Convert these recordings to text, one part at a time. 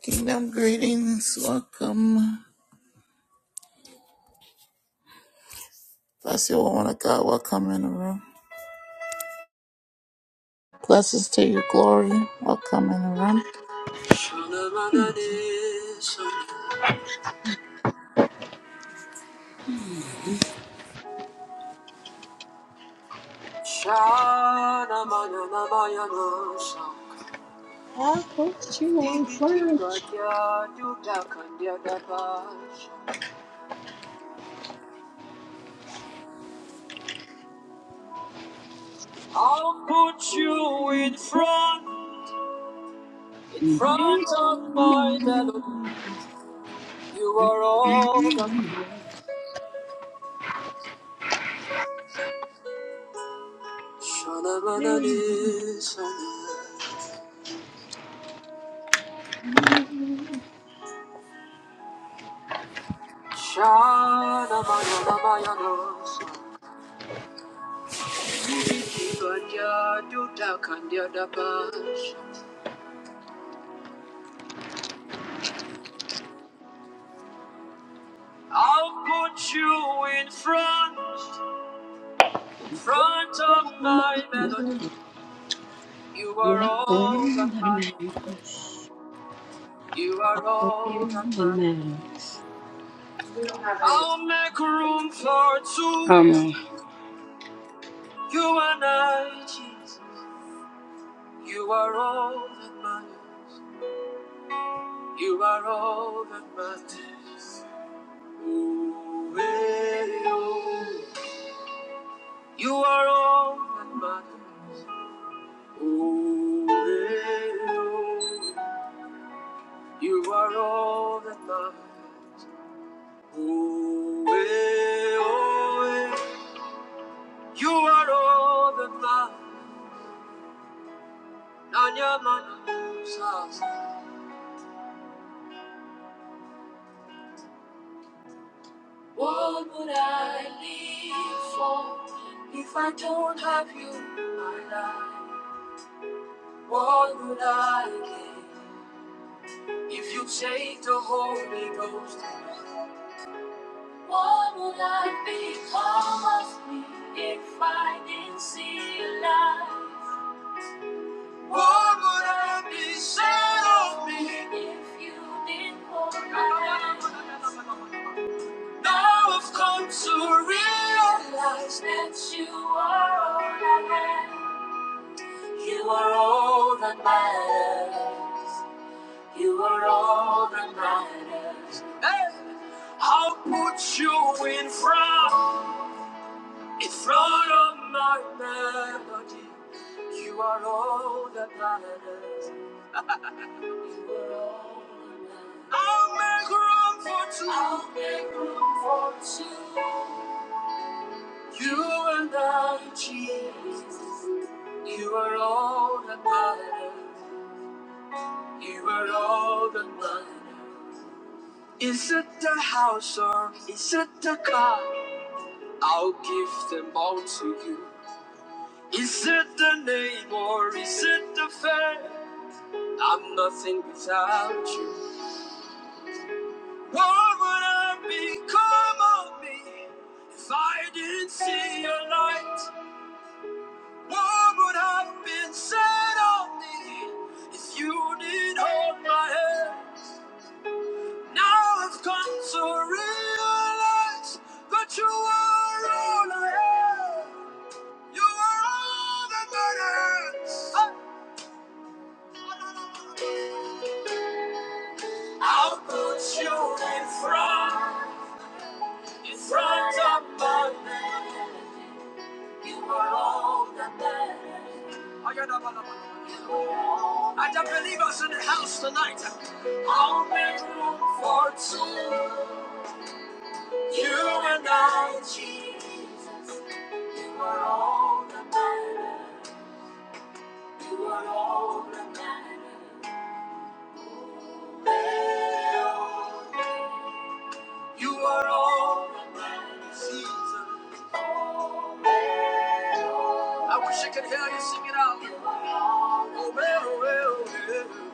Kingdom greetings, welcome. Bless you, woman of God, welcome in the room. Blessings to your glory, welcome in the room. I put you on fire. I'll put you in front, in front of my melody. You are all that. Shadabayadabayadosa. Ibikibadyadudakandyadabas. I'll put you in front, in front of my melody. You are all that matters. You are all that matters. I'll make room for two. Um, You and I, Jesus. You are all that matters. You are all that matters. Oreo. You are all that matters. Oreo. You are all that matters. Oreo. You are all that matters. Nanya mana What would I live for if I don't have you in my life? What would I give? If you take the Holy Ghost, what would I become of me if I didn't see a light? What would I be said of me if you didn't hold my hand? Now I've come to realize that you are all I have. You are all that matters. You are all that matters. Hey! I'll put you in front, in front of my melody. You are all that matters. You are all that matters. I'll make room for two. I'll make room for two. You and I, Jesus. You are all that matters. You are all that matters. Is it the house or is it the car? I'll give them all to you. Is it the name or is it the fame? I'm nothing without you. What would I become of me if I didn't see your light? What would have been said of me if you didn't hold my hand? Now I've come to realize that you were all I had. You were all that mattered. I'll put you in front, in front of my man. You were all that mattered. You were all I don't believe us in the house tonight, I'll make room for two. You and I, Jesus. You are all that matters. You are all that matters. You are all that matters. Jesus. I wish I could hear you sing it out. Oh, well, well, well.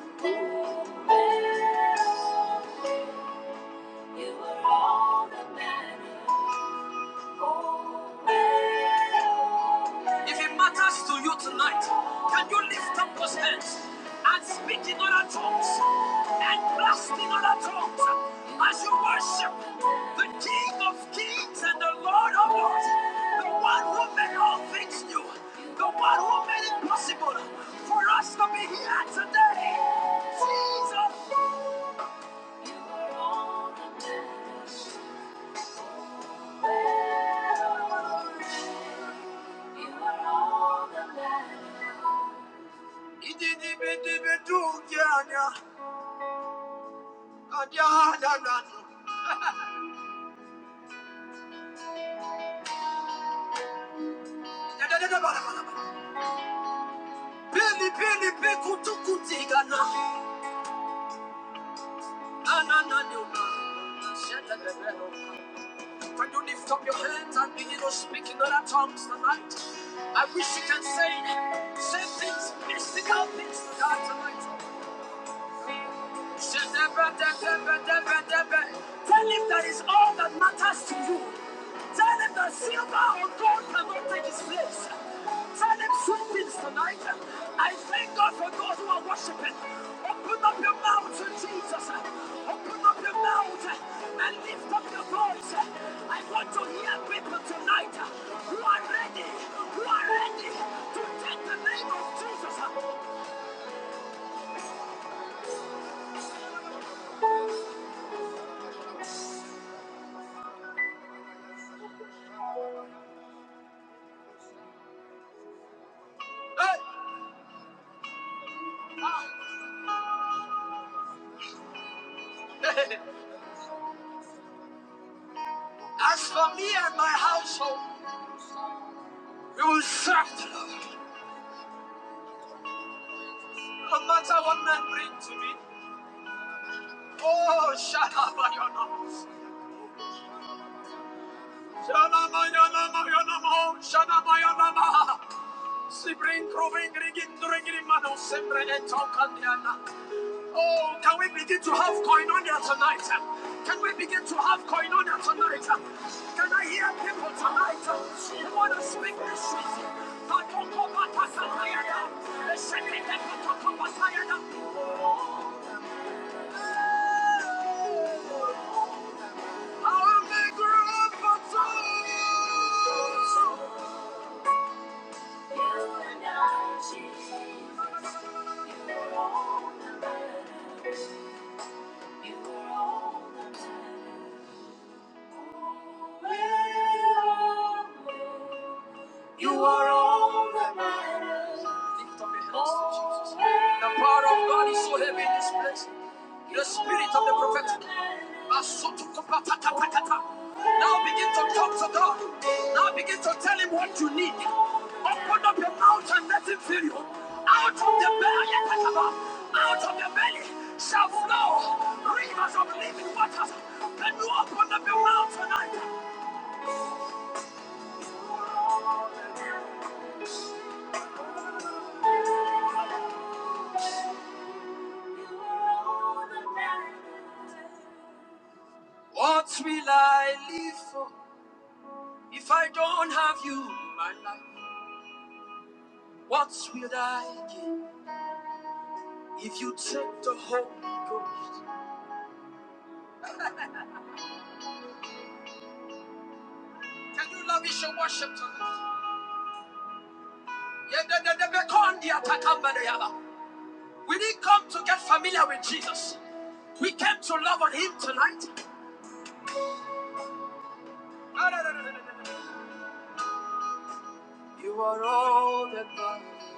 If it matters to you tonight, can you lift up those hands and speak in other tongues and blast in other tongues as you worship the King of Kings and the Lord of Lords, the one who made all things new, the one who made it possible for us to be here today? Jesus. You are all When you lift up your hands and begin to speak in other tongues tonight, I wish you can say, say things, mystical things to God tonight. Tell him that is all that matters to you. Tell him that silver or gold cannot take his place. Tell him sweet things tonight. I thank God for those who are worshiping. Open up your mouth to Jesus. Open up your mouth and lift up your voice. Light, light, light to take them of Jesus. Hey. As for me and my household, we will serve the Lord. No matter what men bring to me. Oh, Shanamayana. Shanamayana, Mayanamo, Shanamayana. Sibrin, Proving, Rigin, Duringin, Mano, Simbre, and Tokandiana. Oh, can we begin to have koinonia tonight? Can we begin to have koinonia tonight? Can I hear people tonight who want to speak this season? the Esheketekotokopatayana. I'm the grandfather. You are all that matters. Lift up your hands to Jesus. The power of God is so heavy in this place. The spirit of the prophetic. Now begin to talk to God. Now begin to tell Him what you need. Open up your mouth and let Him fill you. Out of the belly, out of the belly shall flow rivers of living waters. Can you open up your mouth tonight? What will I live for if I don't have you in my life? What will I give if you take the Holy Ghost? Can you lavish your worship tonight? Yeah, the- the- the becon- the We didn't come to get familiar with Jesus. We came to love on him tonight. Ah, no, no, no, no, no, no, no. You are all that matters.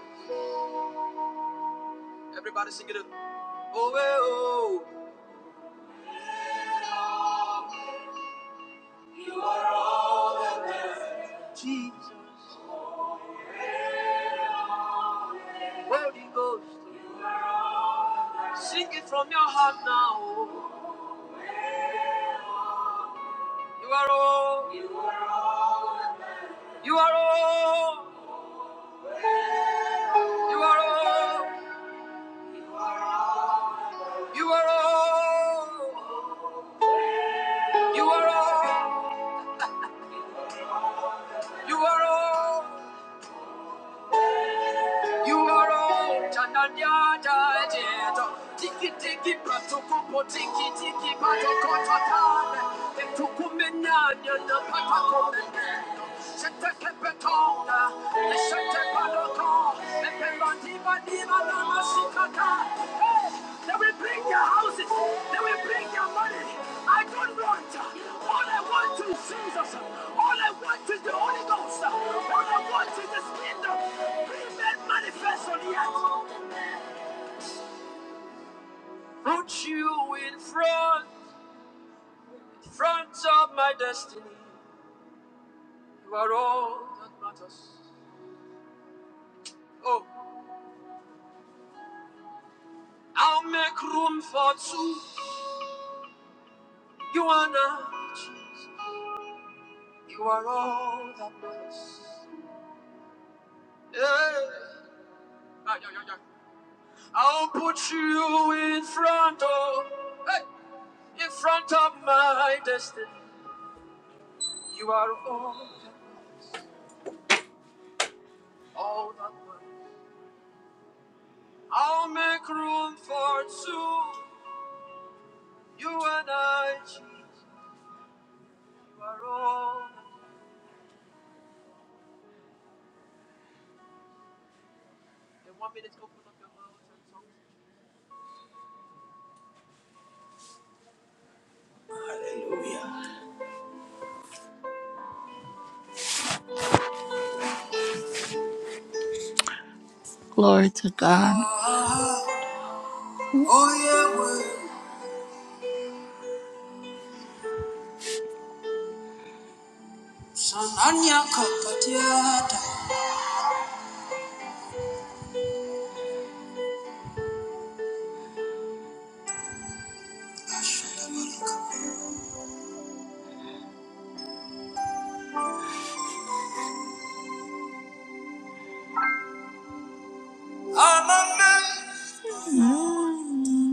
Everybody sing it. Oh, eh, oh, Jesus, Holy Ghost. Sing it from your heart now. oh. You are all. You are all. You are all. You are all. You are all. You are all. You are all. Chananya jajeto. Tiki tiki pratukupo tiki tiki patoko tatane. Etukumenya nyanda patakomene. Shete kepetonda. Shete padoko. the Pelantiba. They will bring your houses. They will bring your money. I don't want. All I want is Jesus. All I want is the Holy Ghost. All I want is the kingdom. Bring that manifest on the earth. Put you in front, front of my destiny. You are all that matters. Oh, I'll make room for two. You are not. Jesus. You are all that matters. Yeah. Ah, yeah, yeah, yeah. I'll put you in front of, hey, in front of my destiny. You are all, that matters, all that matters. I'll make room for two. You and I, Jesus. You are all. that- matters. In one minute, open up your mouth and song. Glory to God. Oh yeah, Sananya Kapatiata. I'm amazed. Mm.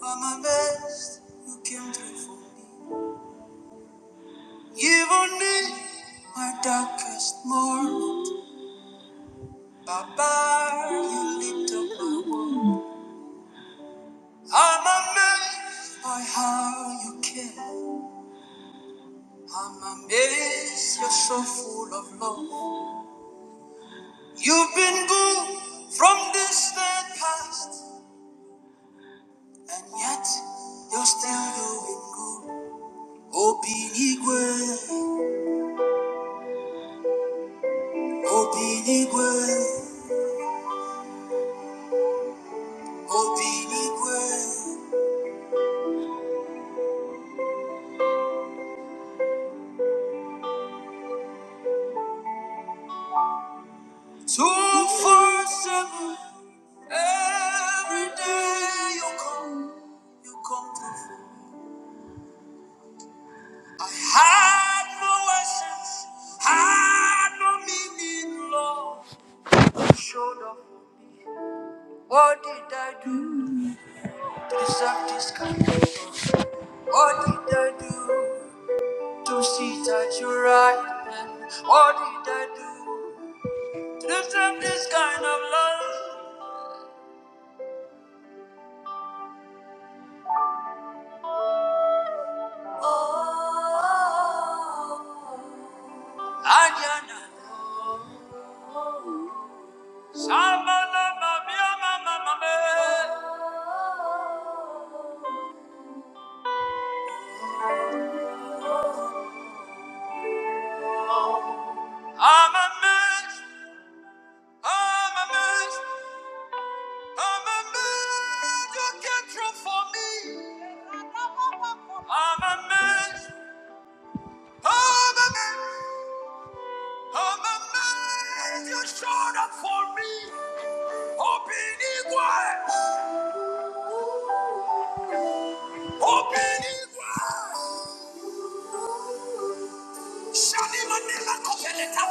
All my best, you came through for me. Even in my darkest moment, Baba, you lit up my world. I'm amazed by how you care. I'm amazed, you're so full of love. You've been good from distant past, and yet you're still doing good. Obinigwe, Obinigwe, Obinigwe. Two four seven. Every day you come, you come through. I had no essence, had no meaning, Lord. You showed up. for me. What did I do to deserve this kind of love? What did I do to sit at your right hand? What did I do to deserve this kind of love? Anyana. I'm amazed, I'm amazed, I'm amazed you came through for me. I'm amazed, I'm amazed, I'm amazed you showed up for me. Open igual, open igual. Shani manila kopeleta.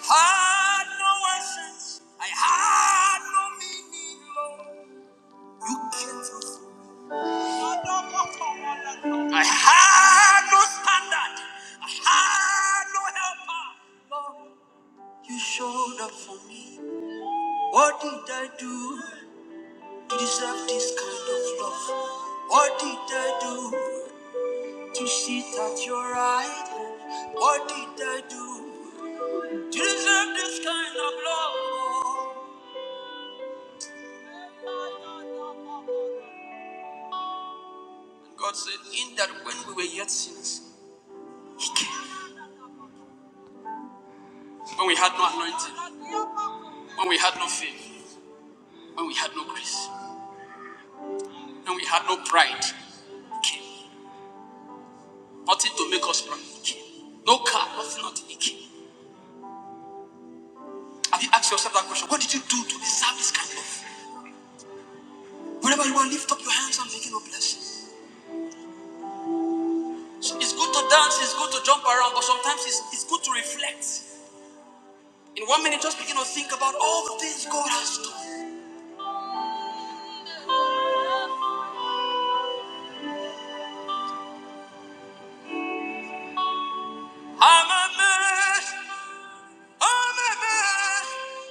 I Had no essence, I had no meaning, Lord. I had no standard. I had no helper. You showed up for me. What did I do to deserve this kind of love? What did I do to sit at your right hand? What did I do to deserve this kind of love? God said, In that when we were yet sinners, He came. When we had no anointing, when we had no faith, when we had no grace, when we had no pride, Nothing to make us proud. No car, nothing, nothing. Have you asked yourself that question? What did you do to deserve this kind of? Whenever you are, lift up your hands and begin to bless. So it's good to dance, it's good to jump around, but sometimes it's, it's good to reflect. In one minute, just begin to think about all the things God has done. I'm amazed. I'm amazed.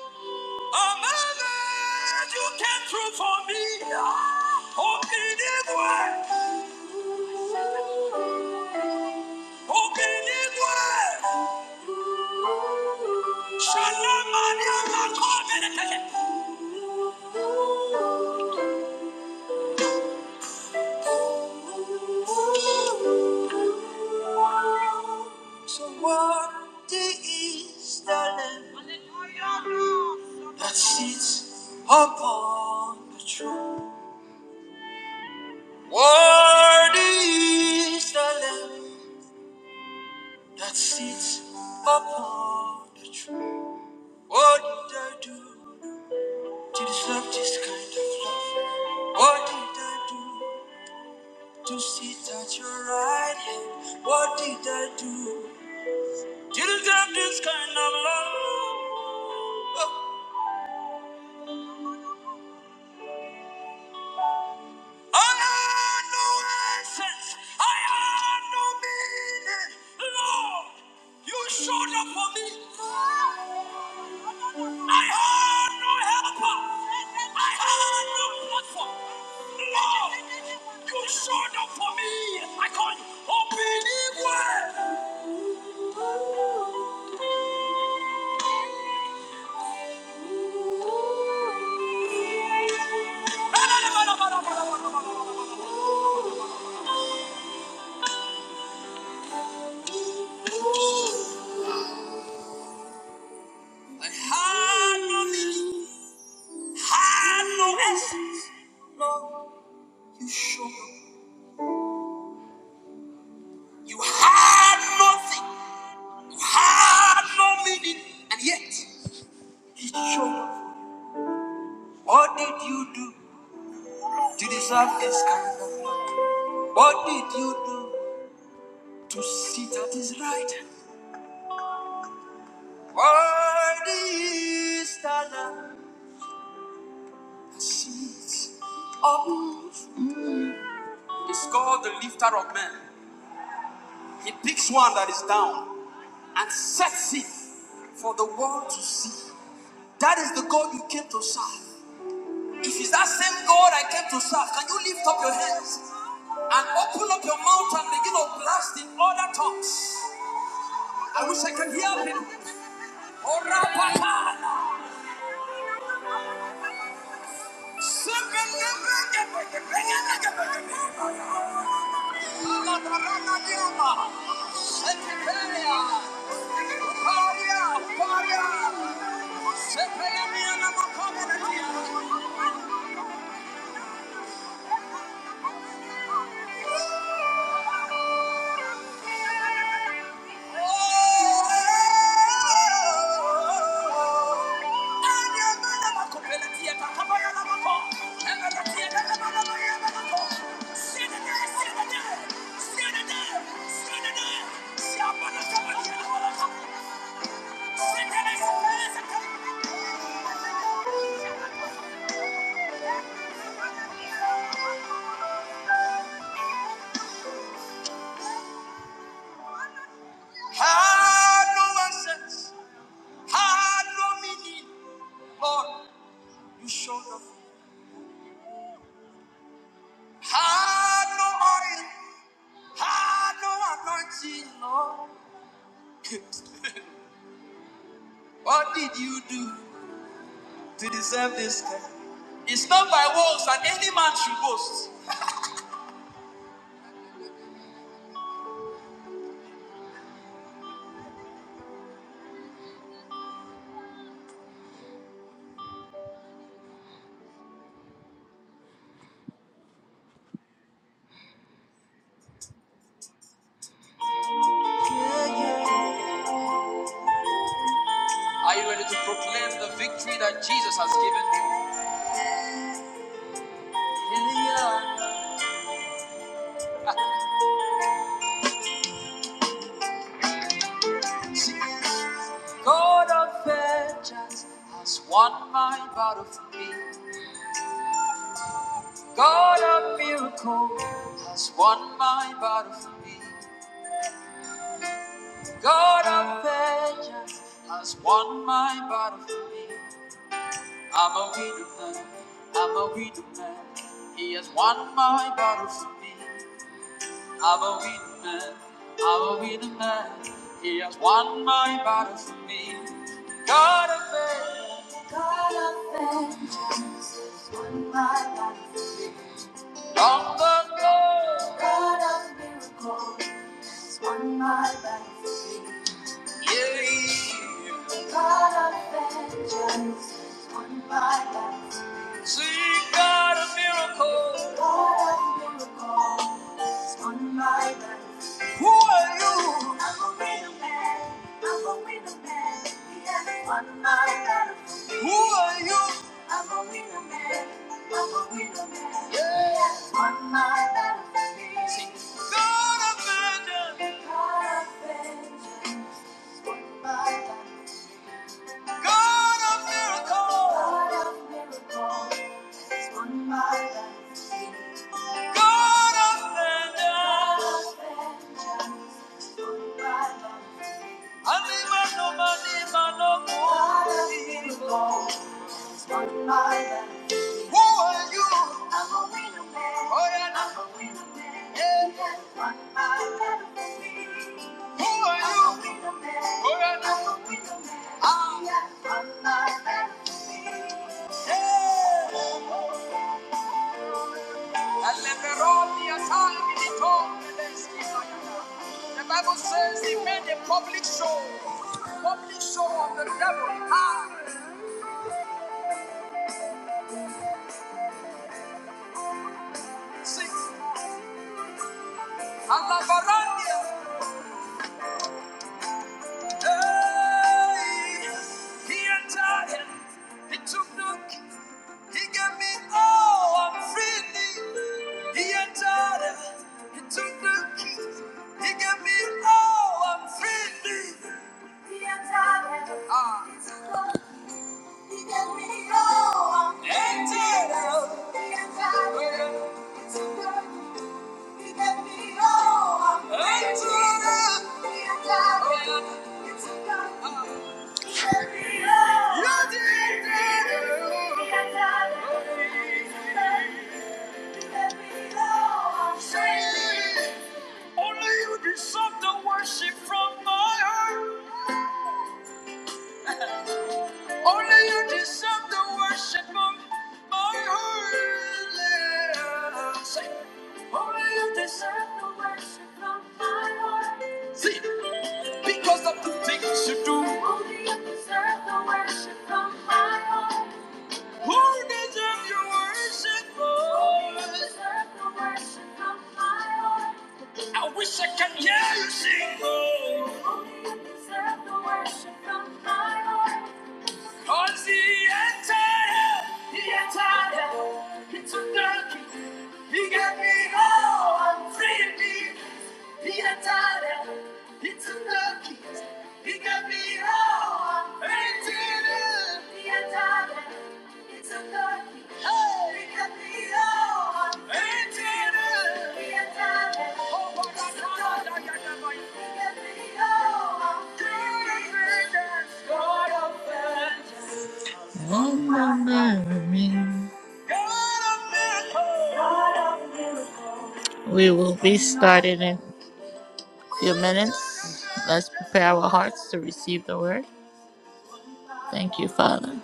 I'm amazed. You came through for me. Ah, Open it wide. Open it wide. Shalom, So worthy is the Lamb that sits upon the throne. Worthy is the Lamb that sits upon the throne. What did I do to deserve this kind of love? What did I do? To sit at your right hand, what did I do? Didn't have this kind of love. Oh, I had no essence, I had no meaning. Lord, you showed up for me. I had no helper, I had no platform. You showed me I can't had no essence. Lord, you showed up. You had nothing. had no meaning, and yet he showed up. What did you do to deserve this kind of love? What did you do to sit at his right hand? Worthy is the Lamb that sits upon the called the lifter of men. He picks one that is down and sets it for the world to see. That is the God you came to serve. If it's that same God I came to serve, can you lift up your hands and open up your mouth and begin to blast in other tongues? I wish I could hear him. Orapakana. Alabaranadiama. Sekeperia. Uparia, uparia. Somebody, somebody, Had no assets, had no meaning. Lord, you showed up. Had no oil, had no anointing, Lord. what did you do to deserve this? kind? It's not by works that any man should boast. Are you ready to proclaim the victory that Jesus has given you? Gideon, God of vengeance, has won my battle for me. God of miracles has won my battle for me. God of vengeance has won my battle for me. I'm a widow man, I'm a widow man. He has won my battle for me. I'm a widow man, I'm a widow man. He has won my battle for me. God of vengeance. God of vengeance. won my life. Long ago, God of miracles won my life. Yeah. God of vengeance, won my life. Sing God of miracles. God of miracles, won my life. Who are you? I'm a winner man. I'm a winner man. He has won my life. Who are you? I'm a winner man. I'm a winner man. Yeah. He has won my life. Sing God of vengeance. God of vengeance. God of miracles. God of miracles. Has won my life. God of vengeance. God of vengeance. has won my life. Animal, no man, no God of miracles on my life. Who are you? I'm a winner man. Oh, yeah. I'm a winner man. Yeah. You have won my battle for me. Who are I'm you? a winner man. Oh, yeah. I'm a winner man. Ah. You have won my battle for me. Alem- Six. Alabarania. Hey, he entered him. He took the key. He gave me all I'm freely. He entered him. He took the key. He gave me all I'm freely. He entered him. Ah. He took the key. He gave me all I'm freely. Entered him. He entered him. He took the key. He gave me all I'm freely. Entered him. He entered him. He took the key. Only you deserve the worship of my heart. Only you deserve the worship of my heart. Because of the things you do. Only you deserve the worship of my heart. Who deserve your worship, Lord? We say, yeah. He got me, oh, I'm free Piantare, it's a lucky. Pick up me all. Argentina. Piantare, it's a lucky. Hey. Pick up me all. Argentina. Piantare, oh my God, it's a lucky. Pick up me all. Argentina. God of vengeance. Oh my God. God of miracles. We will be starting in few minutes. Let's prepare our hearts to receive the word. Thank you, Father.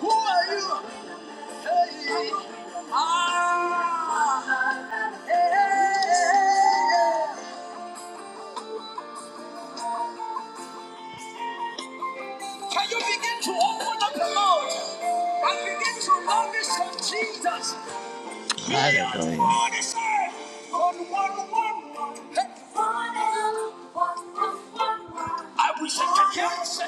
Who are you? Can you begin to open up the mouth and begin to love this of Jesus? Hallelujah. I wish I could hear you say.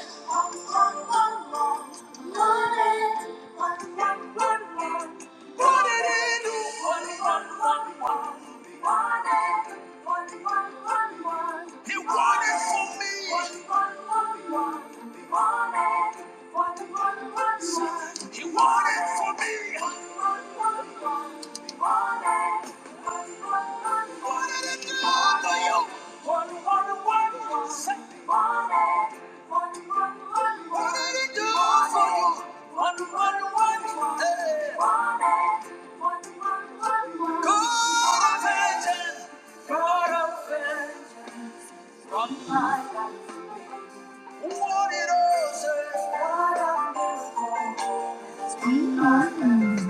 He wanted. He wanted for me. Wanted it to all for you. Wanted, wanted, wanted. Wanted to all for you. Hey. God of vengeance. God of want it all, sir. God of vengeance.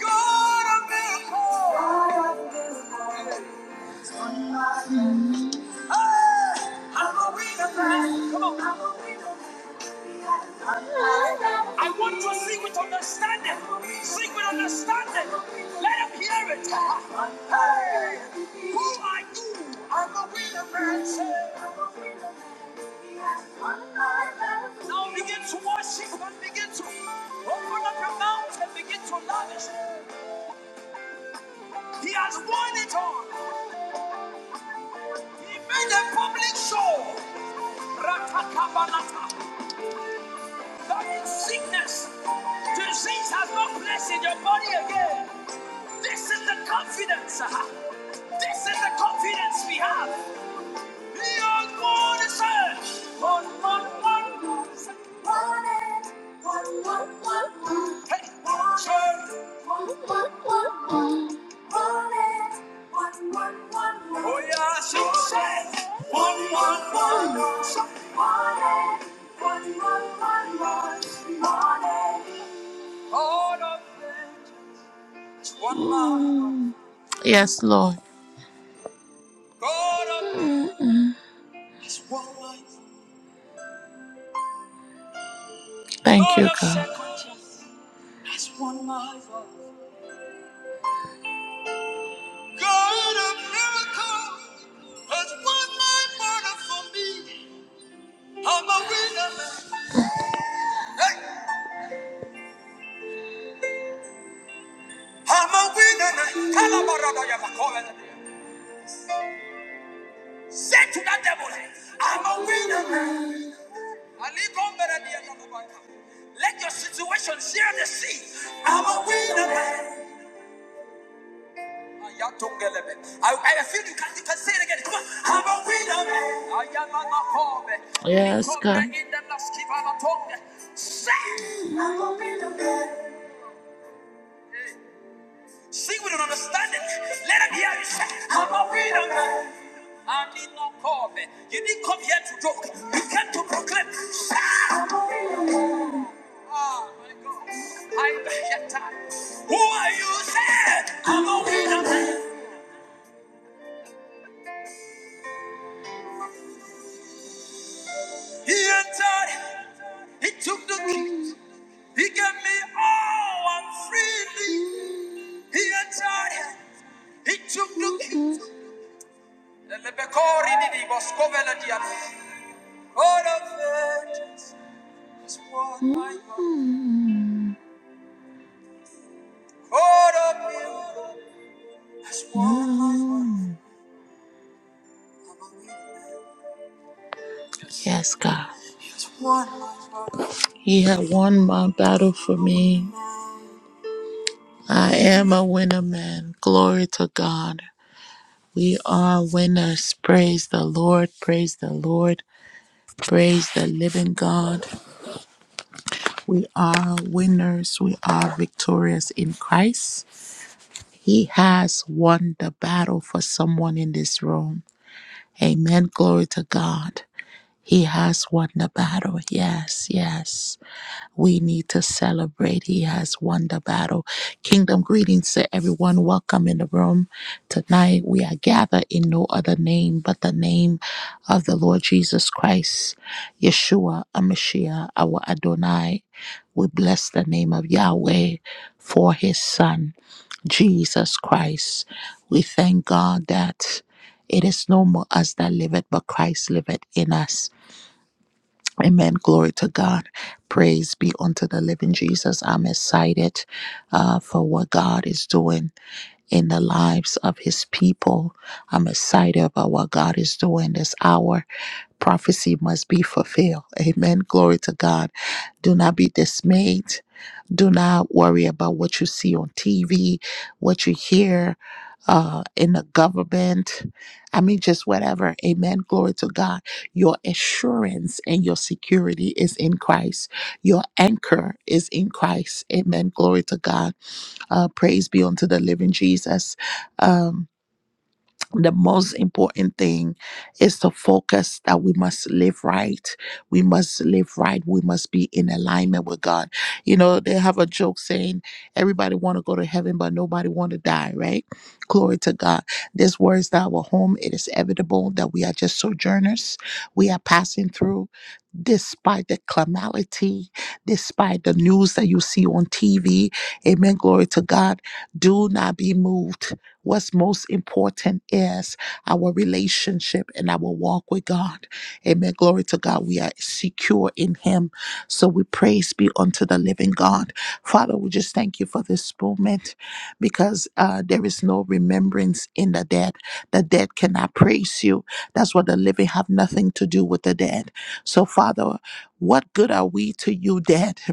God of miracles. I want to sing with understanding. Sing with understanding. Let him hear it. Hey, who are you? I'm a winner, man. Now begin to worship and begin to open up your mouth and begin to lavish. He has won it all. He made a public show. Rakakabalata. That means sickness. Disease has no place in your body again. This is the confidence. ah. This is the confidence we have. Your God is here. One, one, one, moves. One, and one, one, one, one. Hey, church. One, one, one, one. one, one, one, one. Oh, yeah, she says. One, one, one, one. Mm, Yes, Lord. Mm-mm. Thank you, God. Say to that devil, I'm a winner. man." Let your situation share the sea. I'm a winner. man. I, I feel you can, you can say it again. Come on. I'm a winner. Yes, God. Ikonde indelaskivalatonde. Say, I'm a Sing with an understanding. Let them hear you say, I'm a winner. I need no call. You didn't come here to joke. You came to proclaim. Say, Ah, my God. I get tired. Who are you? Say, I'm a winner. man. He entered. He took the key. He gave me all and freely. He entered it. He took the keys. And the Bekori did it was covered at the God of it. my of miracles. Yes, God. He had won my battle for me. I am a winner man. Glory to God. We are winners. Praise the Lord. Praise the Lord. Praise the living God. We are winners. We are victorious in Christ. He has won the battle for someone in this room. Amen. Glory to God. He has won the battle. Yes, yes. We need to celebrate. He has won the battle. Kingdom greetings to everyone. Welcome in the room. Tonight we are gathered in no other name but the name of the Lord Jesus Christ, Yeshua, Amashiach, our Adonai. We bless the name of Yahweh for his son. Jesus Christ. We thank God that it is no more us that liveth, but Christ liveth in us. Amen. Glory to God. Praise be unto the living Jesus. I'm excited uh, for what God is doing in the lives of his people. I'm excited about what God is doing this hour. Prophecy must be fulfilled. Amen. Glory to God. Do not be dismayed. Do not worry about what you see on TV, what you hear uh, in the government. I mean, just whatever. Amen. Glory to God. Your assurance and your security is in Christ. Your anchor is in Christ. Amen. Glory to God. Uh, praise be unto the living Jesus. Um the most important thing is to focus that we must live right. We must live right. We must be in alignment with God. You know, they have a joke saying everybody want to go to heaven, but nobody want to die, right? Glory to God. This word is not our home. It is inevitable that we are just sojourners. We are passing through. Despite the calamity, despite the news that you see on TV, amen. Glory to God. Do not be moved What's most important is our relationship and our walk with God. Amen. Glory to God. We are secure in Him. So we praise be unto the living God. Father, we just thank you for this moment because uh, there is no remembrance in the dead. The dead cannot praise you. That's why the living have nothing to do with the dead. So, Father, what good are we to you, dead?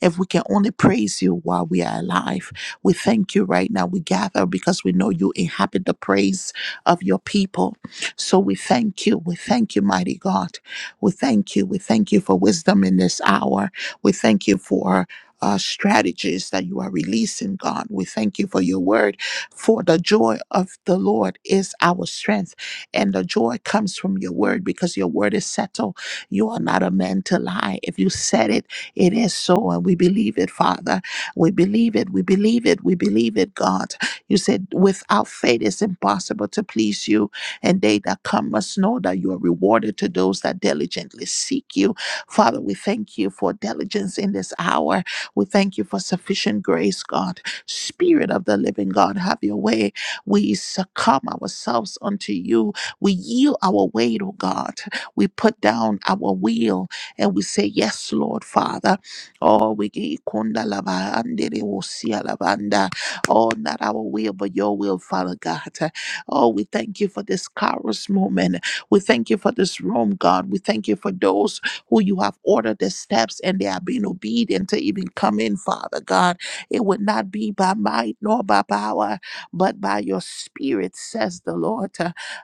If we can only praise you while we are alive, we thank you right now. We gather because we know you inhabit the praise of your people. So we thank you. We thank you, mighty God. We thank you. We thank you for wisdom in this hour. We thank you for. Uh, strategies that you are releasing, God. We thank you for your word. For the joy of the Lord is our strength, and the joy comes from your word because your word is settled. You are not a man to lie. If you said it, it is so, and we believe it, Father. We believe it. We believe it. We believe it, God. You said, without faith, it's impossible to please you. And they that come must know that you are rewarded to those that diligently seek you. Father, we thank you for diligence in this hour. We thank you for sufficient grace, God. Spirit of the living God, have your way. We succumb ourselves unto you. We yield our weight, oh God. We put down our will and we say, Yes, Lord Father. Oh, we give you kunda lava andere wosia lavanda. Oh, not our will, but your will, Father God. Oh, we thank you for this Kairos moment. We thank you for this room, God. We thank you for those who you have ordered their steps and they are being obedient to even come in, Father God. It would not be by might nor by power, but by your spirit, says the Lord.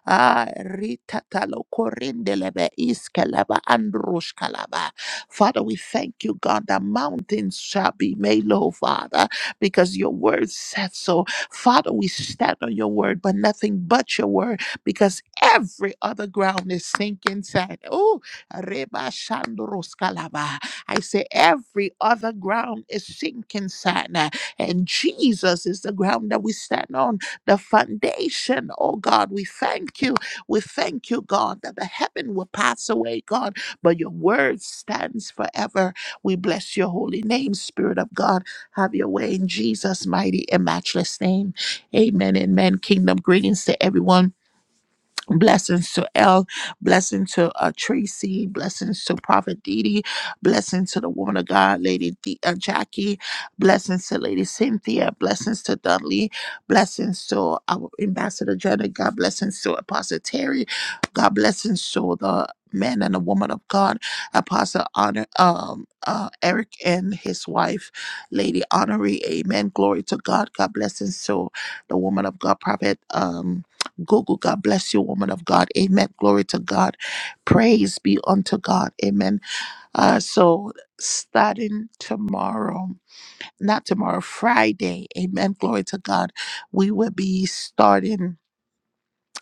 Ah, ritatalo korindelebe iskeleba andrushkalaba. Father, we thank you, God, that mountains shall be made low, Father, because your word said so. Father, we stand on your word, but nothing but your word, because every other ground is sinking sand. Oh, reba shandrushkalaba. I say every other ground is sinking sand, and Jesus is the ground that we stand on the foundation. Oh God, we thank you. We thank you, God, that the heaven will pass away, God, but your word stands forever. We bless your holy name, Spirit of God. Have your way in Jesus' mighty and matchless name. Amen. Amen. Kingdom greetings to everyone. Blessings to L, blessing to uh, Tracy, blessings to Prophet Didi, blessings to the woman of God, Lady D, uh, Jackie, blessings to Lady Cynthia, blessings to Dudley, blessings to our Ambassador Jenna, God blessings to Apostle Terry, God blessings to the man and the woman of God, Apostle Honor, um, uh, Eric and his wife, Lady Honoree, Amen. Glory to God. God blessings to the woman of God, Prophet. um, Google. God bless you, woman of God. Amen. Glory to God. Praise be unto God. Amen. Uh, so starting tomorrow, not tomorrow, Friday, amen. Glory to God. We will be starting.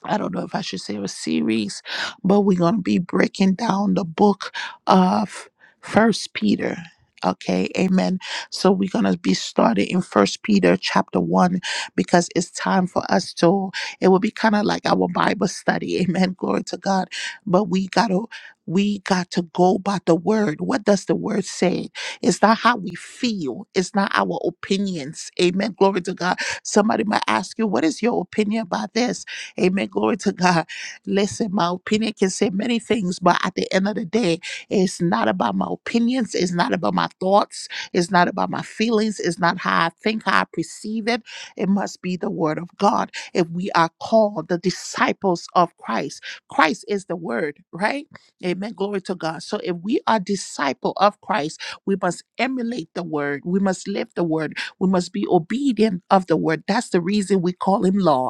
I don't know if I should say a series, but we're gonna be breaking down the book of First Peter. Okay, amen. So we're gonna be starting in First Peter chapter one because it's time for us to it will be kind of like our Bible study, amen. Glory to God. But we gotta we got to go by the word. What does the word say? It's not how we feel, it's not our opinions. Amen. Glory to God. Somebody might ask you, what is your opinion about this? Amen. Glory to God. Listen, my opinion can say many things, but at the end of the day, it's not about my opinions. It's not about my thoughts. It's not about my feelings. It's not how I think, how I perceive it. It must be the word of God. If we are called the disciples of Christ, Christ is the word, right? Amen. Glory to God. So if we are disciple of Christ, we must emulate the word. We must live the word. We must be obedient of the word. That's the reason we call him Lord.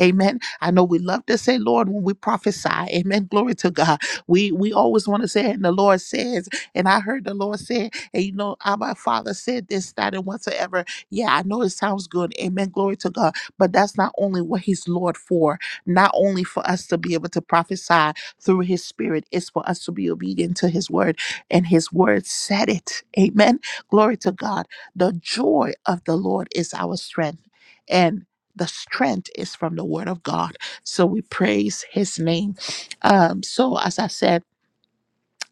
Amen. I know we love to say, Lord, when we prophesy. Amen. Glory to God. We we always want to say, and the Lord says, and I heard the Lord say, and you know, our Father said this, that, and whatsoever. Yeah, I know it sounds good. Amen. Glory to God. But that's not only what He's Lord for, not only for us to be able to prophesy through His Spirit, it's for us to be obedient to His Word. And His Word said it. Amen. Glory to God. The joy of the Lord is our strength. And the strength is from the word of God. So we praise his name. Um, so as I said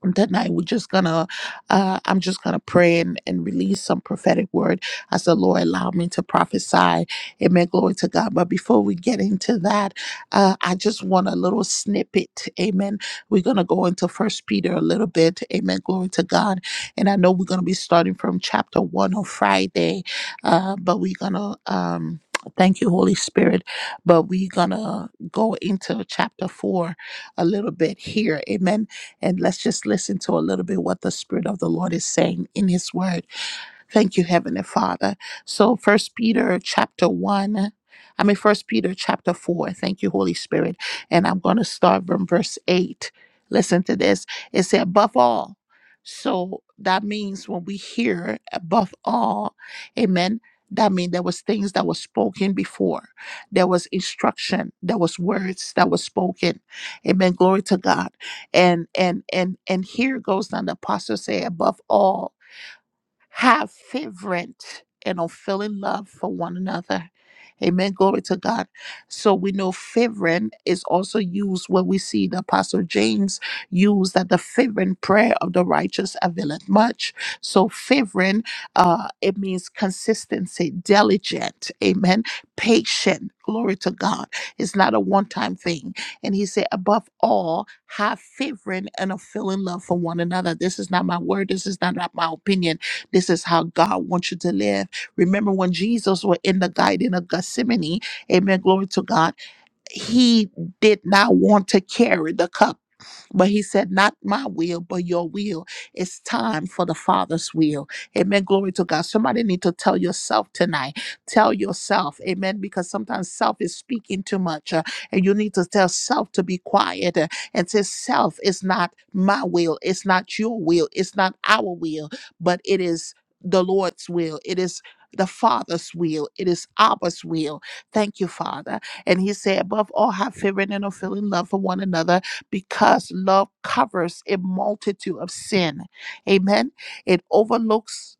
that night we're just gonna uh i'm just gonna pray and, and release some prophetic word as the lord allowed me to prophesy amen glory to god but before we get into that uh i just want a little snippet amen we're gonna go into first peter a little bit amen glory to god and i know we're gonna be starting from chapter one on friday uh but we're gonna um Thank you, Holy Spirit. But we're going to go into chapter four a little bit here. Amen and let's just listen to a little bit what the Spirit of the Lord is saying in His Word. Thank you, Heavenly Father. So First Peter chapter one, I mean First Peter chapter four. Thank you, Holy Spirit. And I'm going to start from verse eight. Listen to this. It said, above all. So that means when we hear above all, amen. That means there was things that was spoken before. There was instruction. There was words that was spoken. Amen. Glory to God. And and and and here goes down the apostle say above all have fervent and unfailing love for one another. Amen. Glory to God. So we know fervent is also used when we see the Apostle James use that the fervent prayer of the righteous availeth much. So fervent, uh, it means consistency, diligent. Amen. Patient. Glory to God. It's not a one-time thing. And he said, above all, have fervent and unfailing love for one another. This is not my word. This is not my opinion this is how God wants you to live. Remember when Jesus was in the garden of Gethsemane? Amen. Glory to God he did not want to carry the cup. But he said, Not my will, but your will. It's time for the Father's will. Amen. Glory to God. Somebody need to tell yourself tonight. Tell yourself. Amen. Because sometimes self is speaking too much. uh, and you need to tell self to be quiet uh, and say, Self is not my will. It's not your will. It's not our will, but it is the Lord's will. It is the Father's will. It is Abba's will. Thank you, Father. And he said, above all, have fervent and unfailing love for one another because love covers a multitude of sin. Amen. It overlooks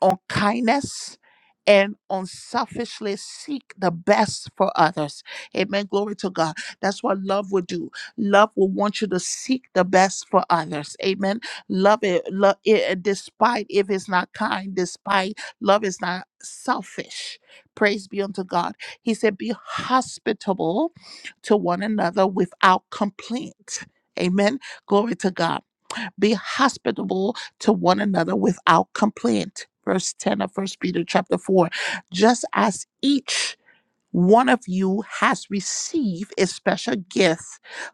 on kindness and unselfishly seek the best for others. Amen. Glory to God. That's what love will do. Love will want you to seek the best for others. Amen. Love it, love it despite if it's not kind, despite love is not selfish. Praise be unto God. He said, Be hospitable to one another without complaint. Amen. Glory to God be hospitable to one another without complaint. Verse 10 of First Peter chapter 4. Just as each one of you has received a special gift.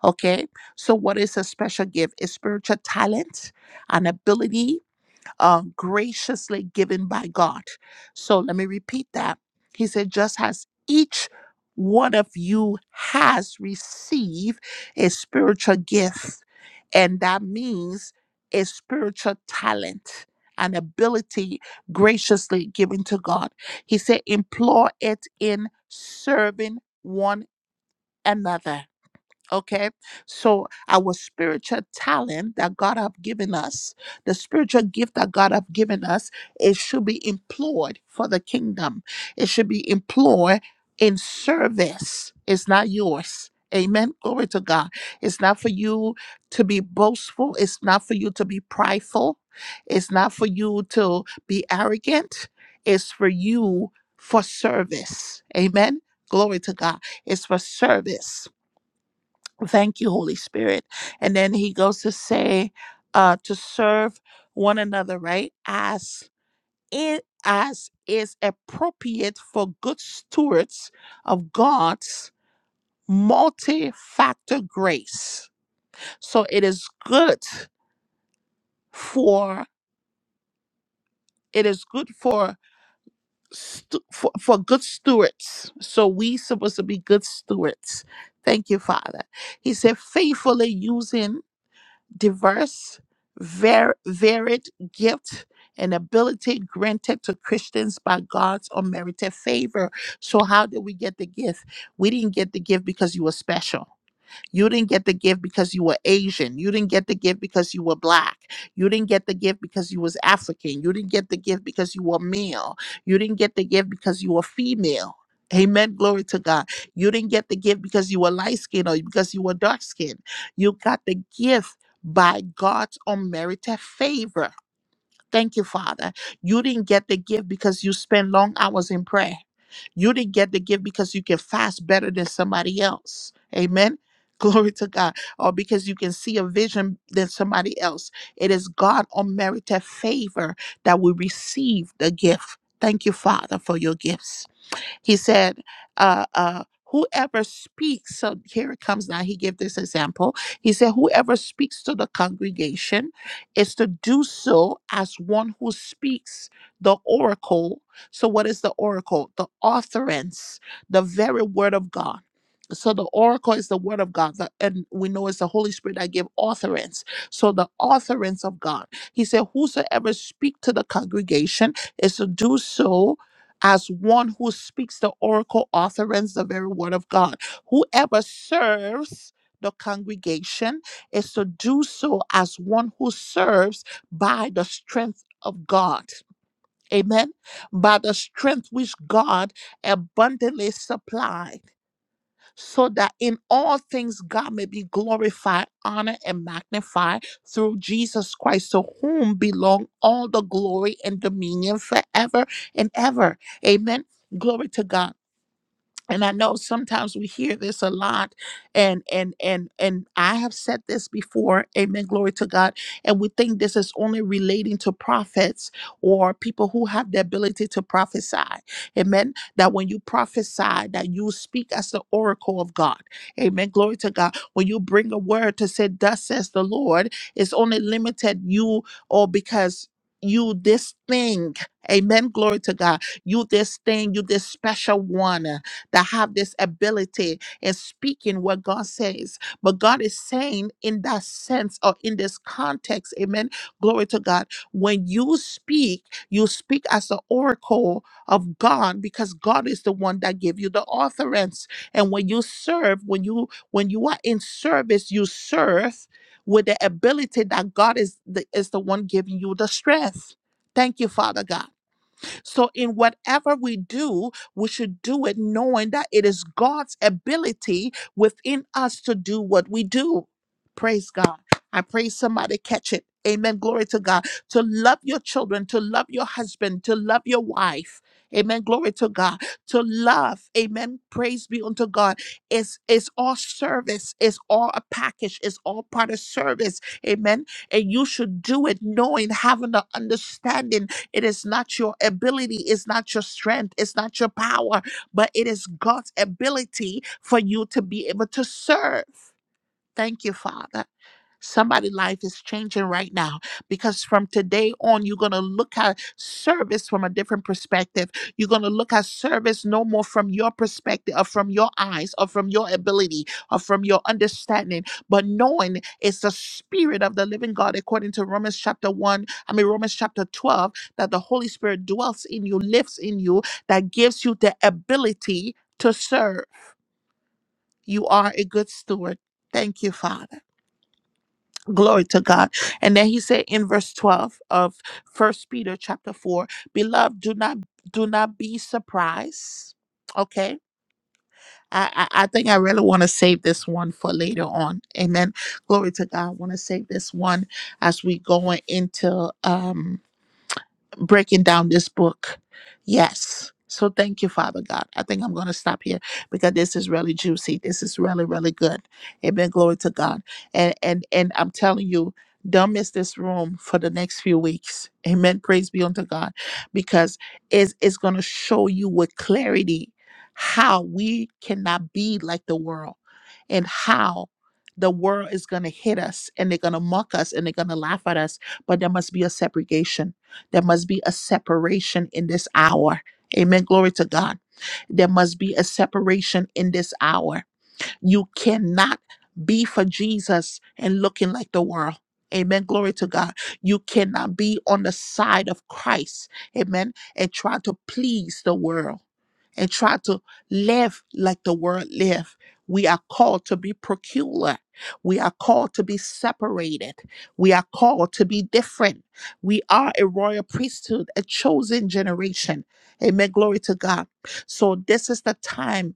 Okay. So what is a special gift? A spiritual talent, an ability, uh, graciously given by God. So let me repeat that. He said, just as each one of you has received a spiritual gift, and that means a spiritual talent, an ability graciously given to God. He said, employ it in serving one another. Okay, so our spiritual talent that God have given us, the spiritual gift that God have given us, it should be employed for the kingdom. It should be employed in service. It's not yours. Amen. Glory to God. It's not for you to be boastful. It's not for you to be prideful. It's not for you to be arrogant. It's for you for service. Amen. Glory to God. It's for service Thank you, Holy Spirit. And then he goes to say, uh, to serve one another, right? As it as is appropriate for good stewards of God's multi-factor grace. So it is good for it is good for stu- for, for good stewards. So we supposed to be good stewards. Thank you, Father. He said, faithfully using diverse, var- varied gift and ability granted to Christians by God's unmerited favor. So, how did we get the gift? We didn't get the gift because you were special. You didn't get the gift because you were Asian. You didn't get the gift because you were black. You didn't get the gift because you was African. You didn't get the gift because you were male. You didn't get the gift because you were female. Amen. Glory to God. You didn't get the gift because you were light skinned or because you were dark skinned. You got the gift by God's unmerited favor. Thank you, Father. You didn't get the gift because you spent long hours in prayer. You didn't get the gift because you can fast better than somebody else. Amen. Glory to God. Or because you can see a vision than somebody else. It is God unmerited favor that we receive the gift. Thank you, Father, for your gifts. He said, uh, uh, whoever speaks, so here it comes now, he gave this example. He said, whoever speaks to the congregation is to do so as one who speaks the oracle. So what is the oracle? The authorance, the very word of God. So the oracle is the word of God, the- and we know it's the Holy Spirit that gave authorance. So the authorance of God. He said, "Whosoever speak to the congregation is to do so as one who speaks the oracle, author, the very word of God. Whoever serves the congregation is to do so as one who serves by the strength of God. Amen. By the strength which God abundantly supplied so that in all things God may be glorified, honored, and magnified through Jesus Christ, to whom belong all the glory and dominion forever and ever. Amen. Glory to God and i know sometimes we hear this a lot and and and and i have said this before amen glory to god and we think this is only relating to prophets or people who have the ability to prophesy amen that when you prophesy that you speak as the oracle of god amen glory to god when you bring a word to say thus says the lord it's only limited you or because you this thing amen glory to god you this thing you this special one that have this ability in speaking what God says. But God is saying in that sense or in this context, amen. Glory to God. When you speak, you speak as the oracle of God because God is the one that gave you the authorance. And when you serve, when you when you are in service, you serve with the ability that God is the, is the one giving you the strength. Thank you, Father God. So, in whatever we do, we should do it knowing that it is God's ability within us to do what we do. Praise God. I pray somebody catch it. Amen. Glory to God. To love your children, to love your husband, to love your wife. Amen. Glory to God. To love. Amen. Praise be unto God. It's, it's all service. It's all a package. It's all part of service. Amen. And you should do it knowing, having the understanding it is not your ability, it's not your strength, it's not your power, but it is God's ability for you to be able to serve. Thank you, Father. Somebody' life is changing right now because from today on, you're going to look at service from a different perspective. You're going to look at service no more from your perspective or from your eyes or from your ability or from your understanding, but knowing it's the spirit of the living God, according to Romans chapter 1, I mean, Romans chapter 12, that the Holy Spirit dwells in you, lives in you, that gives you the ability to serve. You are a good steward. Thank you, Father glory to god and then he said in verse 12 of first peter chapter 4 beloved do not do not be surprised okay i i, I think i really want to save this one for later on amen glory to god i want to save this one as we go into um breaking down this book. Yes. So thank you, Father God. I think I'm going to stop here because this is really juicy. This is really, really good. Amen. Glory to God. And and and I'm telling you, don't miss this room for the next few weeks. Amen. Praise be unto God, because it's it's going to show you with clarity how we cannot be like the world, and how the world is going to hit us, and they're going to mock us, and they're going to laugh at us. But there must be a segregation there must be a separation in this hour. Amen. Glory to God. There must be a separation in this hour. You cannot be for Jesus and looking like the world. Amen. Glory to God. You cannot be on the side of Christ. Amen. And try to please the world and try to live like the world live. We are called to be peculiar. We are called to be separated. We are called to be different. We are a royal priesthood, a chosen generation. Amen. Glory to God. So this is the time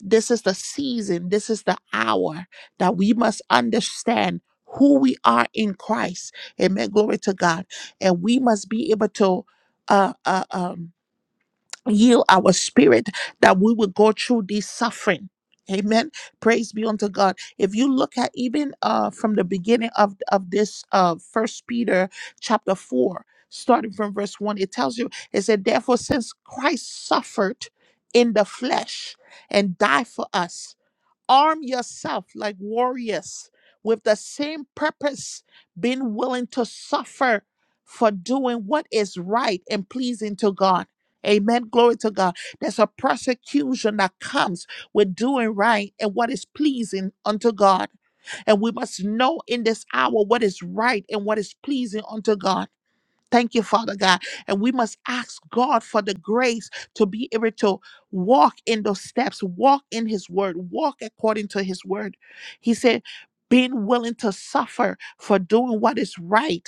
this is the season, this is the hour that we must understand who we are in Christ. Amen. Glory to God. And we must be able to uh, uh, um, heal our spirit that we will go through this suffering amen praise be unto god if you look at even uh from the beginning of of this uh first peter chapter 4 starting from verse 1 it tells you it said therefore since christ suffered in the flesh and died for us Arm yourself like warriors with the same purpose, being willing to suffer for doing what is right and pleasing to God. Amen. Glory to God. There's a persecution that comes with doing right and what is pleasing unto God. And we must know in this hour what is right and what is pleasing unto God. Thank you, Father God. And we must ask God for the grace to be able to walk in those steps, walk in His word, walk according to His word. He said, being willing to suffer for doing what is right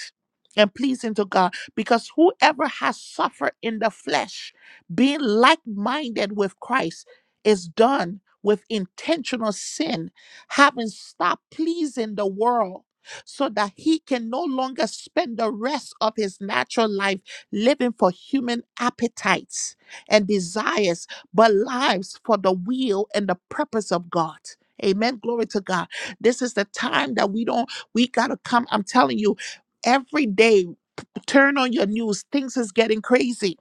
and pleasing to God. Because whoever has suffered in the flesh, being like minded with Christ, is done with intentional sin, having stopped pleasing the world so that he can no longer spend the rest of his natural life living for human appetites and desires, but lives for the will and the purpose of God. Amen. Glory to God. This is the time that we don't, we got to come. I'm telling you, every day, turn on your news. Things is getting crazy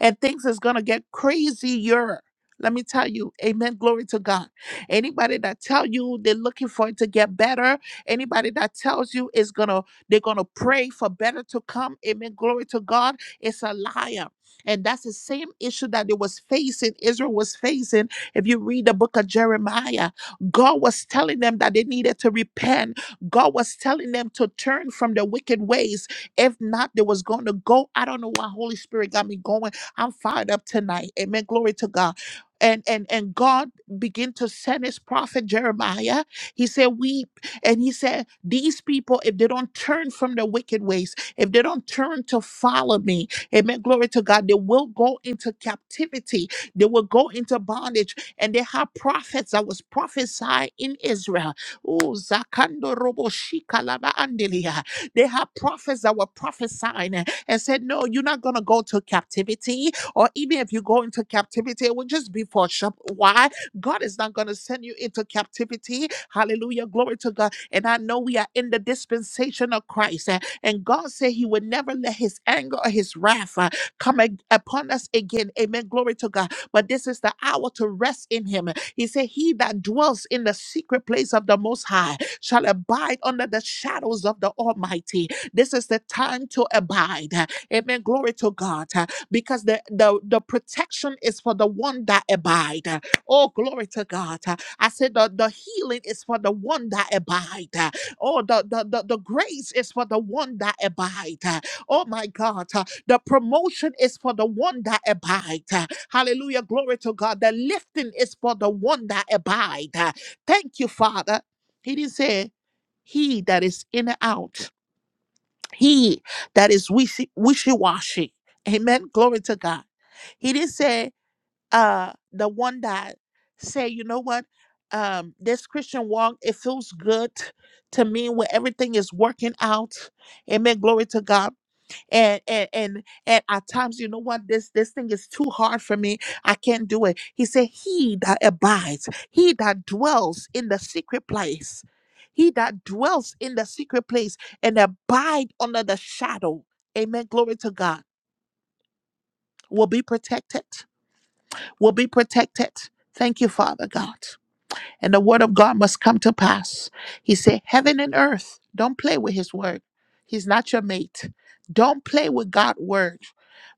and things is gonna get crazier. Let me tell you, amen. Glory to God. Anybody that tell you they're looking for it to get better, anybody that tells you is gonna they're gonna pray for better to come, amen. Glory to God, it's a liar. And that's the same issue that it was facing, Israel was facing. If you read the book of Jeremiah, God was telling them that they needed to repent. God was telling them to turn from their wicked ways. If not, they was going to go. I don't know why Holy Spirit got me going I'm fired up tonight. Amen. Glory to God. And, and and God began to send his prophet Jeremiah. He said, Weep. And he said, These people, if they don't turn from their wicked ways, if they don't turn to follow me, amen. Glory to God, they will go into captivity, they will go into bondage. And they have prophets that was prophesying in Israel. Oh, Zakando Robo Shika Laba Andelia. They have prophets that were prophesying and said, No, you're not going to go to captivity. Or even if you go into captivity, it will just be for shop. Why? God is not going to send you into captivity. Hallelujah. Glory to God. And I know we are in the dispensation of Christ. eh, And God said He would never let His anger or His wrath uh, come ag- upon us again. Amen. Glory to God. But this is the hour to rest in Him. He said, He that dwells in the secret place of the Most High shall abide under the shadows of the Almighty. This is the time to abide. Amen. Glory to God. Because the, the, the protection is for the one that abide. Oh, glory to God. I said the, the healing is for the one that abide. Oh, the, the, the, the grace is for the one that abide. Oh my God. The promotion is for the one that abide. Hallelujah. Glory to God. The lifting is for the one that abide. Thank you, Father. He didn't say he that is in and out he that is wishy wishy washy. Amen. Glory to God. He didn't say uh the one that say, you know what, um, this Christian walk, it feels good to me when everything is working out. Amen. Glory to God and and and and at times you know what this this thing is too hard for me i can't do it he said he that abides he that dwells in the secret place he that dwells in the secret place and abide under the shadow amen glory to god will be protected will be protected thank you father god and the word of god must come to pass he said heaven and earth don't play with his word he's not your mate don't play with god's word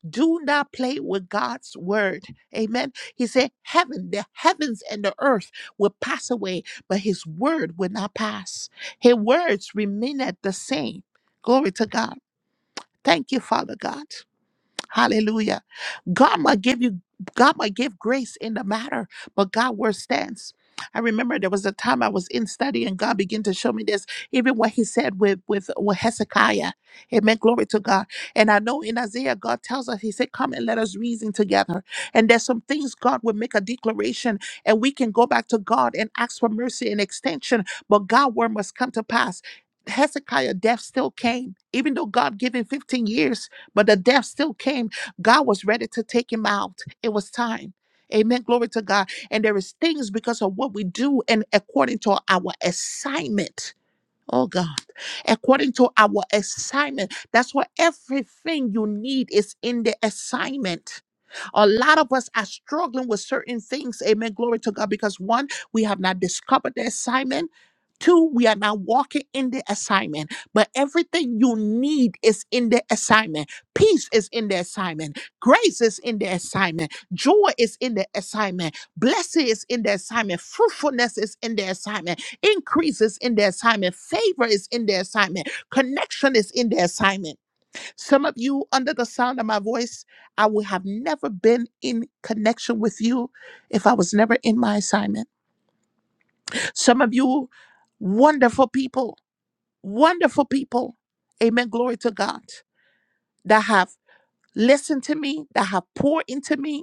do not play with God's word. Amen. He said, Heaven, the heavens and the earth will pass away, but his word will not pass. His words remain at the same. Glory to God. Thank you, Father God. Hallelujah. God might give you, God might give grace in the matter, but God word stands. I remember there was a time I was in study and God began to show me this, even what he said with, with, with Hezekiah. Amen. Glory to God. And I know in Isaiah, God tells us, He said, Come and let us reason together. And there's some things God will make a declaration and we can go back to God and ask for mercy and extension, but God word must come to pass. Hezekiah death still came, even though God gave him 15 years but the death still came. God was ready to take him out. It was time. Amen. Glory to God. And there is things because of what we do and according to our assignment. Oh God, according to our assignment. That's why everything you need is in the assignment. A lot of us are struggling with certain things. Amen. Glory to God. Because one, we have not discovered the assignment. Two, we are not walking in the assignment, but everything you need is in the assignment. Peace is in the assignment. Grace is in the assignment. Joy is in the assignment. Blessing is in the assignment. Fruitfulness is in the assignment. Increase is in the assignment. Favor is in the assignment. Connection is in the assignment. Some of you, under the sound of my voice, I would have never been in connection with you if I was never in my assignment. Some of you, wonderful people, wonderful people, amen, glory to God, that have listened to me, that have poured into me,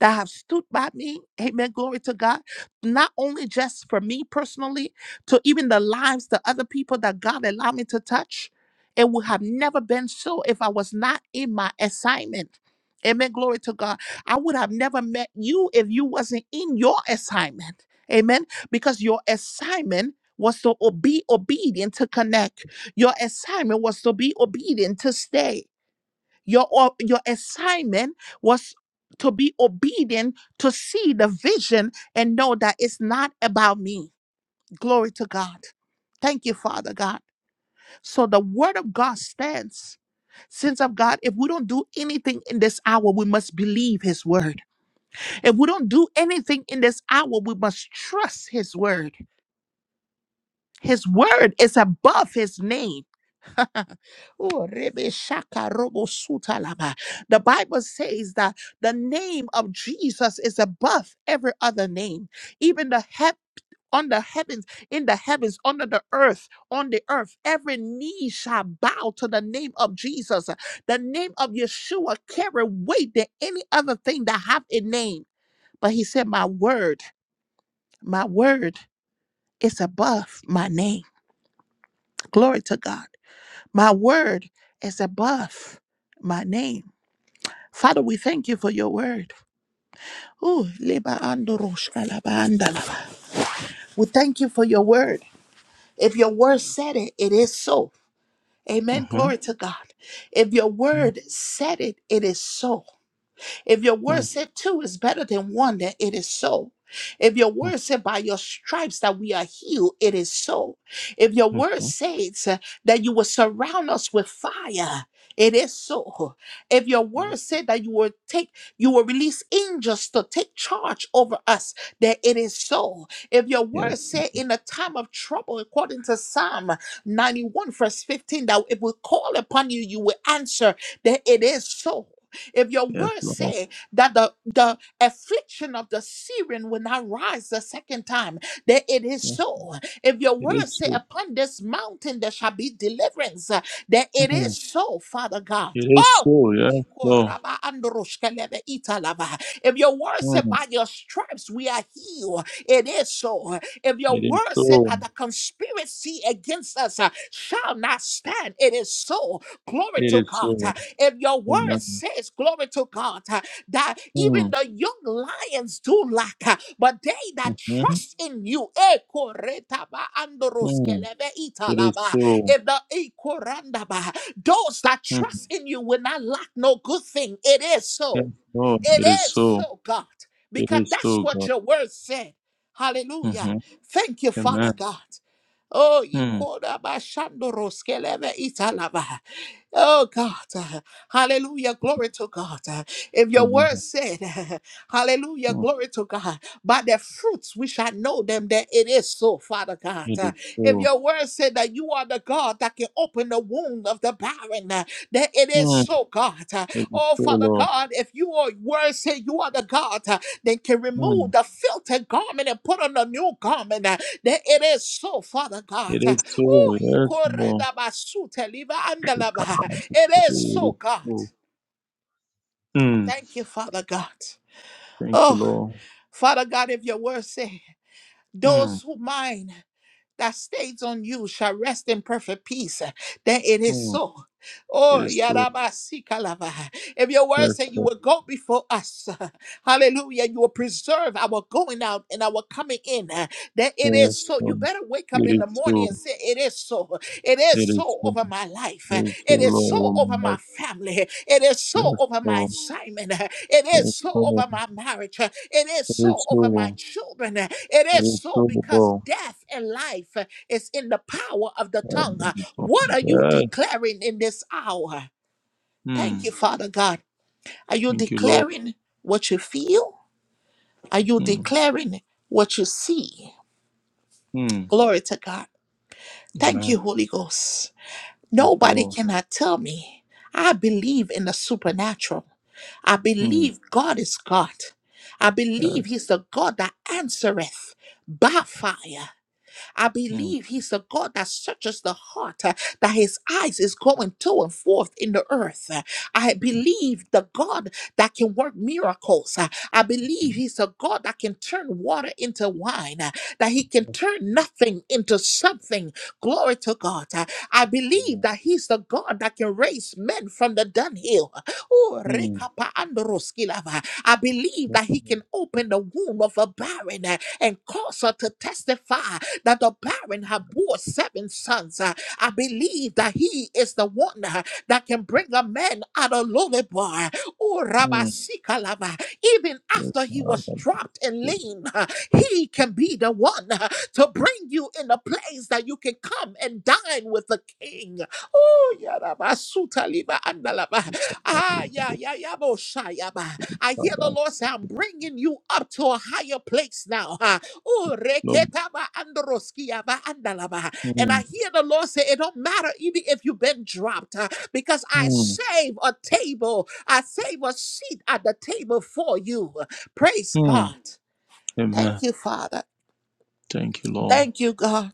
that have stood by me. Amen. Glory to God. Not only just for me personally, to even the lives, the other people that God allowed me to touch. It would have never been so if I was not in my assignment. Amen. Glory to God. I would have never met you if you wasn't in your assignment. Amen. Because your assignment was to o- be obedient to connect. Your assignment was to be obedient to stay. Your, o- your assignment was to be obedient, to see the vision and know that it's not about me. Glory to God. Thank you, Father God. So the word of God stands. Sins of God, if we don't do anything in this hour, we must believe his word. If we don't do anything in this hour, we must trust his word. His word is above his name. Oh, Rebe Shaka Robo Suta Laba. The Bible says that the name of Jesus is above every other name, even the heaven. On the heavens, in the heavens, under the earth, on the earth, every knee shall bow to the name of Jesus. The name of Yeshua carry weight than any other thing that have a name. But he said, My word, my word is above my name. Glory to God. My word is above my name. Father, we thank you for your word. Ooh, leba ando roshka laba anda laba. We thank you for your word. If your word said it, it is so. Amen. Glory Mhm. to God. If your word said it, it is so. If your word Mhm. said two is better than one, then it is so. If your word said by your stripes that we are healed, it is so. If your word Mhm. says uh, that you will surround us with fire, it is so. If your Yes, word said that you will take, you will release angels to take charge over us, then it is so. If your word yes, said in a time of trouble, according to Psalm 91, verse 15, that if we call upon you, you will answer, then it is so. If your yes, word Lord. say that the, the affliction of the Syrian will not rise the second time, then it is Yes, so. If your it word is say so. upon this mountain there shall be deliverance, uh, then it is Mm. so, Father God. It is Oh, so. Yes, Lord. Ikoraba androshkelebe italava. If your word said Mm. by your stripes we are healed, it is so. If your It is word said so. that the conspiracy against us uh, shall not stand, it is so. Glory It to is God. so. If your word Amen. says, glory to God, that even Mm. the young lions do lack, but they that Mhm. trust in you, eh, koretaba Mm. andoroskelebe It is italaba, so. if the eh, korandaba, those that Mm. trust in you will not lack no good thing. It is Yes, so. Lord. It It is is so. so, God, It because is that's so, what God. your word said. Hallelujah. Mm-hmm. Thank you, Father Amen. God. Oh, Mm. ikorabashandoroskelebe italaba. Oh God, uh, hallelujah, glory to God. Uh, If your word Amen. said, hallelujah, Mm. glory to God, by their fruits we shall know them that it is so, Father God. It Uh, is If so. your word said that you are the God that can open the womb of the barren, uh, that it is been Mm. so God. Uh, It is Oh, so, Father Lord. God, if you are word say you are the God, uh, then can remove Mm. the filthy garment and put on a new garment. uh, Then it is so, Father God. It Uh, is so. Oh, y Yes, Lord. da basute, liva We andalava. it is so, you. God. Oh, Mm, Thank you, Father God. thank you, Oh, Lord. Father God, if your word say, mm, those who mind. that stays on you shall rest in perfect peace. Then it is mm. so. It Oh, is so. Yarabasikalava. If your word Yes, said you Lord. will go before us, hallelujah, you will preserve our going out and our coming in, uh, That it is Yes, so. You Lord. better wake up It in the is morning so. and say, It is so. It is It is so so. over my life. It is so, It is so Lord. oh over my my God. family. It is so Yes, over my Lord. assignment. It is Yes, so Lord. over my marriage. It is It so is over my so. children. It It is is so so, because Lord. death and life is in the power of the Oh, tongue. my God. What are you Yes. declaring in this hour? Thank you, Mm. Father God. Are you Thank you, Lord. declaring what you feel? Are you Mm, declaring what you see? mm. Glory to God. Thank Amen. you, Holy Ghost. Thank you, Nobody Lord. cannot tell me. I believe in the supernatural. I Mm, believe God is God. I believe Yes. He's the God that answereth by fire. I mm, believe he's the God that searches the heart, uh, that his eyes is going to and forth in the earth. Uh, I believe the God that can work miracles. Uh, I believe he's a God that can turn water into wine, uh, that he can Yes, turn nothing into something. Glory to God. Uh, I believe Lord. that he's the God that can raise men from the dunghill. Oh, mm, rekapa androskilava. I believe Yes, that Lord. he can open the womb of a barren. uh, and cause her to testify that the barren had bore seven sons. Uh, I believe that he is the one uh, that can bring a man out of lowly bar. Oh, Rabba Mm. Sikalava, even Yes, after he was Lord. dropped and lean, uh, he can be the one uh, to bring you in a place that you can come and dine with the king. Oh, yaraba, suta liba, andalaba. Lord. Ah, ya, ya, ya, bo, sha, ya, ba. I hear the Lord say, I'm bringing you up to a higher place now. ha. Oh, Mm, reketa ba, androski, ya, ba, andalaba. And I mm, hear the Lord say, It don't matter even if you've been dropped, uh, because I save a table, I save a seat at the table for you. Praise mm. God. Amen. Thank you, Father. Thank you, Lord. Thank you, God.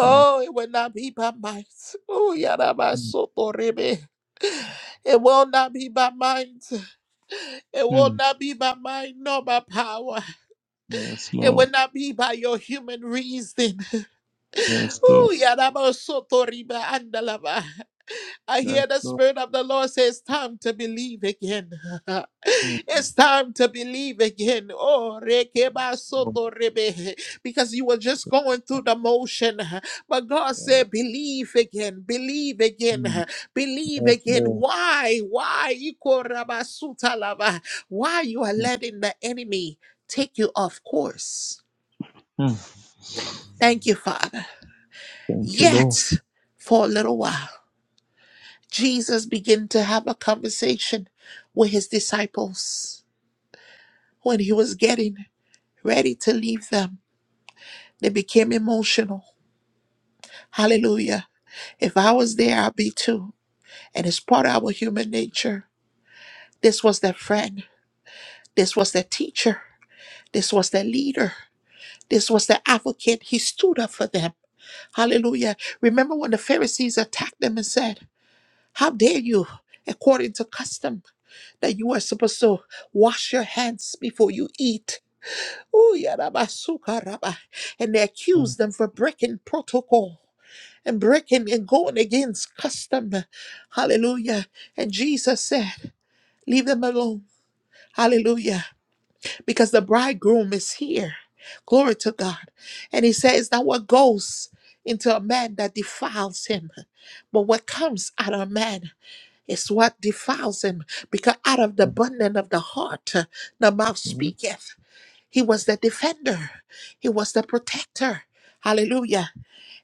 Yes, it will not be by might. Oh, yaraba, mm, soto, rebe. It will not be by might. It will mm. not be by might nor by power. yes It Lord. will not be by your human reason. Yes, Lord. Ooh, yarabasotoriba andalaba. I Yes, hear the Lord. Spirit of the Lord say, It's time to believe again. Mm, it's time to believe again. Oh, rekeba Lord. soto rebe. because you were just going through the motion. But God said, Yes, Believe again, believe again, mm. believe yes again. Lord. Why? Why? Iko raba suta lava. Why you are Mm, letting the enemy take you off course? mm. Thank you, Father. Thank you, Lord. Yet, for a little while. Jesus began to have a conversation with his disciples. When he was getting ready to leave them, they became emotional. Hallelujah. If I was there, I'd be too. And it's part of our human nature. This was their friend. This was their teacher. This was their leader. This was their advocate. He stood up for them. Hallelujah. Remember when the Pharisees attacked them and said, How dare you, according to custom, that you are supposed to wash your hands before you eat? Ooh, yarabasuka raba. And they Mm, accuse them for breaking protocol and breaking and going against custom. Hallelujah. And Jesus said, Leave them alone. Hallelujah because the bridegroom is here. Glory to God. And he says that what goes into a man that defiles him, but what comes out of a man is what defiles him, because out of the mm, abundance of the heart, uh, the mouth mm. speaketh. He was the defender, he was the protector. Hallelujah.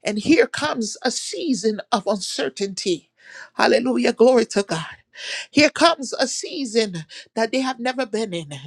And here comes a season of uncertainty. Hallelujah. Glory to God. Here comes a season that they have never been in.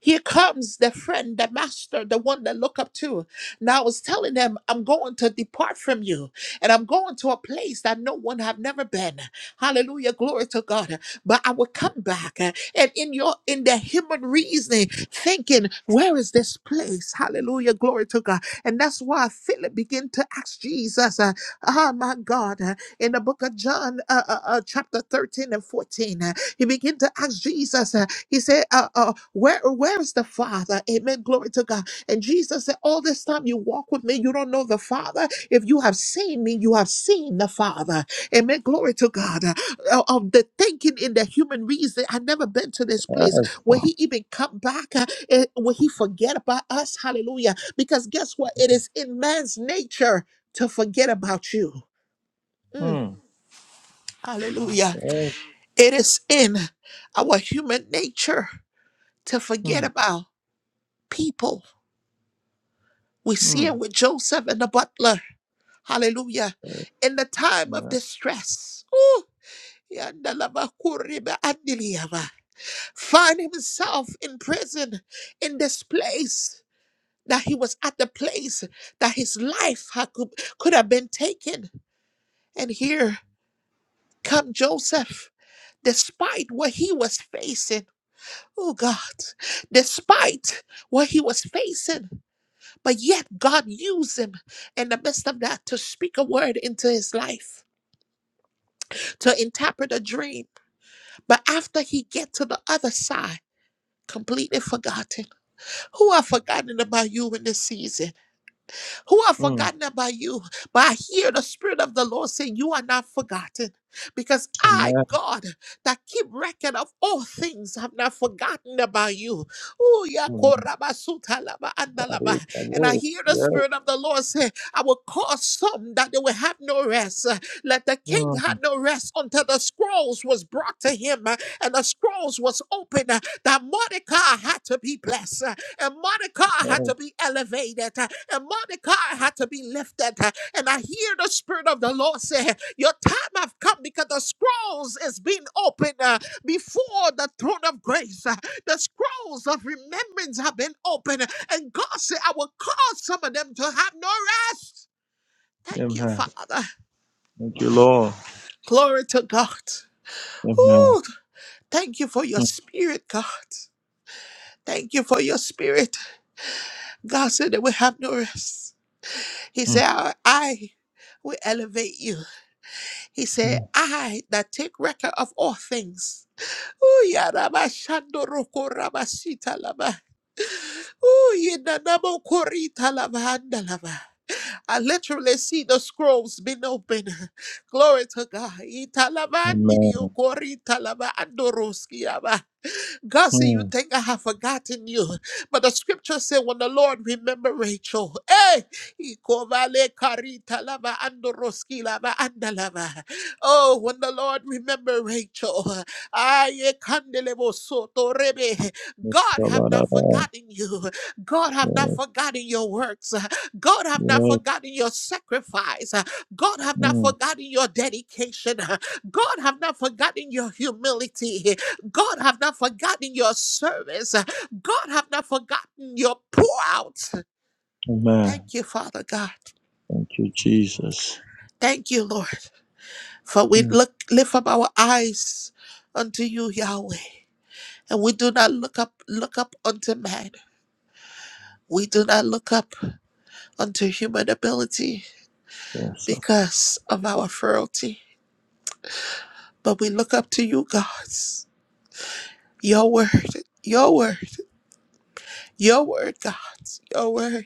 Here comes the friend, the master, the one they look up to. Now I was telling them, I'm going to depart from you, and I'm going to a place that no one have never been. Hallelujah, glory to God. But I will come back, uh, and in your in the human reasoning, thinking, where is this place? Hallelujah, glory to God. And that's why Philip began to ask Jesus, uh, oh my God, uh, in the book of John, uh, uh, uh, chapter 13 and 14, uh, he began to ask Jesus. He said, uh, uh, where, where is the Father? Amen. Glory to God. And Jesus said, All this time you walk with me, you don't know the Father. If you have seen me, you have seen the Father. Amen. Glory to God. Uh, of the thinking in the human reason, I never been to this place Yes. where Lord. He even come back, uh, and where He forget about us. Hallelujah. Because guess what? It is in man's nature to forget about you. Mm, Mm, hallelujah. yes. It is in our human nature to forget Mm, about. people. We see mm. it with Joseph and the butler. Hallelujah. Yes. In the time of Amen. distress. Ooh, yandalabakuriba andiliyaba. Find himself in prison in this place that he was at the place that his life had, could, could have been taken. And here come Joseph, despite what he was facing. Oh God, despite what he was facing, But yet, God used him in the midst of that to speak a word into his life, to interpret a dream. But after he get to the other side, completely forgotten. Who are forgotten about you in this season? who are Mm. forgotten about you. But I hear the Spirit of the Lord saying, You are not forgotten. Because I, Amen. God, that keep record of all things, have not forgotten about you. Ooh, ya Amen. koraba suta laba anda Body, the And I Lord. hear the Yes. Spirit of the Lord say, I will cause some that they will have no rest. Uh, Let the king have Mm. no rest until the scrolls was brought to him uh, and the scrolls was opened that Mordecai had to be blessed, uh, and Mordecai had to Yes. be elevated, uh, and Mordecai had to be lifted. uh, And I hear the Spirit of the Lord say, Your time have come because the scrolls is being opened uh, before the throne of grace. uh, The scrolls of remembrance have been opened, and God said, I will cause some of them to have no rest. Thank you, Amen. Father. Thank you, Lord. Glory to God. Ooh, Amen. thank you for your spirit, God. Thank you for your spirit. God said that we have no rest. He said, Mm. I, I will elevate you. He said, I that take record of all things. Ooh, ya raba shando roko raba sita laba. Ooh, ye na namo korita laba handa laba. I literally see the scrolls being opened. Glory to God. Ita laba ndiri o Amen. korita laba andoroski laba. God said, You Mm. think I have forgotten you. But the scripture said, When the Lord remember Rachel, hey, he kovale karita lava andoroski lava andalava. Oh, when the Lord remember Rachel, aye, kandelebo soto rebe. Yes, God have Kabbalah. not forgotten you. God have not yes. forgotten your works. God have not yes. forgotten your sacrifice. God have not Mm. forgotten your dedication. God have not forgotten your humility. God have not forgotten your service. God have not forgotten your pour out. Amen. Thank you, Father God. Thank you, Jesus. Thank you, Lord. For we Mm. look lift up our eyes unto you, Yahweh. And we do not look up look up unto man. We do not look up unto human ability Yes, sir. because of our frailty. But we look up to you, God. Your word, your word, your word, God, your word,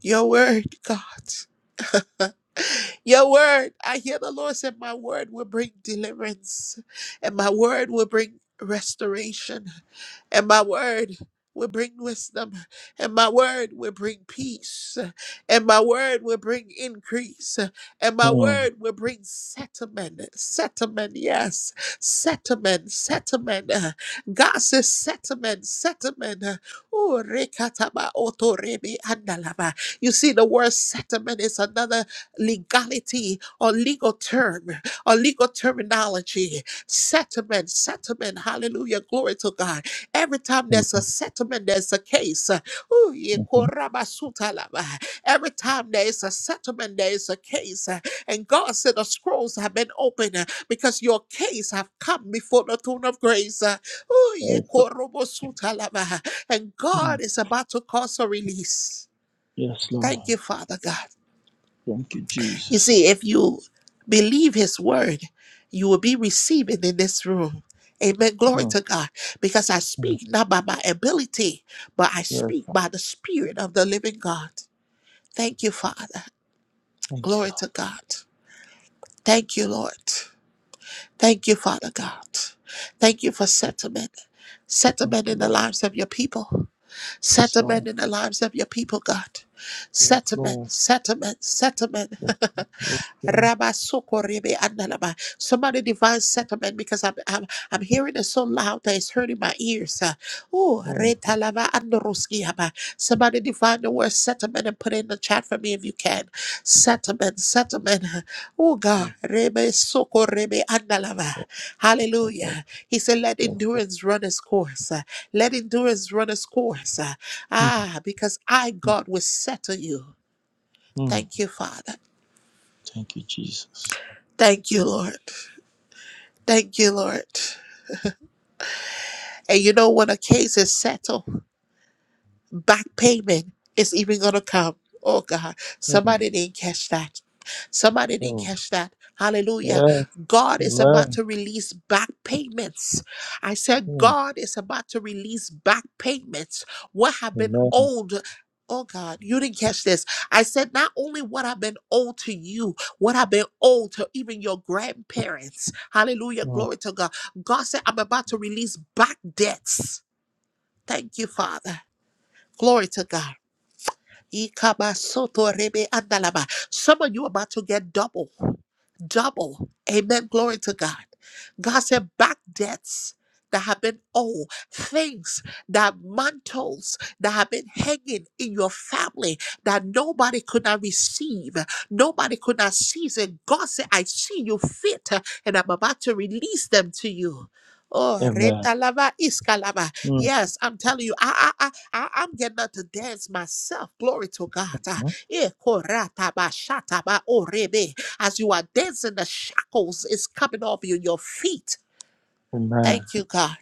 your word, God, your word. I hear the Lord said, My word will bring deliverance, and my word will bring restoration. and my word will bring wisdom, and my word will bring peace, and my word will bring increase, and my Mm. word will bring settlement, settlement, yes, settlement, settlement. God says settlement, settlement. Ooh, rekataba otorebe andalaba. You see, the word settlement is another legality or legal term or legal terminology. Settlement, settlement, hallelujah, glory to God. Every time Amen. there's a settlement, there's a case. Uh, Ooh, ye Mhm. korabasutalaba. Every time there is a settlement, there is a case. Uh, And God said the scrolls have been opened uh, because your case have come before the throne of grace. Uh, ooh, ye Yes, sir. korobosutalaba. And Mm. God is about to cause a release. Yes, Thank you, Lord. Father God. Thank you, You Jesus. see, if you believe his word, you will be receiving in this room. Amen. Glory Mm. to God. Because I Mm. speak not by my ability, but I Yes, speak sir. by the Spirit of the living God. Thank you, Father. Thank you, Lord. Glory to God. Thank you, Lord. Thank you, Father God. Thank you for settlement. Thank Settlement you, in the Lord. lives of your people. Yes, Settlement Lord. in the lives of your people, God. Yes, Settlement, Lord. settlement, settlement. Yes, Lord. Yes, Lord. Rabasokorebe andalaba. Somebody divine settlement because I'm, I'm I'm hearing it so loud that it's hurting my ears. Uh, Oh, Mm. retalava andoroskihaba. Somebody divine the word settlement and put it in the chat for me if you can. Settlement, settlement. Oh God. Mm. Rebe soko rebe andalava. Yes, Lord. Hallelujah. He said, let Yes, Lord. endurance run its course. Uh, Let endurance run its course. Uh, Mm. Ah, because I, Mm. God, will settle you. Mm. Thank you, Father. Thank you, Jesus. Thank you, Lord. Thank you, Lord. And you know when a case is settled? back payment is even going to come. Oh God, Mm. somebody didn't catch that. Somebody didn't Mm. catch that. Hallelujah. Yes. God is about Amen. to release back payments. I said, God is about to release back payments. What have been Amen. owed? Oh God, you didn't catch this. I said, not only what have been owed to you, what have been owed to even your grandparents. Hallelujah. Mm. Glory to God. God said, I'm about to release back debts. Thank you, Father. Glory to God. Ikabasoto rebe andalaba. Some of you about to get double, double. Amen. Glory to God. God said back debts that have been owed, things that mantles that have been hanging in your family that nobody could not receive, nobody could not seize it. God said, I see you fit, and I'm about to release them to you. Oh, Amen. retalava iskalava. Mm. Yes, I'm telling you, I, I, I, I, I'm getting up to dance myself. Glory to God. Ah, Mm. eh, korataba, shataba, orebe. As you are dancing, the shackles is coming off you, your feet. Amen. Thank you, God.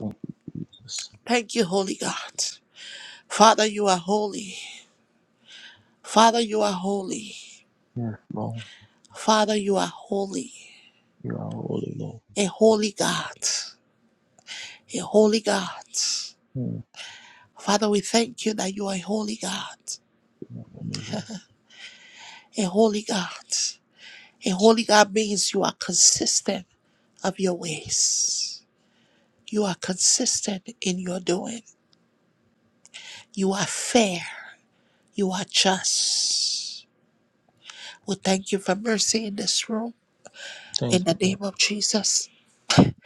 Thank you, Jesus. Thank you, Holy God. Father, you are holy. Father, you are holy. Yes, Lord. Father, you are holy. You are holy, Lord. A holy God. A holy God. Mm. Father, we thank you that you are a holy God. Holy, Lord. A holy God. And holy God means you are consistent of your ways. You are consistent in your doing. You are fair. You are just. We thank you for mercy in this room. Thank In the you, name Lord. of Jesus,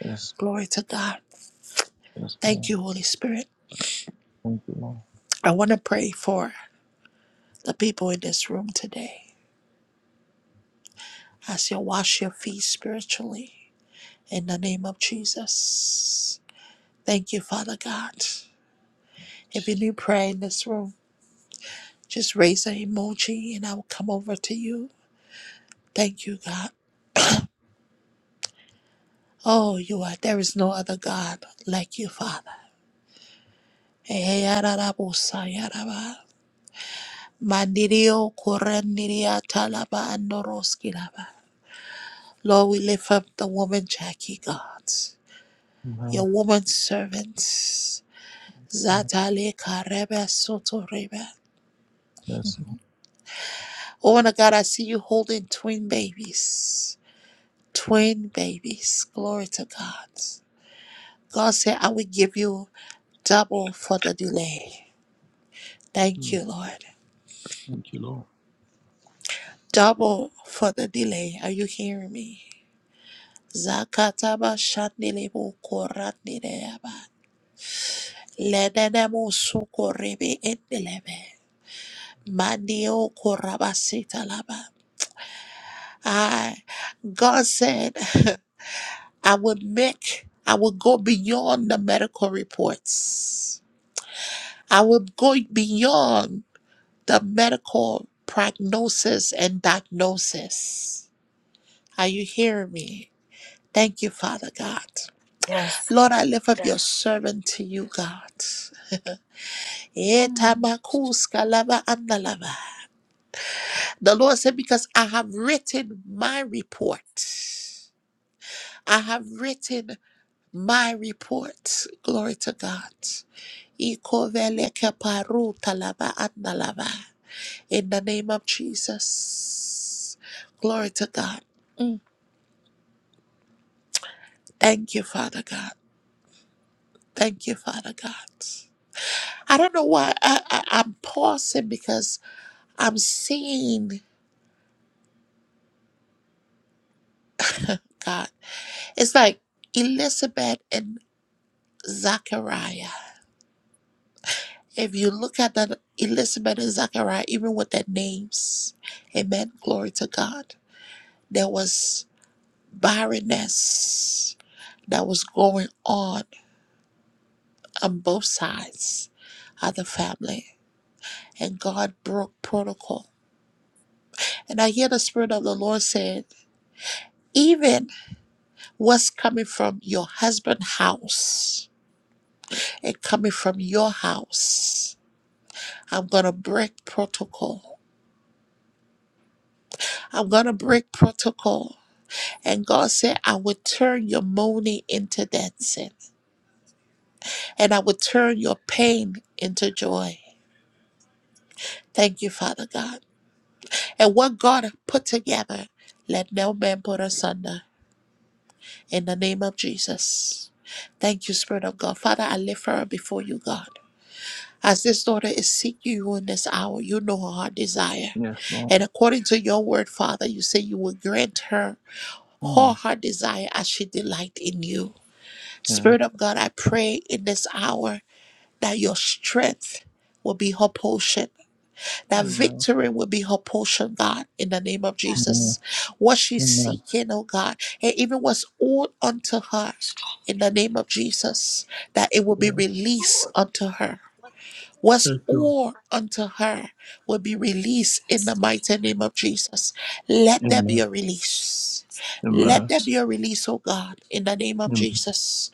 Yes, glory to God. yes, Lord. Thank you, Holy Spirit. Thank you, Lord. I want to pray for the people in this room today as you wash your feet spiritually. In the name of Jesus. Thank you, Father God. If you need prayer in this room, Just raise an emoji and I will come over to you. Thank you, God. Oh, you are. There is no other God like you, Father. Eh, yararabusa, yaraba. Mandirio kurandiria talaba andoroski laba. Lord, we lift up the woman Jackie, God, Amen. your woman servants. Lord. Zatale karebe soto rebe. Yes, Lord. Oh, my God, I see you holding twin babies. Twin babies. Glory to God. God said, I will give you double for the delay. Thank Mm. you, Lord. Thank you, Lord. Double for the delay. Are you hearing me? Zakataba shandilebo koratnideaba. Lenenemo sukorebe endelebe. Mandio korabasita laba. I, God said, I will make, I will go beyond the medical reports. I will go beyond the medical prognosis and diagnosis. Are you hearing me? Thank you, Father God. Yes. Lord, I lift up your Yes. servant to you, God. Mm, Etamakuska lava andalava. The Lord said, Because I have written my report. I have written my report. Glory to God. Ikoveleke paru talava andalava. In the name of Jesus. Glory to God. Thank you, Father God. Thank you, Father God. I don't know why I, I, I'm pausing because I'm seeing God. It's like Elizabeth and Zachariah. If you look at that, Elizabeth and Zachariah, even with their names, amen, glory to God. There was barrenness that was going on on both sides of the family, and God broke protocol. And I hear the Spirit of the Lord saying. Even what's coming from your husband's house and coming from your house, I'm going to break protocol. I'm going to break protocol. And God said, I will turn your mourning into dancing, and I will turn your pain into joy. Thank you, Father God. And what God put together, let no man put asunder. In the name of Jesus. Thank you, Spirit of God. Father, I lift her up before you, God. As this daughter is seeking you in this hour, you know her heart desire. Yes, Lord. And according to your word, Father, you say you will grant her all Mm. her heart desire as she delight in you. Yes. Spirit of God, I pray in this hour that your strength will be her portion, that Amen. victory will be her portion, God, in the name of Yes, Amen. Jesus. What she's Amen. seeking, oh God, and even what's owed unto her. Lord. In the name of Jesus, that it will Yes, be released unto her What's Yes, Lord. all unto her will be released Yes, in the mighty Lord. name of Jesus. Let there be Amen. a release. Yes, Let Amen. there be a release, oh God, in the name of Amen. Jesus.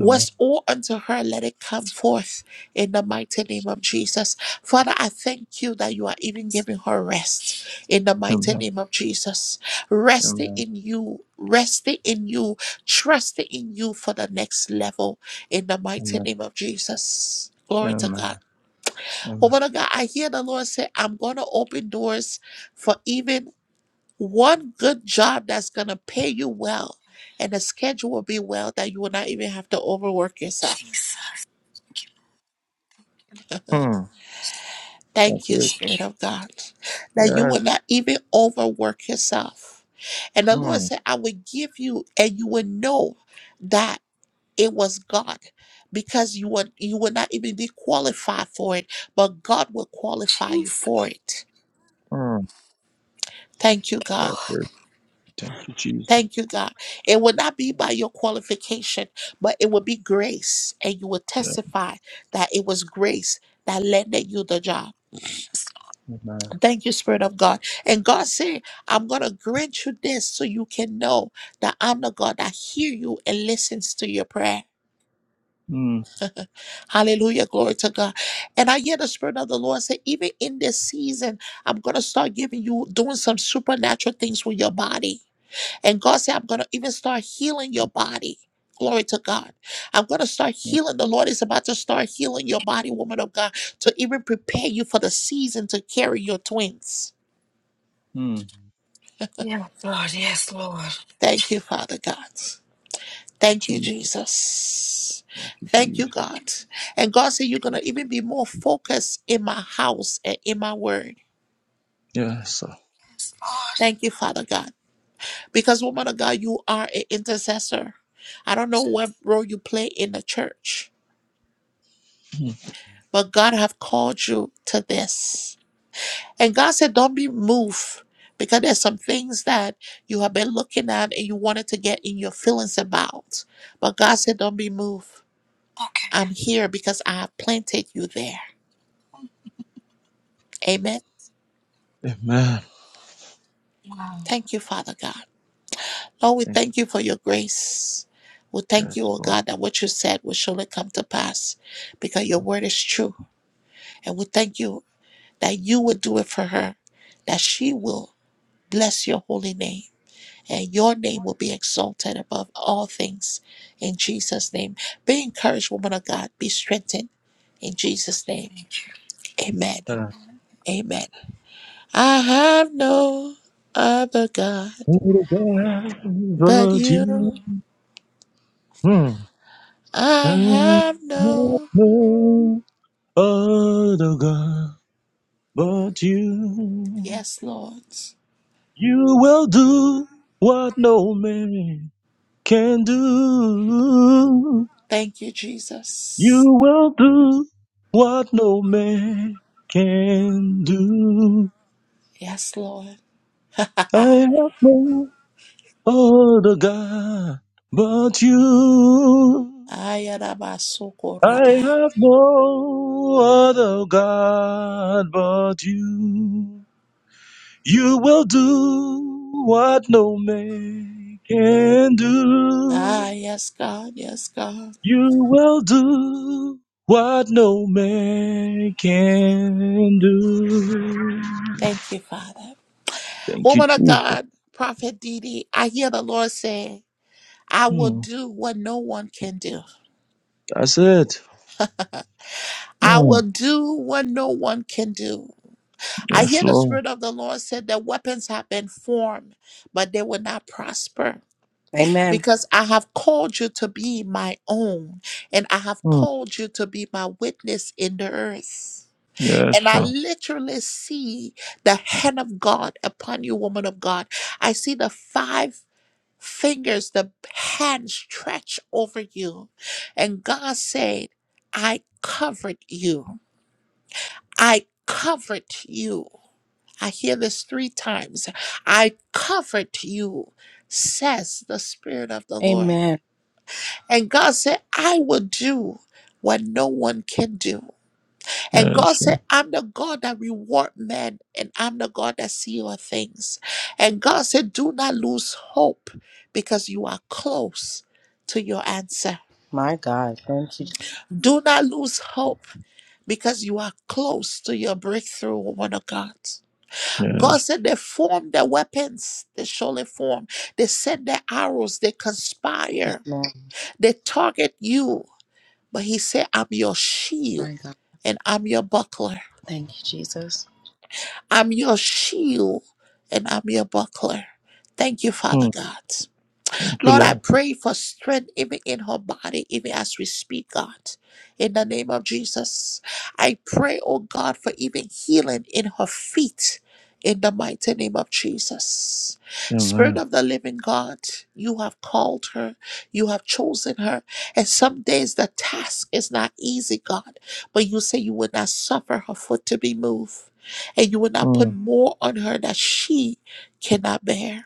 Amen. all unto her, let it come yes, Lord. forth in the mighty name of Jesus. Father, I thank you that you are even Yes. giving her rest in the mighty Amen. name of Jesus. Resting Amen. in you, resting in you, trusting in you for the next level in the mighty Amen. name of Jesus. Glory to Amen. God. Amen. Woman of God, I hear the Lord say, I'm going to open doors for even one good job that's going to pay you well. And the schedule will be well that you will not even have to overwork yourself. Jesus. Thank you, Lord. Mm. That's Thank you, it. Thank Spirit you, of Lord. God, that you Yes. will not even overwork yourself. And the Lord Mm. said, I will give you, and you will know that it was God because you would you will not even be qualified for it, but God will qualify you Jesus. for it. Mm. Thank you, Thank you, God. That's it. Lord. Thank you, Jesus. Thank you, God. It will not be by your qualification, but it will be grace, and you will Yeah. testify that it was grace that landed you the job. Yes, Lord. Amen. Thank you, Spirit of God. And God said, I'm going to grant you this so you can know that I'm the God that hear you and listens to your prayer. Mm. Hallelujah. Glory to God. And I hear the Spirit of the Lord say, even in this season, I'm going to start giving you, doing some supernatural things with your body. And God said, I'm going to even start healing your body. Glory to God. I'm going to start mm, healing. The Lord is about to start healing your body, woman of God, to even prepare you for the season to carry your twins. mm. Thank Yeah, Lord. Yes, Lord. Thank you, Father God. you, Thank you, Jesus. Jesus. Thank you, Thank you, Jesus. Thank God. you. And God said, You're going to even be more focused in my house and in my word. Yes. Sir. Yes, Lord. Thank you, Father God. Because, woman of God, you are an intercessor. I don't know Yes. what role you play in the church Mm. but God have called you to this. And God said, don't be moved because there's some things that you have been looking at and you wanted to get in your feelings about. But God said, don't be moved. Okay. I'm here because I have planted you there. Amen. Amen. Wow. Thank you, Father God. Lord, we Thank thank you for your grace. We you, thank yes, you, oh Lord. God, that what you said will surely come to pass because your word is true. And we thank you that you will do it for her, that she will bless your holy name. and your name will be exalted above all things in Jesus' name. Be encouraged, woman of God. Be strengthened in Jesus' name. Thank you. Amen. Thank you. Thank you, Uh, Lord. Yes, Amen. I have no other God but but you, you. mm, I I have know no. no other God but you. Yes, Lord. You will do what no man can do. Thank you, Jesus. You will do what no man can do. Yes, Lord. I have no other God but you. I Ayarabasukuraba. have no other God but you. You will do what no man can Ah, do. yes, God. Yes, God. You will do what no man can do. Thank you, Father. Thank you, Woman of Jesus. God, Prophet Didi, I hear the Lord say, I will Mm. do what no one can do. That's it. I will Mm. do what no one can do. I Yes, hear the Lord. Spirit of the Lord said that weapons have been formed, but they will not prosper Amen. because I have called you to be my own and I have Mm. called you to be my witness in the earth. Yes, And I sir. literally see the hand of God upon you, woman of God. I see the five. fingers, the hand stretched over you. And God said, I covered you. I covered you. I hear this three times. I covered you, says the Spirit of the Lord. Amen. And God said, I will do what no one can do. And God Yes, said, sir. I'm the God that reward men, and I'm the God that see all things. And God said, Do not lose hope because you are close to your answer. My God. Thank you. Do not lose hope because you are close to your breakthrough, woman of God. God Yes. said they form their weapons, they surely form. They send their arrows, they Yes, conspire, Lord. they target you. But He said, I'm your shield My God. and I'm your buckler. Thank you, Jesus. I'm your shield and I'm your buckler. Thank you, Father Mm. God. Thank you, Lord, I Lord. pray for strength even in her body, even as we speak, God. In the name of Jesus, I pray, oh God, for even healing in her feet. In the mighty name of Jesus. Spirit Amen. of the living God, you have called her, you have chosen her. And some days the task is not easy, God, but you say you would not suffer her foot to be moved, and you would not put Mm. more on her that she cannot bear.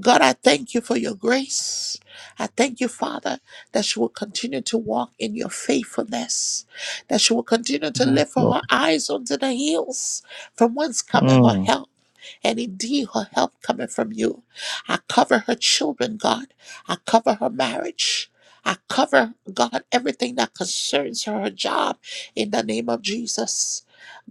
God, I thank you for your grace. I thank you, Father, that she will continue to walk in your faithfulness, that she will continue to Yes, lift Lord. her eyes onto the hills from whence cometh her Mm. help. And indeed, her help cometh from you. I cover her children, God. I cover her marriage. I cover, God, everything that concerns her, her job, in the name of Jesus.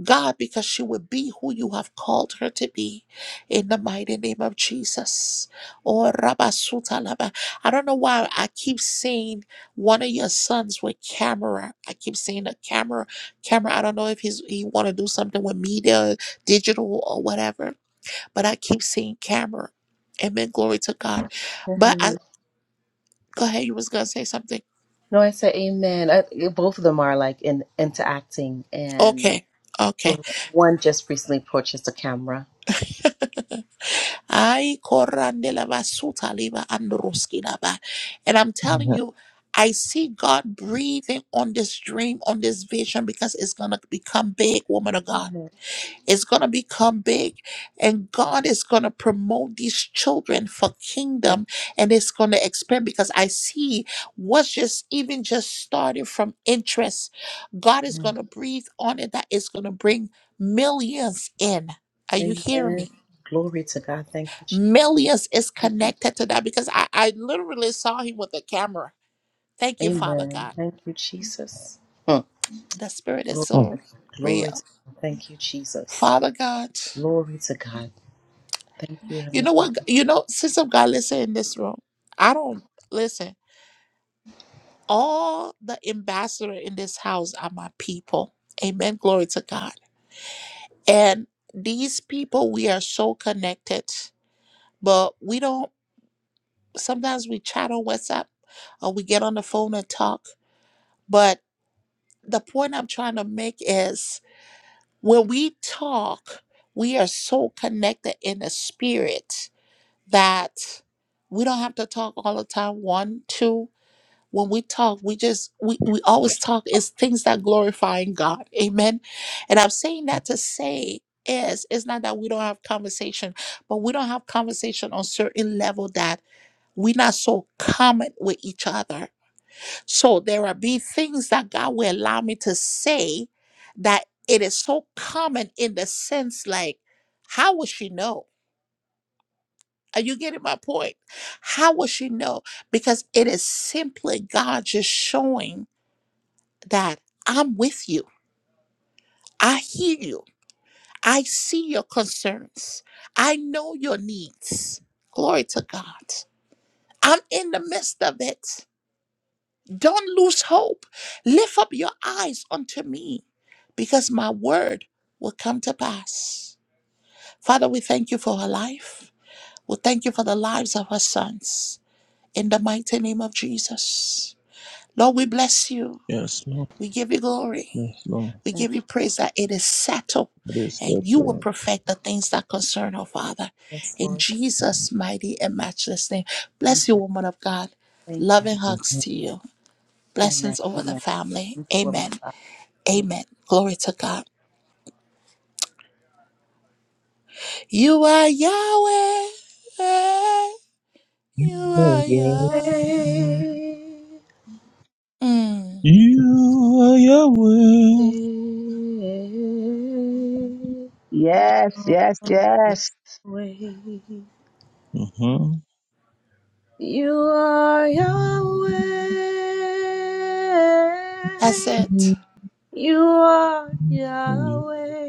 God, because she will be who you have called her to be, in the mighty name of Jesus. Oh, Rabasuta Laba. I don't know why I keep seeing one of your sons with camera. I keep seeing a camera, camera. I don't know if he's he want to do something with media, digital or whatever, but I keep seeing camera. Amen. Glory to God. But I Amen. go ahead. You was gonna say something. No, I said amen. I, both of them are like in interacting, and Okay. Okay. one just recently purchased a camera. Ay, korandela basuta liba androski laba. And I'm telling Yeah. you, I see God breathing on this dream, on this vision, because it's going to become big, woman of God. Amen. It's going to become big. And God is going to promote these children for kingdom and it's going to expand because I see what's just even just starting from interest. God is going to breathe on it that is going to bring millions in. Are you hearing Amen. me? Glory to God. Thank you, Milius is connected to that because I, I literally saw him with a camera. Thank you, Father Amen. God. Thank you, Jesus. Hmm. The spirit is Glory, Mm. so glory real. to God. Thank you, Jesus. Father God, Glory to God. Thank you, you Heavenly know Father. what? You know, since of God, listen in this room. I don't listen. All the ambassador in this house are my people. Amen. Glory to God. And these people, we are so connected, but we don't. Sometimes we chat on WhatsApp or we get on the phone and talk, But the point I'm trying to make is when we talk, we are so connected in the spirit that we don't have to talk all the time. One, two. When we talk, we just we, we always talk is things that glorifying God. Amen. And I'm saying that to say is it's not that we don't have conversation, but we don't have conversation on certain level that we're not so common with each other so there are be things that God will allow me to say that it is so common in the sense like, how will she know? Are you getting my point? How will she know? Because it is simply God just showing that I'm with you. I hear you. I see your concerns. I know your needs. Glory to God. I'm in the midst of it. Don't lose hope. Lift up your eyes unto me, because my word will come to pass. Father, we thank you for her life. We thank you for the lives of her sons. In the mighty name of Jesus. Lord, we bless you. Yes, Lord. We give you glory. Yes, Lord. We Thank give you you. praise that it is settled It is and that you will Lord. perfect the things that concern her, Father. Yes, In Lord. Jesus' mighty and matchless name. Thank Bless you, you. woman of God. Thank you. Loving hugs to you. Amen. Blessings over the Amen. family. Thank you, woman Amen. of God. Amen. Glory to God. You are Yahweh. You are Again. Amen. Yahweh. Mm, You are your will. Yes, yes, yes. Yahweh. You are that's Yahweh. it. You are Yahweh.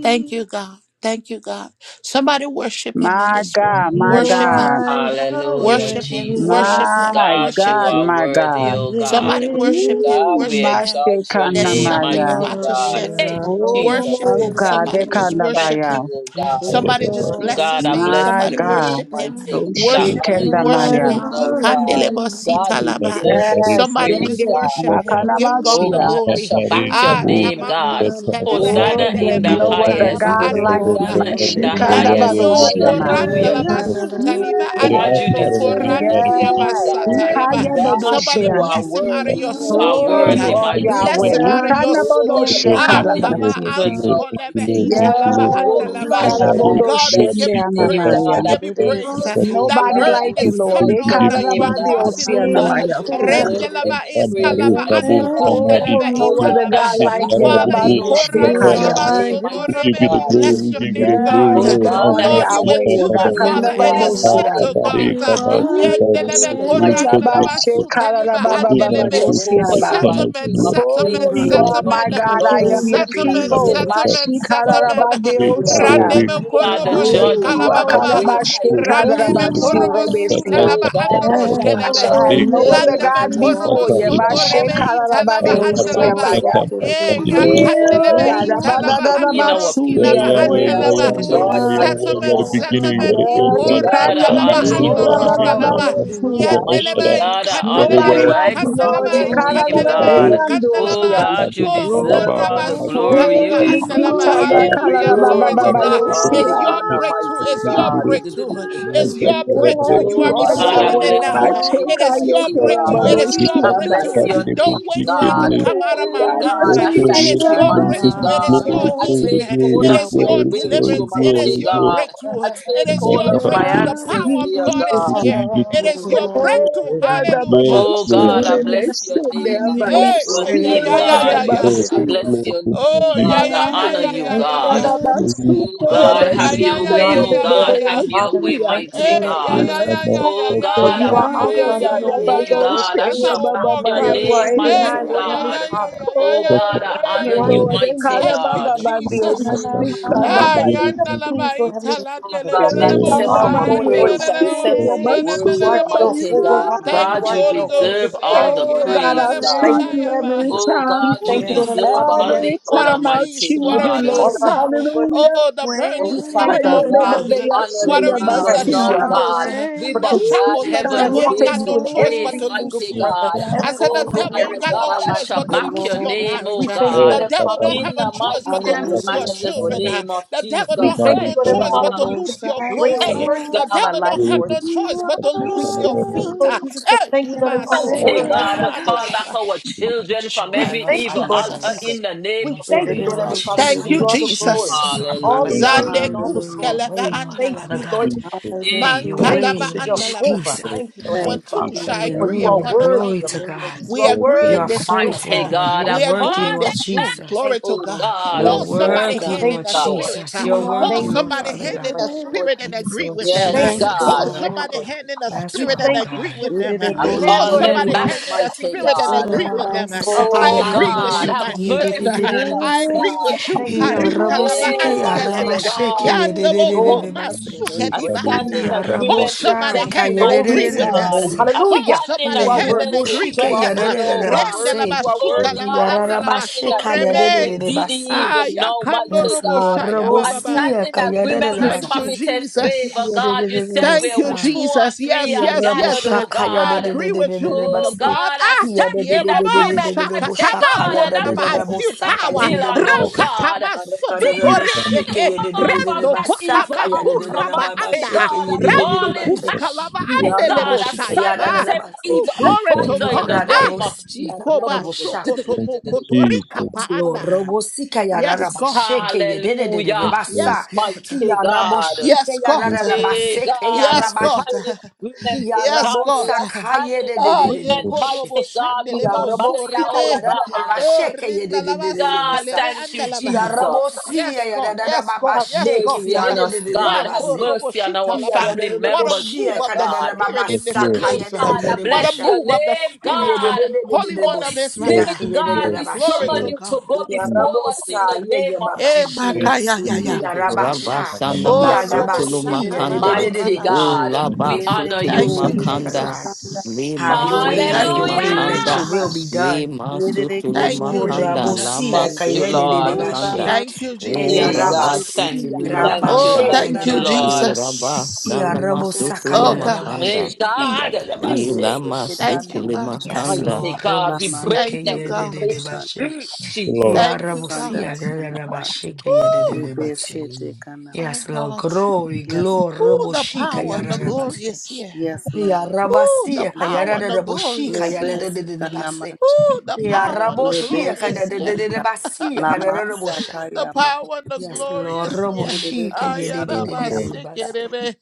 Thank you, God. Thank you, God. Somebody worship him in My this God, room. my You Worship him. God, are Hallelujah, Yahweh. Worship him. Worship Jesus. him. my God, Worship you God, him. are my worthy, God. O God. Somebody worship him. God, Ooh, we Worship him. exalt your There's name, Hallelujah. something You Mashikandamaya. mighty about to are God. shift. Hey, Yahweh. Jesus, Worship we Oh, him. God, thank Somebody you. just Hallelujah. We worship thank Bekandabaya. you, him. O Thank God. Oh, you. Somebody just Oh bless Lord, God, his I name. bless My Somebody your you are God. name, worship him. worthy, mighty God. I Lord. Worship honor You him. you are Worship Oshikandamaya. him. even now, Mm-hmm. Yahweh. You are Yahweh. God. Ikandelebo God, Hallelujah. you sitalaba. Tata deserve Mare every Yes, Somebody Oh, Kabum sing just praise, it. God. worship Tata him. Give Lord, God Oh the Makanamasia. God, I glory. Tata shall you are worthy. The Re back your Ah, Lord, Kabus name, God. Ganana tamakuns Tata Tata telebe Oh, Hosanna Mashanda. Mama in there's you endelebe the are no other Yahweh highest. italaba God Yahweh like Yahweh Diribo you. andalava. Hosanna son in the Yahweh highest. Yahweh diribo. You Randio Mashikandabadosia. Ye Yahweh koranda are Hallelujah, la Yahweh Jesus. basuta Ooh, liba Ere ganana. God, you Alpha andelebo and Omega the deserve wind Hey, every are korandiria praise, beginning Yes. God. basata to yaba. make it God, Somebody a Ikayabadosia. you are bless him You out of worthy. secret. your You are are Oh, spirit. and you ah. worthy, the end Tata Sita Tata are thank you mighty Bless thank Yahweh. him you God. Yahweh. out Yahweh. of your Jesus Oh Oh, God, spirit. na Lord I Ah, thank honor you you kaba Lord Ikanabodoshekarabasia. thank you even Yahweh. Lord now, ansko thank you mighty Lord You ita thank God. you are lava Lord Yes. Oh Diribo andalaba. you Yahweh. son Father Mare God, diribo. I God, we bless Kabus your give you Tata name, Tata praise. God. We Ikarabodoshendeanamaya. I Tata give Tata you Yes, Tata Tata Tata praise praise. your ah. Jesus, Tata name, Lord, That Nobody God. burden like I you, is you Lord. coming exalt off your now. Tata You Tata name, are God. you crossing Tata are over. God, Ikarabadiosianamaya. you Yahweh. deserve every Samari praise, Rendelaba Kabu mighty are Oh, God. Samari androshkelebe no Oh God, other Kituka I italaba. God shall like back you. your Sikarabu Father, name. Bus I You bless your Rabadoshekaya. ikorandelaba Kakaka. name, We mighty are give you sotorebe. the we God. glory, we bless your give you name, the God. glory, Oh Yes, Lord. you God, are Mama Lord, you accept will Sika our Yahweh. do Baba it, praise, Father. It is God. Yahweh, God, Rakanabadosia. Papa settled, inhabit Bare God. you the Baba praise of are your Sika Yendelebe Risek people, Ooh, Yahweh, mighty Risek korandelaba God. Risek suteliba you are Oh, Ima great andelebe. Sika Yahweh, Jehovah, Like Rabashekarababababariosia. you are Connect Settlement, King of Lord you Oh, kings, settlement, you you are. are Lord are in the my Lord settlement, name of of God. I lords, Jesus. am you Thank are you, your the settlement, Lord. people. Jesus. conquering Baba lion Saka of settlement, the tribe settlement. of Re Judah. Kabu Mashikarabadiosia. Re Oh, Randebe You are You the korobo are judge, Saka you Ooh, are shikalababa the Kakari Alpha Unamasi, laba great high O Sika priest, oh randebe oh Re Bo korobo God. Sika sita Lord, akarabashikarabasiurebesia. Oh laba Kakari God, Baba I androsh you and Baba thank I you kelebe shall that have are. Mare you no hear Kabu other Omega. our Thank landebe you, gods Sika prayers, Lord, korobo before for you. mighty Kakari soto you. God. rebe I ita I'm Oh thank not you, Mashikarabadiosia andalaba mighty a baya. God, saint. for I'm being ye just a ya boy. We faithful, Hey, for kandelebe being ita worship my true, laba you, for being our androski You are peace, laba for young. being You are andalaba our young. dadabadadadabasudiarebeasuya. You Yahweh, joy, are our young. mighty You are settlement the oh Lord. God. beginning. You settlement are the end, Yes, Oh Lord, brother. ikore God, I'm I going to talaba honor bring you You to you. androsh the glory, end. are I'm kalaba glory, worthy going ikarebesiorababababasuya. to show Mighty you. yandelebe glory, God, I I'm honor Nobody you. going to kandelebe I like show you, to Lord. exalt your kandelebe glory, you. name, be I'm kandelebe going God. praised. glory, Oh kandelaba to Ekarabadaboriandosia. show God, you you. I'm going to show you. oh I'm going to show you. I'm glory, glory, going deserve all koraba the We suta give glory. You liba Oh, you deserve andalaba Nikita, all the Yakala, to hallelujah praise. You Baba, glory all glory, to glory, glory, Baba, deserve God show all it's the Yosia. your honor, breakthrough. mighty It's your you. God. breakthrough. It's your breakthrough. Yes, You you are Oh are God, I receiving it Yahweh. bless now. your glory. name, It glory. Bacheka, is We your mighty You are Yahweh, Yekaya, you breakthrough. worship God. It is your I Baboshia, bless Baya. I'm breakthrough. going your are Don't to show name, wait for it to God. you. come Yahweh, Oh, out of my Oh God, mouth. that's God, Yes, what I you Lord, It thank yes, is you, share, your you Lord, no. we mighty give breakthrough. you It is God. glory, your the are I glory, you, healing. the take glory, hold It the of is my your glory, the glory, Yahweh. breakthrough, the deliverance. It O glory, is mighty the your glory. God. breakthrough. I God. It take And is my hold your You of mighty my breakthrough. boy, The answers, are You power of dear we give God is you God. glory, here. we give you- It is your Oro Eh, breakthrough. Yada, Baba, Yes, Hallelujah. Oh Lord, God, I Siore, Yahweh. bless are your worthy name. Besendea, I to bless be Baya. Yeah, your yeah, Sia, yeah, name, praised. yeah, orerebo yeah, yeah, God. yeah. I thank sunderebe. you, Lord, thank you, Yabasuya. bless Lord, your thank you, name, Oh, Jesus. yeah, You God. I yeah, yeah, honor are yeah, you, yeah, Thank Eh, yeah, you, yeah. God. Yada, Jesus. Thank Yahweh. you, Lord, Oh Basuko, thank you, Oh, God, thank you, yeah, have Lord, thank yeah, your you, Hallelujah. We yeah, Rebesita, way, honor yeah, thank you. oh yeah, you, Lord, yeah, Yabebe, our God, yeah. have your Father. We way, Yosia. thank you, mighty You Lord are Hey, yeah, Yes, God. yeah, my Yahweh. yeah, Jesus, yeah, God, yeah, Oh God, yeah, for God, yeah, God, I you God, yeah, are God, Alpha Hallelujah, yeah, yeah, yeah, yeah, praise and yeah, God. the the your yeah, yeah. name, Omega, yeah, Lord yeah. God. I That's Yabadoshia, Jesus. our shall back Baba, war your Baya, cry, Lord. You name, God. are Sia. Hey, mighty Adonai, yeah, Lord yeah, Heavenly yeah, God. yeah, Father. yeah, yeah, Oh yeah, yeah, Yes, Oh, I God, I yeah, yeah, love yeah. honor you, You Lord. yeah. are you, Lord, Lord. King, mighty Lord. Thank you, God. Kalabababandio, Jesus. I'm- I'm- I'm so You Mm. good, are Ah, we give sikadabaya. you King of yanda la ba Kings, Lord Heavenly ita la ne Father, le God, Lord le le le glory. Yes, bo Jesus. You accept and sa I'm All our so glad are knowing, yanda Kelabandio, Lord le praise, le le le Jesus. bo accept si our ya Yahweh. na na You na are sikelabasuya, worship, bo. mighty You basu. Jehovah God. Rapha. You Thank God, you, are you are Holy Jehovah deserve Ghost. all Hey, Jireh, the yeah, Oh Lord le le Jesus. God, le I praise, le We bo thank God. choose sha you. you ya ba. every Yahweh. Oh time. We God, you Oh thank you, Yeah. Lord God. Heavenly deserve Father. We all ask Every the you, Lord, What a honor, time to I release, mighty what forgive choose a us you, of God. all Lord. of release. our sins, Lord Jesus. Hallelujah. Oh, the And Oh we burden's thank coming you, Lord Father off Heavenly Yahweh. now. God, Father, we for your honor What a you You continued release, the are even presence in now, Kayebebebeyaseyabasuya. our life, shackles, God. We for Yahweh, the bombard shackles. Ooh, continuing The to God, heaven's devil you walk ain't us got gates take no through with in choice but praise, every to oh Lord, single loose mighty you. crevice, God. every I have said, Oh your the single devil Father way, area ain't got of no God, our I life, choice shall but Lord. oh to back loose your your Lord, name, marriage. oh We thank you, Lord The God. Heavenly devil Father, don't for your In have a the choice continued but mighty to hands of and loose your hallelujah. protection, matchless Lord. children. name of The devil We don't Jesus. have thank you, we no Hey Lord Oh, found Heavenly you. choice the Father, but God, to for your loose your continued Messiah, grace hey and glory. Now, mercy The upon our devil God. life, don't we have will Lord. no be choice you but at to my We loose camera, your continue, feet. and Lord are Jesus, to thank you, Hey, Lord Lord. Heavenly Father, for we Mighty ordering Father our can God, God, make I steps, Yahweh. Lord. call Yahweh. back our it. children from Yeshua, We every Thank Lord, you, thank evil you, Father Lord God, I altar Jesus. in Jesus. the name come We of before thank you, Thank you, Dedede Lord Lord Jesus. Heavenly Father. you, We Jesus, Thank give you you, name all koshedede. of the glory, Jesus. Jesus, oh, all Father the God. thank Hallelujah. praise, Zande you, and all the Jesus. Have kuska Hallelujah. your glory. We lava way, say Lord thank Father andalava. Thank you, God. Lord you, Jesus. Jesus. Have Hey, your Thank way, Mankadava you, Lord Hallelujah. andalava Jehovah. Jesus. Lord, Thank you, Lord when Heavenly Thank you, two mercy, Father, shall Jesus. for agree you are Katakara, Hallelujah. upon a Glory worthy thing. of to the Lord. God. praise. You We are yes, agree You in are Lord, worthy this of room. faithful, mighty all the Lord. God, You praise, are I We Lord agree worthy, call in Jesus. Lord this them We room. Jesus. back. Glory thank to you, Oh Lord God. You're God, Jesus. Hold Lord, Yes, somebody We worthy, hand God. thank in Lord the God. you, Lord. spirit. Jesus. uh, You're You We Hold worthy, thank mm, Lord are you somebody for Father your hand God. in the presence, Yahweh. Lord spirit and Jesus. Yes, agree Lord with We them. Yes, uh, thank yes, Thank you for you, your Jesus, God. Lord, Hold Lord. protection, somebody Lord Lord. hand Jesus. in the Yes, We spirit and Father thank you agree for God. your with them. uh, Dedede I continued hand, Hold call Lord them Heavenly somebody Hallelujah. back, boshende. Father, in hand in the every mighty spirit single Yes, and God. agree Lord. with situation Lama them. uh, of sandara Robosike our I Oh come, lives, agree Lord with God, you, Heavenly yarabasheke my have Father. We thank sister. mercy on us, I yededededebase. agree with you. We God. with you. thank we you, Lord. come, We Karita lava thank you, Hey, Yarabosike Lord. We anskeleve. mighty thank you, Lord. yarabasheke God. Yanda boko Glory and to yededededebase. your masuke we name, I Lord come, diva Lord, Jesus. stand in we anda. come, Hold come, agreement Yarabosha with somebody Jackie, hand and Glory agree mighty to with your God. name. them. kayerererebase. Lord, I Hold Hallelujah. stand in You somebody are hand and worthy, agreement with Lord. agree Yaraboshike You with are them. Jocelyn, worthy. oh You are God. Rende worthy. yarererebase. lava You are Oh suka Lord, worthy. God, You lava are I anda worthy, stand Lord. lava in Yararabashe Thank agreement sorebe. with Didi kayerererebase. Ah even ya now, kando Yes, mighty robo Lord. God. you. shaya I Glory to baba. stand God. Rabosia in come, agreement with Jesus. Thank you, kayerererebashe. prophetess come, favor, Jesus. God. You said Thank where you, two Yarererebasa. or Jesus. three Yes, are yes, gathered, yes. oh Yaraboshakaya I de God. de agree de de de with you, de de woman Oh of come, basse. Lord, God. God, I Ah, stand Yada de in de de de yebabo de de agreement, de de mighty shakatama God, boshakaya and de I de koraba. we de I da come, call feel back Katakara, bosakaya power. de de Dylan, de da. oh Katakara, God. Rakatama Karakada de we come, and Dylan, boshike sokotorekepe. ye seek come de de you, de off de Lord, of de Rando that evil kotama basakaya de de de outcome, de kuraba ba ba mighty anda. shike God. ye de Lord, Katakara, de we de come, come, we de All Rando come, in basse. kuskalaba God, andelebo I Yaraboshike yada da silence shayaba. da every basse. Oh, evil glory to advisor and in God. the we Yada da come, Ah, name Lord. of bosh Jesus. yada da ikoba bosha. Thank shokotomo you, kotorika Jesus, pa Lo anda. robosika yada da Yes, God. bashike ye de de de de de thank Hallelujah. you, Lord, Yes, basa. God. Mighty God. Yaraboshike Yes, yada God. thank da da Hey, baseke God, you, I Yes, thank God. stand yarabashe. in agreement with Yes, Godly. God. Yarabosa I stand kaye in de de Ah, de de you, ye de agreement, Lord, boshe. korobo mighty God, with shandelebo Mambalia, Yarabosi oh kaya da sorebe. da da God. Oh, basheke ye de de rindalava de de de God, bosa. sukeleve thank you, andalava. Jesus. Yarabosi Yes, ya da God. da da Yes, baba God. Have Yes, sheke God. mercy ye de on de de us, de de de Ma God. Have base. korobo mercy on our shitalaba. Yara da family da da What a members, boshi move ya dear of the kada da God. da baba Spirit yes, in this Lord, Oh we sakaya place. de de come, God, de I de What a bless bosha. your move Katakara, of the name, Spirit. Ye de God. de de de de Holy de One Holy of bosi Israel. ya Lord, Spirit, thank kye you, de de God, de Lord, we thank you, Glory bashe. summon to Lord, you God. to go before Jesus, us in Yarabosa the ye ye name of baba Eh, Jesus. she. thank makaya ya you, ya. Yarabasha. Mama, Rabasana mama. Oh, robo Masutulu Yarabasi shaka ya de de Makanda. bako de de de Mighty O rababa. bosha. God, Thank Laba we honor Yes, Thank you, Lord, you. Father Makanda. God. Jesus. Have Lima your way, have Sutulu Thank your Hallelujah. you, way, let your Makanda. will be Jesus. done. Lima Sutulu Thank you, Lura Makanda. Lama bosia Thank you, Jesus. kayede Sutulu de de Lord. Makanda. bashe. Thank you, O Hey, God, Jesus. thank rabasia Rabasitulu you, thank you, Oh, Makanda. rarabashe ya thank de thank you, de you, de mas, O basa. Lord. Jesus. Rabasana ore de rabosaka Masutulu Oh, ya God. Makanda. Hey, rarabashe. bofon, Heya God, Lebo rarabase. Ilama seketa Thank you, Sitili nama God. Yes, shaka Makanda. Lord. mighty God, we lama break Thank Rabosike you, them, we sekere yede God. de de shaka bashe. break you, Lord. Thank loko you, Jesus. God. twanda rabosia rakanda masi rarabashe ke Every Woo! de de evil lebe sete chain. kana My masi. Yes, Lord. God. Glory, Yes, glory, Ooh, the raboshika thank power ya you, and the Jesus. glory rarabase. is here. Yes, Ya Lord. Ooh, the rabasiye Lord. power kayara and da the da glory boşi is kayara Lebe here. da da da da sekana basi. mashike Ooh, the Ya power and the raboşiye lebe glory is kayara da here. da da sekunda da basi lama kayara da boşa. the sataya power masi. and the Yes, Lord, glorious yeah raboşi Uderebo kayara da da Thank da da sataya da you, da maka. basi. Ayarabasekerebe.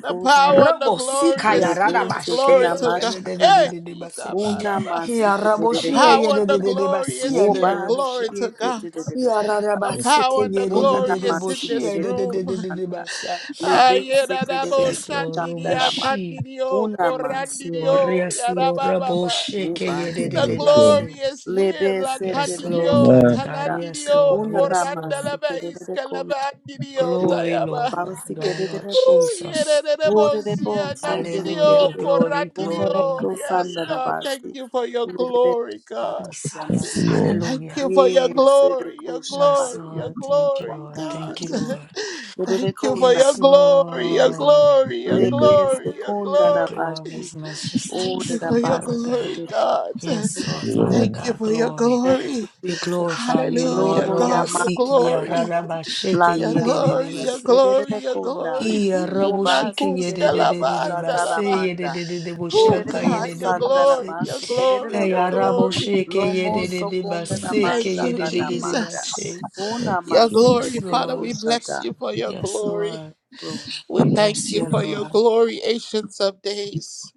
the Ya power sataya. and the rabosi glorious kayara Lebe da here başı. glory sekena to Ya god da da da da mashakana. da hey da da basi. Una Itabaraba. masi Ya the kerere raboşiye ya power and da the da da da basi glorious ya da here da da glory boşa. to Wobasiye god dededede. Ya the Thank rabasi power and the kayara da Unana da da glorious in boşi this ya masikede da da room. da da da kochanda. basi. Lebe sikede Ayerabo Yes, Lord, kochanda shandiria lama. raboşi. kandirio Una Yes, masikede Lord. korandirio Yes, Lord. kochanda. Rabo yarababa. shake ye de de The de you, Wobasikede. Lord. glory basi. is here. Lebe La Yes, sikede Lord, candidio, Father Man, God. kochanda. Yes, talandidio, Lord. Unana Yes, Lord. corandalaba masikede kochanda. iscalabandidio, Glory, Lord, tayaba. Father God, Wobasikede Lord Ooh, kochanda. Jesus. Wodede bo yerereremosia, sondede Hallelujah. nandidio, kede. Glory, Unene corandidio. glory. Yes, kochanda God, thank labasi. you for your Lebe glory, God. kochanda Thank you, Jesus. yamanda. Lord. Thank Hallelujah. you for your Yes, glory, your Edeku Shapa. Yes, glory, your Lord. Thank you, glory, Lord. Thank you, God. Thank you, Jesus. Lord. Thank you for Lebedekunda your Yes, glory, your kedede. Lord. glory, your Lord, lebe glory, your sekunda Your da glory. glory bashi. is majestic, Thank Oda you da for so your Father basi God. glory, kedede. God. Yes, Lord Yes, Father Lord. Lord, Thank you God, for your glory. Thank you, glory. We Jesus. glorify you, Lord. Hallelujah, Gloria Robo God, your siki di masa glory. arara taya. ba sheke Your ye Landa de de de glory, ba your basi se. glory, kedede your kunda. glory. He a robo shike Obasi ye de de kedede de de Inakuskalaba de ba koshata da se andalaba. ye de manda. de de de bo Oh, Kedede shaka ye God, de de your de ba kosanda na glory, se. your basi kedede glory, Hey, your a bonda. rabo glory. sheke ye Lomo de Lord, de de ba sokunda Lord, na se ke Thank ye you, de mashaka de na de de ba manda. Jesus. she. Una Your masi Jesus, glory, Yes, kedede Father, we Lord. bless koshata. you for your Yes, glory. Lord. Lord. We We thank bless you you, Yes, for your God. Lord. glory, Ancients of Days.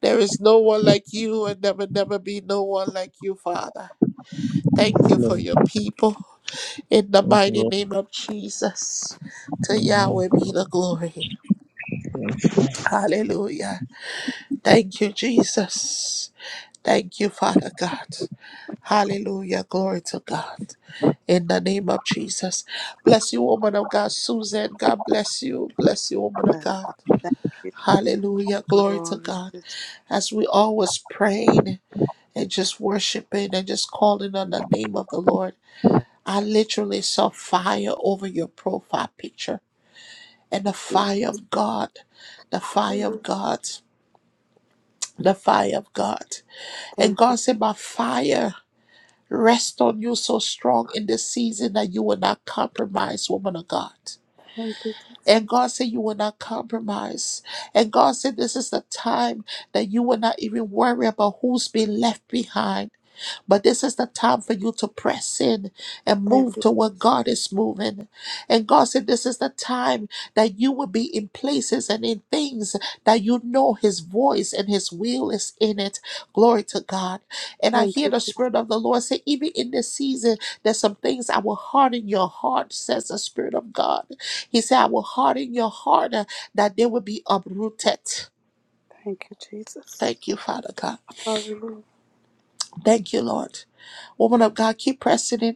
There is no one like you, and there will never be no one like you, Father. Thank you for Lord. your people. In the Thank you, mighty Lord. name of Jesus, to Amen. Yahweh be the glory. Hallelujah. Thank you, Jesus. Thank you, Father God. Hallelujah. Glory to God. In the name of Jesus. Bless you, woman of God. Susan, God bless you. Bless you, woman of God. Thank you. Hallelujah. Glory to Glory God. to As we always praying. and just worshiping and just calling on the name of the Lord. I literally saw fire over your profile picture and the Jesus. fire of God, the fire Hallelujah. of God, the fire of God. And Thank you. God said, My fire rest on you so strong in this season that you will not compromise, woman of God. Thank you, Jesus. And God said, You will not compromise. And God said, This is the time that you will not even worry about who's been left behind. But this is the time for you to press in and Thank move you. to where Jesus. God is moving. And God said, This is the time that you will be in places and in things that you know His voice and His will is in it. Glory to God. And I Thank hear you, the Jesus. Spirit of the Lord say, Even in this season, there's some things I will harden your heart, says the Spirit of God. He said, I will harden your heart uh, that they will be uprooted. Thank you, Jesus. Thank you, Father God. Hallelujah. Thank you, Lord. Woman of God, keep pressing in.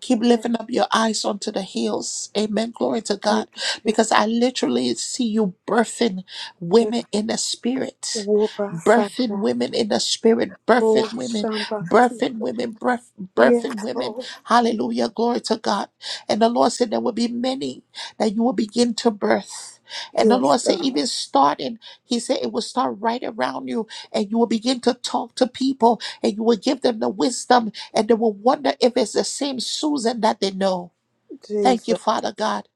Keep Amen. lifting up your eyes onto the hills. Amen. Glory to Thank God. you, Because I literally see you birthing women Jesus. in the spirit. Woba Birthing Sakra. women in the spirit. Oh, Birthing women. Shamba. Birthing women. Birth, Yes, birthing women. Lord. Hallelujah. Glory to God. And the Lord said there will be many that you will begin to birth. And the Yes, Lord said, God. even starting, He said it will start right around you, and you will begin to talk to people, and you will give them the wisdom, and they will wonder if it's the same Susan that they know. Thank you, Jesus. Father God.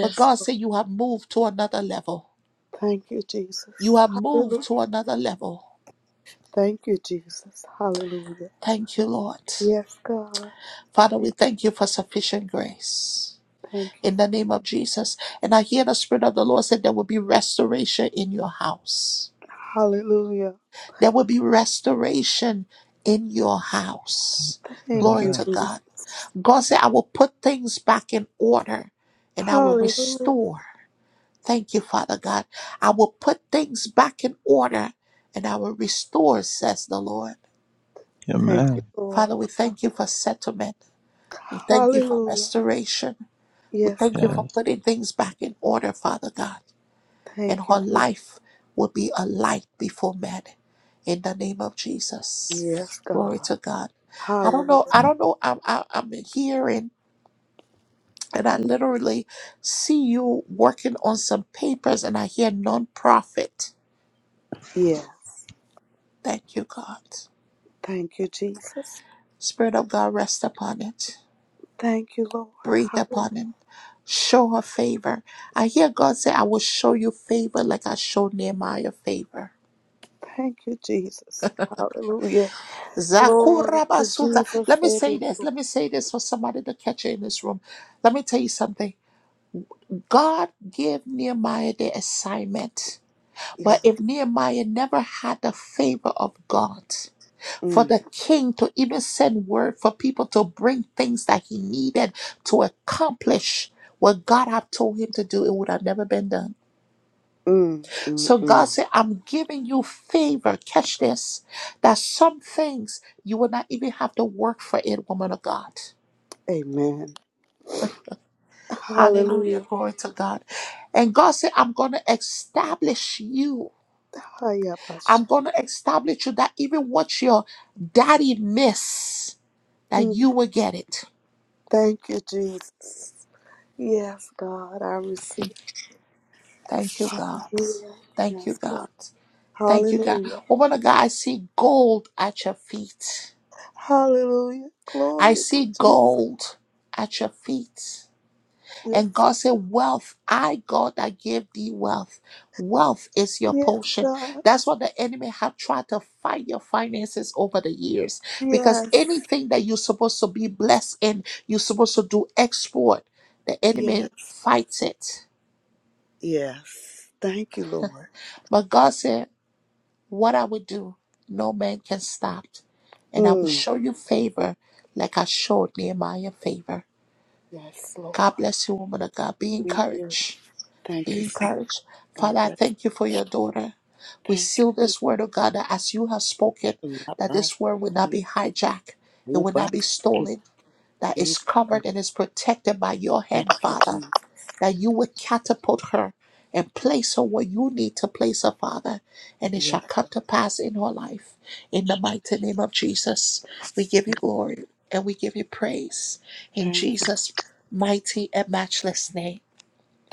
But God Lord. said, You have moved to another level. Thank you, You Jesus. have moved Hallelujah. to another level. Thank you, Jesus. Hallelujah. Thank you, Lord. Yes, God. Father, we Thank thank you for sufficient grace. thank you. In the name of Jesus. And I hear the Spirit of the Lord said there will be restoration in your house. Hallelujah. There will be restoration in your house. Thank Glory you, to God. Jesus. God said, I will put things back in order and I will Hallelujah. restore. Thank you, Father God. I will put things back in order and I will restore, says the Lord. Thank you, Amen. Lord. Father, we thank you for settlement. We thank you for Hallelujah. restoration. We Yes, thank you God. for Yes. putting things back in order, Father God. and Thank you, her Jesus. life will be a light before men in the name of Jesus. Yes, Glory God. to God. I don't Hallelujah. know. I Yes. don't know. I'm, I, I'm hearing, and I literally see you working on some papers, and I hear nonprofit. Yes. Thank you, God. Thank you, Jesus. Spirit of God, rest upon it. Thank you, Lord. Breathe Hallelujah. upon it. Show her favor. I hear God say, I will show you favor like I showed Nehemiah favor. Thank you, Jesus. Hallelujah. Glory to Zakurabasuta. Jesus. Let me Savior. say this. Let me say this for somebody to catch it in this room. Let me tell you something. God gave Nehemiah the assignment. But Yes. if Nehemiah never had the favor of God, for Mm, the king to even send word for people to bring things that he needed to accomplish what God had told him to do, it would have never been done. mm, mm, So God mm. said, I'm giving you favor. Catch this. That some things you will not even have to work for it, woman of God. Amen. Hallelujah. Hallelujah. Glory to God. And God said, I'm going to establish you. Hiya, I'm Basha. going to establish you that even what your daddy missed, that Mm. you will get it. Thank you, Jesus. Yes, God. I receive. Thank you, God. Hallelujah. Thank you, Yes, God. God. Thank you, God. Hallelujah. Woman of God, I see gold at your feet. Hallelujah. I Glory to see Jesus. gold at your feet. And Yes. God said, Wealth, I, God, I give thee wealth. Wealth is your Yes, portion. God. That's what the enemy have tried to fight your finances over the years. Because Yes. anything that you're supposed to be blessed in, you're supposed to do export, the enemy Yes. fights it. Yes. Thank you, Lord. But God said, What I will do, no man can stop. And I will Mm. show you favor like I showed Nehemiah favor. Yes, Lord. God bless you, woman of God. Be Thank you. encouraged. Thank Be you, sir. encouraged. God Father, I bless. you. thank you for your daughter. We Thank seal you. this word, oh God, that as you have spoken, Lord. Bless that you. this word will not be hijacked, it Oh, will not bless be you. stolen, that it's It- covered and is protected by your Thank hand, you, Father, Jesus. that you would catapult her and place her where you need to place her, Father, and it shall Yes. come to pass in her life. In the mighty name of Jesus, we give you glory and we give you praise. In Thank you. Jesus' mighty and matchless name.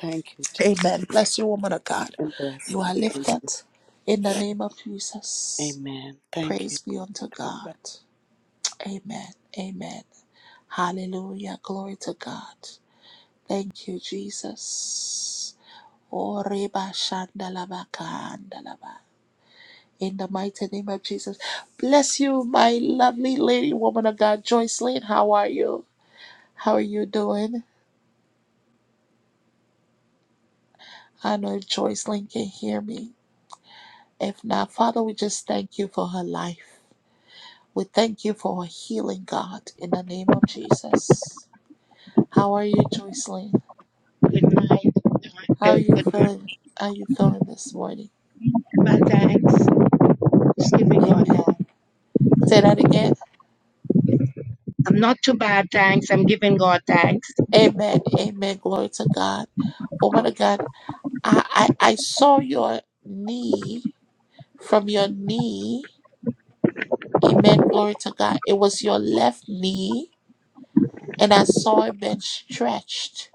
Thank you, Jesus. Amen. Bless you, woman of God. And bless You are you. Thank lifted you. in the name of Jesus. Amen. Thank you. Praise be unto God bless. God. Amen. Amen. Hallelujah. Glory to God. Thank you, Jesus. Oh, reba shandalaba kandalaba. In the mighty name of Jesus. Bless you, my lovely lady, woman of God. Joycelyn, how are you? How are you doing? I know Joycelyn can hear me. If not, Father, we just thank you for her life. We thank you for healing, God, in the name of Jesus. How are you, Joycelyn? Good night. How are uh, you with my feeling? How are you feeling this morning? my thanks, just giving God Amen. thanks. Say that again. I'm not too bad, thanks. I'm giving God thanks. Amen. Amen. Glory to God. Woman of God, I, I, I saw your knee from your knee. Amen. Glory to God. It was your left knee, and I saw it been stretched.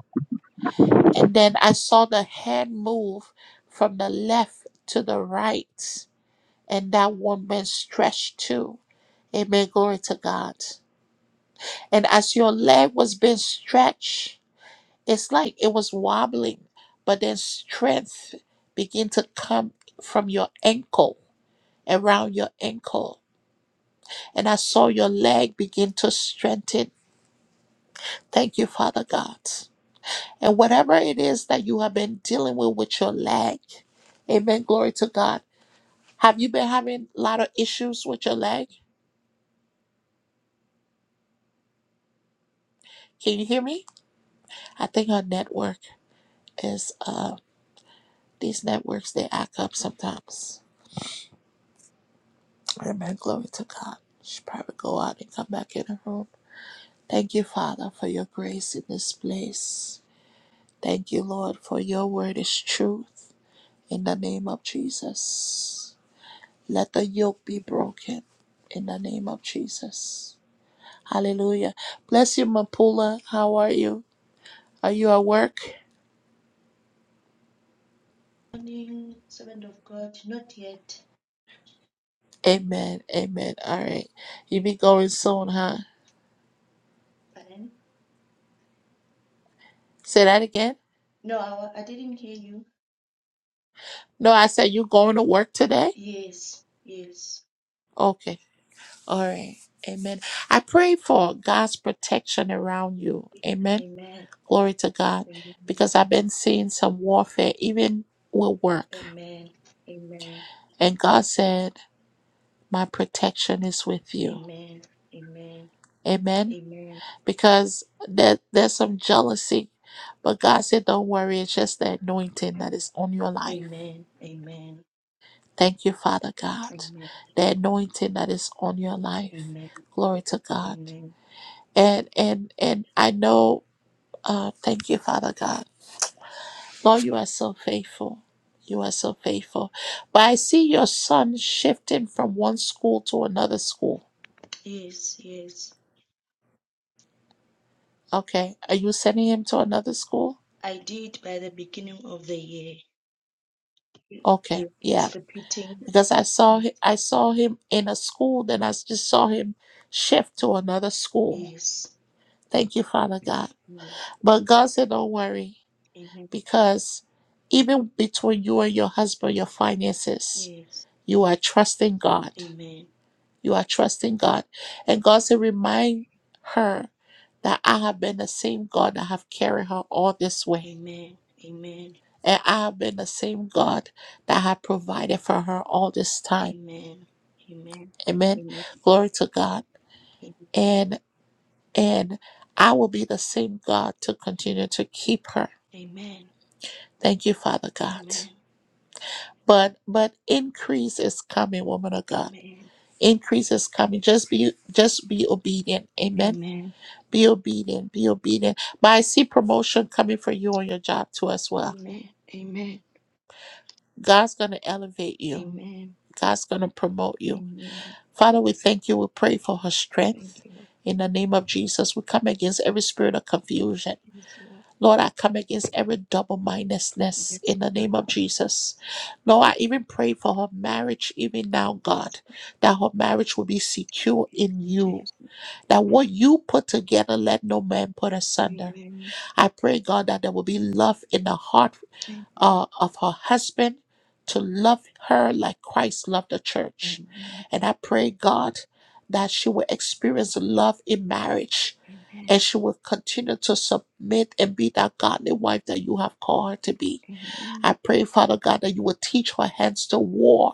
And then I saw the hand move from the left to the right. and that one man stretched too. Amen. Glory to God. And as your leg was being stretched, it's like it was wobbling, but then strength began to come from your ankle, around your ankle. And I saw your leg begin to strengthen. Thank you, Father God. And whatever it is that you have been dealing with with your leg, amen. Glory to God. Have you been having a lot of issues with your leg? Can you hear me? I think our network. is uh, these networks they act up sometimes. Amen. Glory to God. She probably go out and come back in her room. Thank you, Father, for your grace in this place. Thank you, Lord, for your word is truth. In the name of Jesus, let the yoke be broken. In the name of Jesus. Hallelujah. Bless you, Mapula. How are you? Are you at work? Morning, servant of God. Not yet, Amen. Amen. All right. You be going soon, huh? pardon. Say that again. No, I, I didn't hear you. No, I said you going to work today? Yes, yes. Okay. All right. Amen. I pray for God's protection around you. Amen. Amen. Glory to God. Amen. Because I've been seeing some warfare even with work. Amen. Amen. And God said, My protection is with you. Amen. Amen. Amen. Amen. Because there, there's some jealousy. But God said, Don't worry. It's just the anointing that is on your life. Amen. Amen. Thank you, Father God. Amen. The anointing that is on your life. Amen. Glory to God. Amen. And and and I know uh thank you, Father God. Lord, you are so faithful. You are so faithful. But I see your son shifting from one school to another school. Yes, yes. Okay. Are you sending him to another school? I did by the beginning of the year. Okay. Yes, Yeah. he's repeating. Because I saw Mm, hi- I saw him in a school, then I s- just saw him shift to another school. Yes. Thank you, Father God. yes. But God said, Don't worry, Amen. because even between you and your husband, your finances. Yes. You are trusting God. Amen. You are trusting God. And God said, remind her that I have been the same God that have carried her all this way. Amen. Amen. And I have been the same God that have provided for her all this time. Amen. Amen. Amen. Amen. Glory to God. Amen. And and I will be the same God to continue to keep her. Amen. Thank you, Father God. Amen. But but increase is coming, woman of God. Amen. Increase is coming. Just be just be obedient. Amen Amen. Be obedient. Be obedient. But I see promotion coming for you on your job too as well. Amen. God's going to elevate you. Amen. God's going to promote you. Amen. Father, we thank you. We pray for her Thank strength. you, Lord. In the name of Jesus, we come against every spirit of confusion. Yes, Lord. Lord, I come against every double mindedness Yes, in the name Father. of Jesus. Lord, I even pray for her marriage, even now, Yes, God, Father. that her marriage will be secure Yes, in you. Jesus. That what you put together, let no man put asunder. Amen. I pray, God, that there will be love in the heart Amen. uh, of her husband to love her like Christ loved the church. Amen. And I pray, God, that she will experience love in marriage Amen. and she will continue to submit and be that godly wife that you have called her to be. I Amen. pray, Father God, that you will teach her hands to war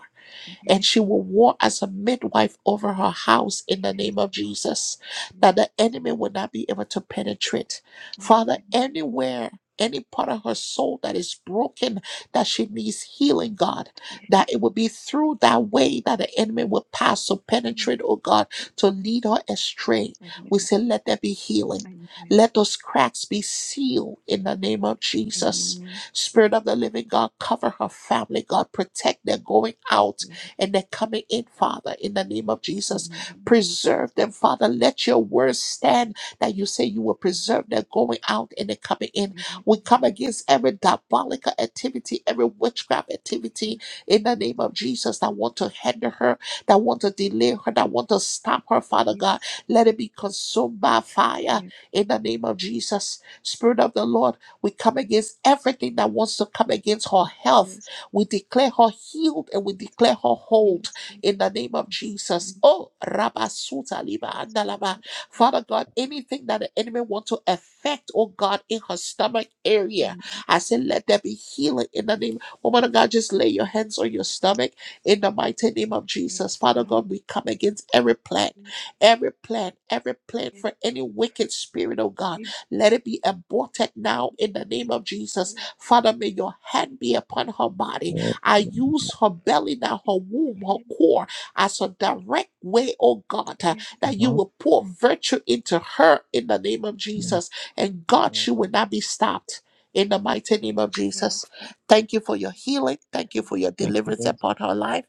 and Amen. she will war as a midwife over her house in the Yes, name of Lord. Jesus, that Yes. the enemy will not be able to penetrate. Father, Amen. anywhere. Any part of her soul that is broken, that she needs healing, God, Yes. that it will be through that way that the enemy will pass to penetrate, Amen. oh God, Lord to Jesus. lead her astray. We Amen. say, let there be healing. Amen. Let those cracks be sealed in the name of Jesus. Amen. Spirit of the living God, cover her family, God. Protect their going out Yes. and they're coming in, Father, in the name of Jesus. Amen. Preserve them, Father. Let your word stand that you say you will preserve their going out and their coming in. We Amen. come against every diabolical activity, every witchcraft activity Yes, in Jesus. the name of Jesus that want to hinder her, that want to delay her, that want to stop her, Father God. Yes. Let it be consumed by fire Yes. in the name of Jesus. Spirit of the Lord, we come against everything that wants to come against her health Yes, we declare her healed and we declare her whole yes, Lord, in the name of we Jesus. Oh, Rabasuta Liba can swallow Andalaba. like Father God, anything that the enemy want to affect, oh God, in her stomach area, goodness I say, let there be healing in the name. Woman of God, just lay your hands on your stomach in the mighty name of Yes, Jesus. Father Lord. God, we come against every plan, Yes, every plan, every plan yes, for any wicked spirit, oh God. amen. Let it be aborted now in the name of Jesus. Yes, Father, may your hand be upon her body. I use her belly, now her womb, her core, as a direct way, oh God, Lord, yes, uh, yes, that you Lord. Lord, will pour virtue into her in the name of yes, Jesus. And God, she will not be stopped. In the mighty name of yes, Jesus, Lord. thank you for your healing. Thank you Thank for your you, Thank deliverance you, upon her life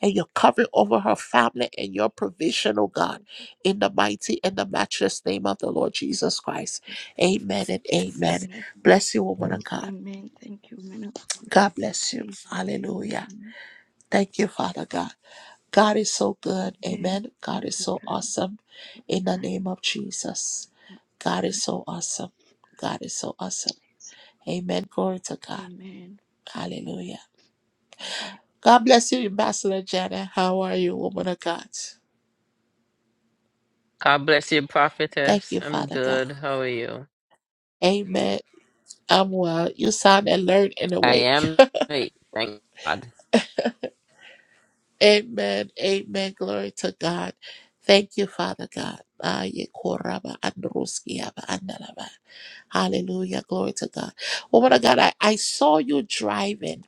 and your covering over her family and your provision, oh God, thank you, in the mighty and the matchless name of the Lord Jesus Christ. thank you, Lord. Amen and amen. Amen. Bless you, woman of Lord. God. Amen. Thank you, man of God. God bless you. Amen. Hallelujah. Amen. Thank you, Father God. God is so good. Amen. Amen. All God is the so time, awesome. all the In the name time, of Jesus. all God the is time. so awesome. God is so awesome. Yes, Amen. Glory to God. Lord. Amen. Hallelujah. amen. God bless you, Ambassador Janet. How are you, woman of God? God bless you, Thank prophetess. you, I'm Father God. good. How are you? Amen. I'm well. You sound alert and I awake. am great. Thank God. Amen. Amen. Glory to God. Thank you, Father God. Ah, ye koraba androski aba andalaba. Hallelujah. Glory to God. Woman of God, I, I saw you driving.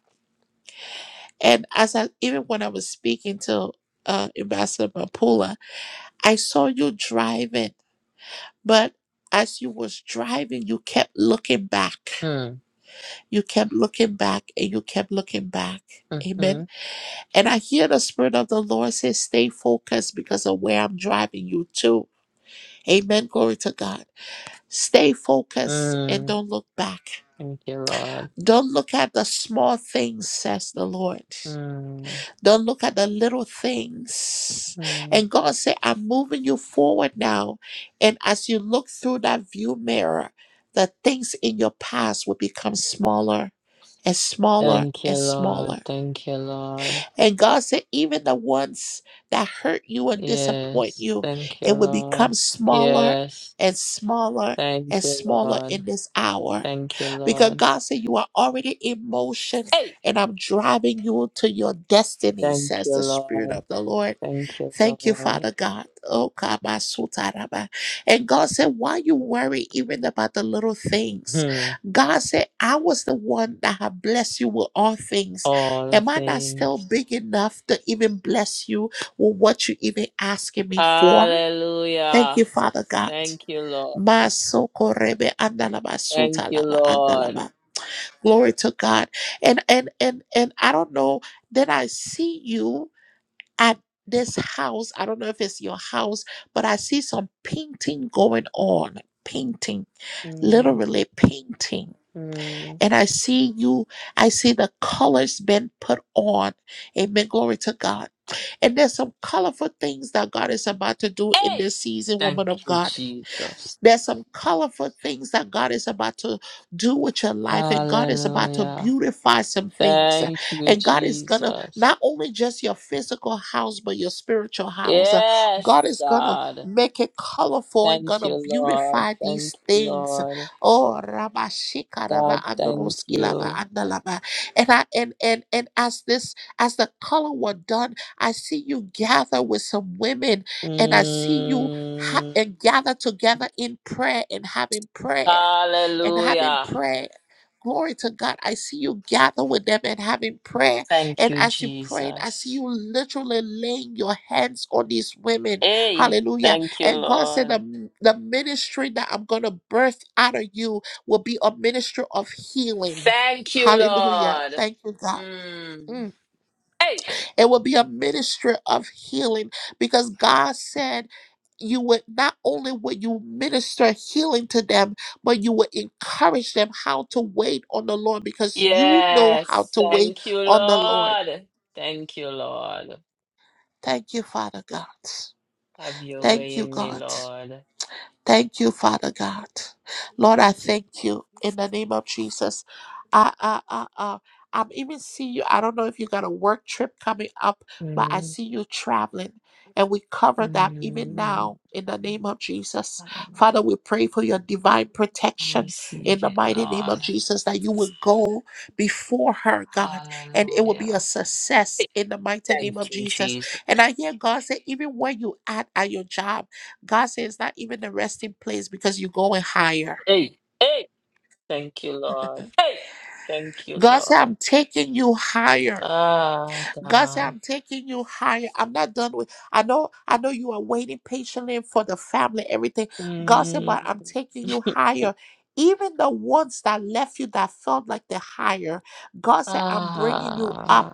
And as I even when I was speaking to uh, Ambassador Mapula, I saw you driving. But as you was driving, you kept looking back. Mm, You kept looking back and you kept looking back. Amen. mm-hmm, And I hear the Spirit of the Lord say, stay focused because of where I'm driving you to. Amen. Glory to God. Stay focused and mm. don't look back. Thank you, Lord. Don't look at the small things, says the Lord. Mm, Don't look at the little things. mm. And God said, I'm moving you forward now. And as you look through that view mirror, the things in your past will become smaller and smaller Thank you, and Lord. smaller. Thank you, Lord. And God said, even the ones that hurt you and disappoint Yes. you, Thank you, it will Lord. become smaller Yes. and smaller Thank and you, smaller Lord. in this hour. Thank you, Because Lord. God said, you are already in motion Hey. and I'm driving you to your destiny, Thank says you, the Spirit Lord. of the Lord. Thank you, Thank you, Lord. Father God. Oh, kabasutaraba. And God said, Why you worry even about the little things? Hmm. God said, I was the one that have blessed you with all things. All Am I not still things. big enough to even bless you with what you even asking me for? Thank you, Hallelujah. Father God. Thank you, Lord. Masokorebe andalaba Thank you, sutalaba Lord. andalaba. Glory to God. And and and and I don't know. Then I see you at this house. I don't know if it's your house, but I see some painting going on. Painting, Mhm. literally painting. And I see you, I see the colors been put on. Amen. Glory to God. And there's some colorful things that God is about to do in Hey! this season, Thank woman of you, God. Jesus. There's some colorful things that God is about to do with your life, and God is about to Hallelujah. beautify some things. Uh, Thank you, And God is gonna Jesus. not only just your physical house, but your spiritual house. Uh, Yes, God is gonna God. make it colorful and Thank gonna you, Lord. beautify Thank these you, things. Lord. Oh, Rabashika Raba God, thank Androski Laba you. Andalaba. And I and and and as this as the color were done, I see you gather with some women, and I see you ha- Mm. and gather together in prayer and having prayer and having Hallelujah. prayer. Glory to God. I see you gather with them and having prayer. Thank And you, as you prayed, I see Jesus. you literally laying your hands on these women. Hey, Hallelujah. thank you, And God said, Lord. the, the ministry that I'm going to birth out of you will be a ministry of healing. Thank you, Hallelujah. Lord. Thank you, God. Mm. Mm. Hey, It will be a ministry of healing because God said you would not only would you minister healing to them, but you would encourage them how to wait on the Lord because you know how Yes, to wait thank you, on the Lord. Lord. Thank you, Lord. Thank you, Father God. Have your Thank way you, in me, God. Lord. Thank you, Father God. Lord, I thank you in the name of Jesus. I, I, I, uh. I'm even seeing you. I don't know if you got a work trip coming up, but I Mm, see you traveling. And we cover that even mm. now in the name of Jesus. Father, I we pray for your divine protection in receive the it, mighty name of Lord. Jesus that you will go before her, God, and it will be a Hallelujah. success Hey, in the mighty name of thank you, Jesus. Jesus. And I hear God say, even when you at at your job, God said it's not even the resting place because you're going higher. Hey, hey, thank you, Lord. Hey, thank you, God said, I'm Lord. taking you higher. Ah, God said, God. I'm taking you higher. I'm not done with I know I know you are waiting patiently for the family, everything. God said, Mm. but I'm taking you higher. Even the ones that left you that felt like they're higher, God said, I'm bringing you up. Ah,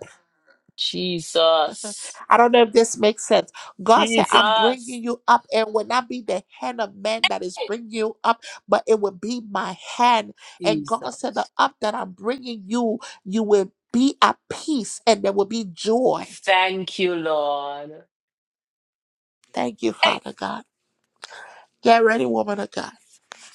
Jesus. I don't know if this makes sense. God said, I'm Jesus. bringing you up, and it will not be the hand of man that is bringing you up, but it will be my hand. And Jesus. God said, The up that I'm bringing you, you will be at peace, and there will be joy. Thank you, Lord. Thank you, Hey. Father God. Get ready, woman of God.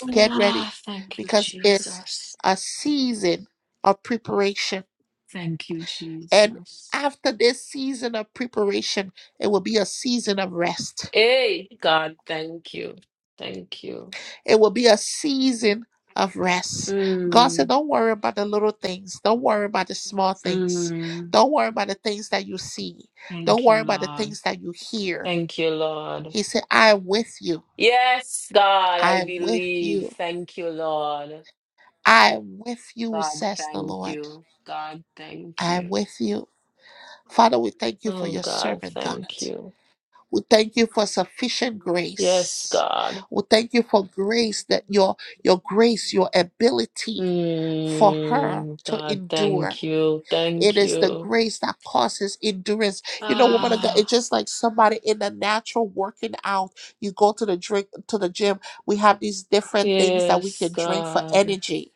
Get ready, Ah, thank you, because it's Jesus. a season of preparation. Thank you, And Jesus. after this season of preparation, it will be a season of rest. Hey, God, thank you. Thank you. It will be a season of rest. God said, Mm, Don't worry about the little things. Don't worry about the small things. mm, Don't worry about the things that you see. Don't thank you, worry about the Lord. things that you hear. Thank you, Lord. He said, I am with you. Yes, God, I I am with believe. you. Thank you, Lord. I am with you, God, says the thank Lord. you. God, thank I am you. with you. Father, we thank you for Oh, your God, servant, God. thank you. We thank you for sufficient Yes, grace. God. We thank you for grace that your your grace, your ability for her Mm, to God, endure thank you. It Thank is the you. grace that causes endurance. You know, woman of God, it's Ah, just like somebody in the natural working out. You go to the drink to the gym. We have these different things that we yes, can drink for God. energy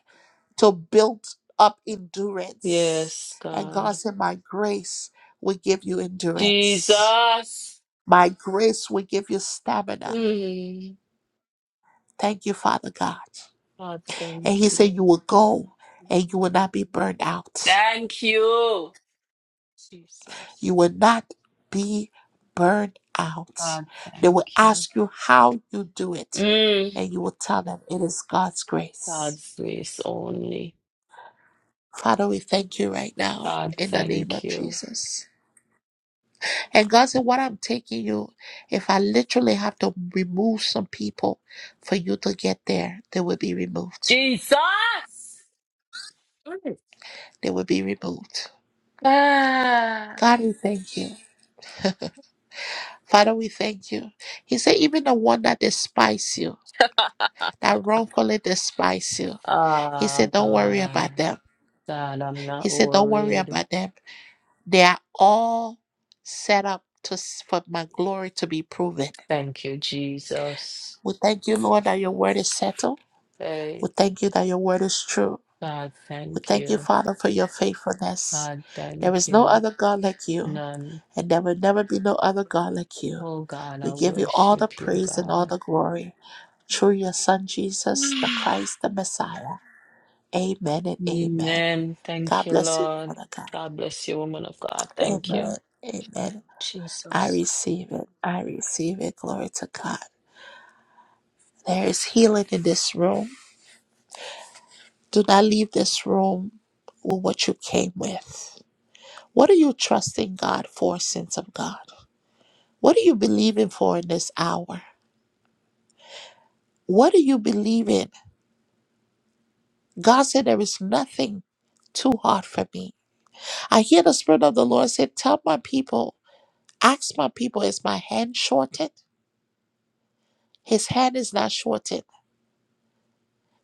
to build up endurance. Yes, And God God. said, My grace will give you endurance. Jesus. My grace will give you stamina. Mm, Thank you, Father God. God, And He thank said, you. You will go and you will not be burned out. Thank you. Jesus. You will not be burned out. God, They will thank you. ask you how you do it, Mm, and you will tell them it is God's grace. God's grace only. Father, we thank you right now God, in the name thank of you. Jesus. And God said, What I'm taking you, if I literally have to remove some people for you to get there, they will be removed. Jesus. They will be removed. Ah. God, we thank you. Father, we thank you. He said, Even the one that despise you, that wrongfully despise you. He Oh, said, Don't worry God. about them. God, I'm He not said, Don't worry worried. about them. They are all set up to, for my glory to be proven. Thank you, Jesus. We thank you, Lord, that your word is settled. Hey, We thank you that your word is true. God, We thank thank you, you. Father, for your faithfulness. God, There thank is no you. other God like you, None. and there will never be no other God like you. Oh, God, We I give you all the worship you, praise and all God. the glory through your Son, Jesus, the Mm. Christ, the Messiah. Amen and amen. Amen. Thank God you, bless you, Lord Lord. God. God bless you, woman of God. Thank you, Amen. Amen. I Jesus. receive it. I receive it. Glory to God. There is healing in this room. Do not leave this room with what you came with. What are you trusting God for, Sins of God? What are you believing for in this hour? What do you believe in? God said, There is nothing too hard for me. I hear the Spirit of the Lord say, Tell my people, ask my people, is my hand shortened? His hand is not shortened.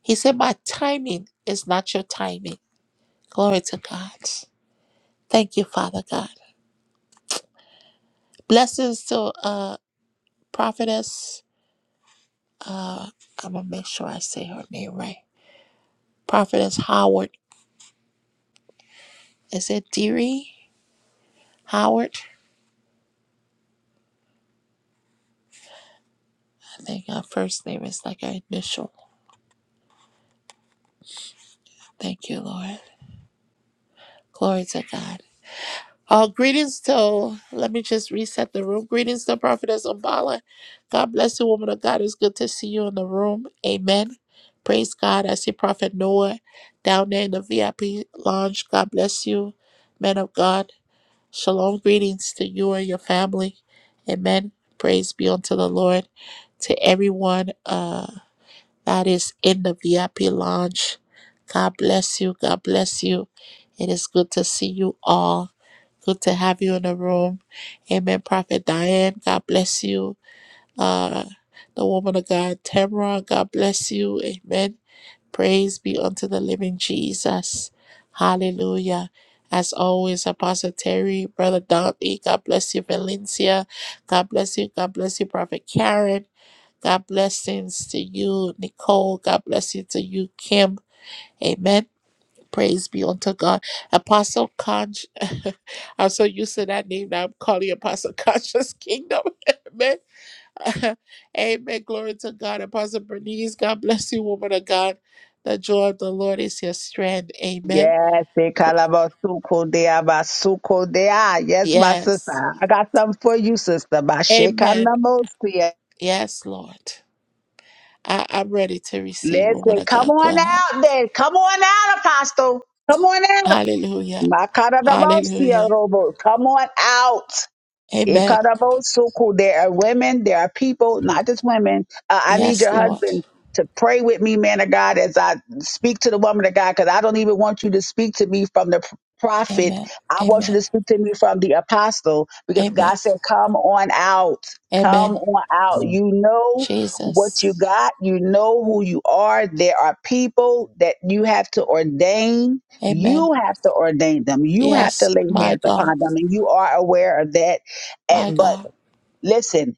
He said, My timing is not your timing. Glory to God. Thank you, Father God. Blessings to uh prophetess. Uh I'm gonna make sure I say her name right. Prophetess Howard. Is it Deary? Howard? I think her first name is like her initial. Thank you, Lord. Glory to God. Uh, greetings to, let me just reset the room. Greetings to Prophetess Umbala. God bless you, woman of God. It's good to see you in the room. Amen. Praise God. I see Prophet Noah down there in the VIP lounge. God bless you, men of God. Shalom. Greetings to you and your family. Amen. Praise be unto the Lord. To everyone. Uh, that is in the VIP lounge. God bless you. God bless you. It is good to see you all. Good to have you in the room. Amen. Prophet Diane, God bless you. Uh, the woman of God, Tamara, God bless you. Amen. Praise be unto the living Jesus. Hallelujah. As always, Apostle Terry, Brother Dante, God bless you, Valencia. God bless you. God bless you, Prophet Karen. God blessings to you, Nicole. God bless you to you, Kim. Amen. Praise be unto God. Apostle Conch, I'm so used to that name now. I'm calling Apostle Conscious Kingdom. Amen. Amen. Glory to God. Apostle Bernice, God bless you, woman of God. The joy of the Lord is your strength. Amen. Yes, they Pr- kalabasuko de abasuko de ah. Yes, my sister. Yes. I got something for you, sister. My Amen. shekanamosi. Yes, Lord. I- I'm ready to receive, woman Listen, of come God. Go on ahead. out then. Come on out, Apostle. Come on out. Hallelujah. Makaradabosia Hallelujah. robo. Come on out Amen. so cool. There are women, there are people, not just women. Uh, I need Yes, your Lord. husband to pray with me, man of God, as I speak to the woman of God, because I don't even want you to speak to me from the p- prophet. Amen. I want you Amen. to speak to me from the apostle, because Amen. God said, Come on out. Come Amen. on out. Amen. You know what you Jesus. got. You know who you are. There are people that you have to ordain. Amen. You have to ordain them. You have to Yes, lay my hands God. upon them. And you are aware of that My and, but God. listen,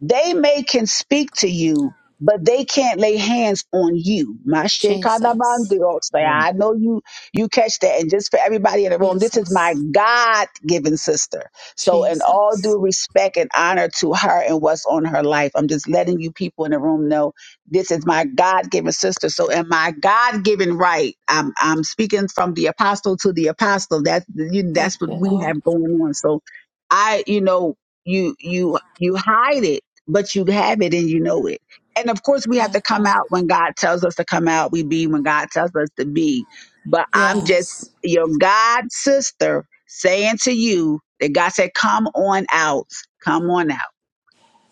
they may can speak to you, but they can't lay hands on you. My shit Jesus. I know you you catch that. And just for everybody in the room, this is my Jesus. God given sister. So in all Jesus. due respect and honor to her and what's on her life, I'm just letting you people in the room know this is my God given sister. So in my God given right, I'm I'm speaking from the apostle to the apostle. That's you Thank that's what you, we Lord. have going on. So I, you know, you you you hide it but you have it and you know it. And of course, we have My to come God. out when God tells us to come out. We be when God tells us to be. But I'm just Yes. your God sister saying to you that God said, "Come on out, come on out,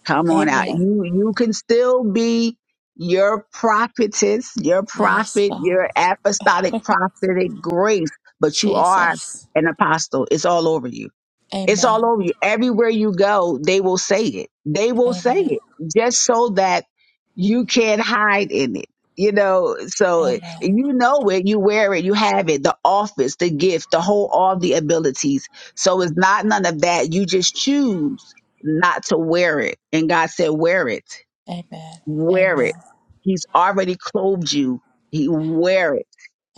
come on out. Amen. You you can still be your prophetess, your Yes, prophet, God. your apostolic prophetic grace, but you are Jesus. an apostle. It's all over you." It's all Amen. over you. Everywhere you go, they will say it. They will say Amen. it just so that you can't hide in it. You know, so if Amen. you know it, you wear it, you have it, the office, the gift, the whole, all the abilities. So it's not none of that. You just choose not to wear it. And God said, wear it, Amen. wear it. Amen. He's already clothed you. He wear it.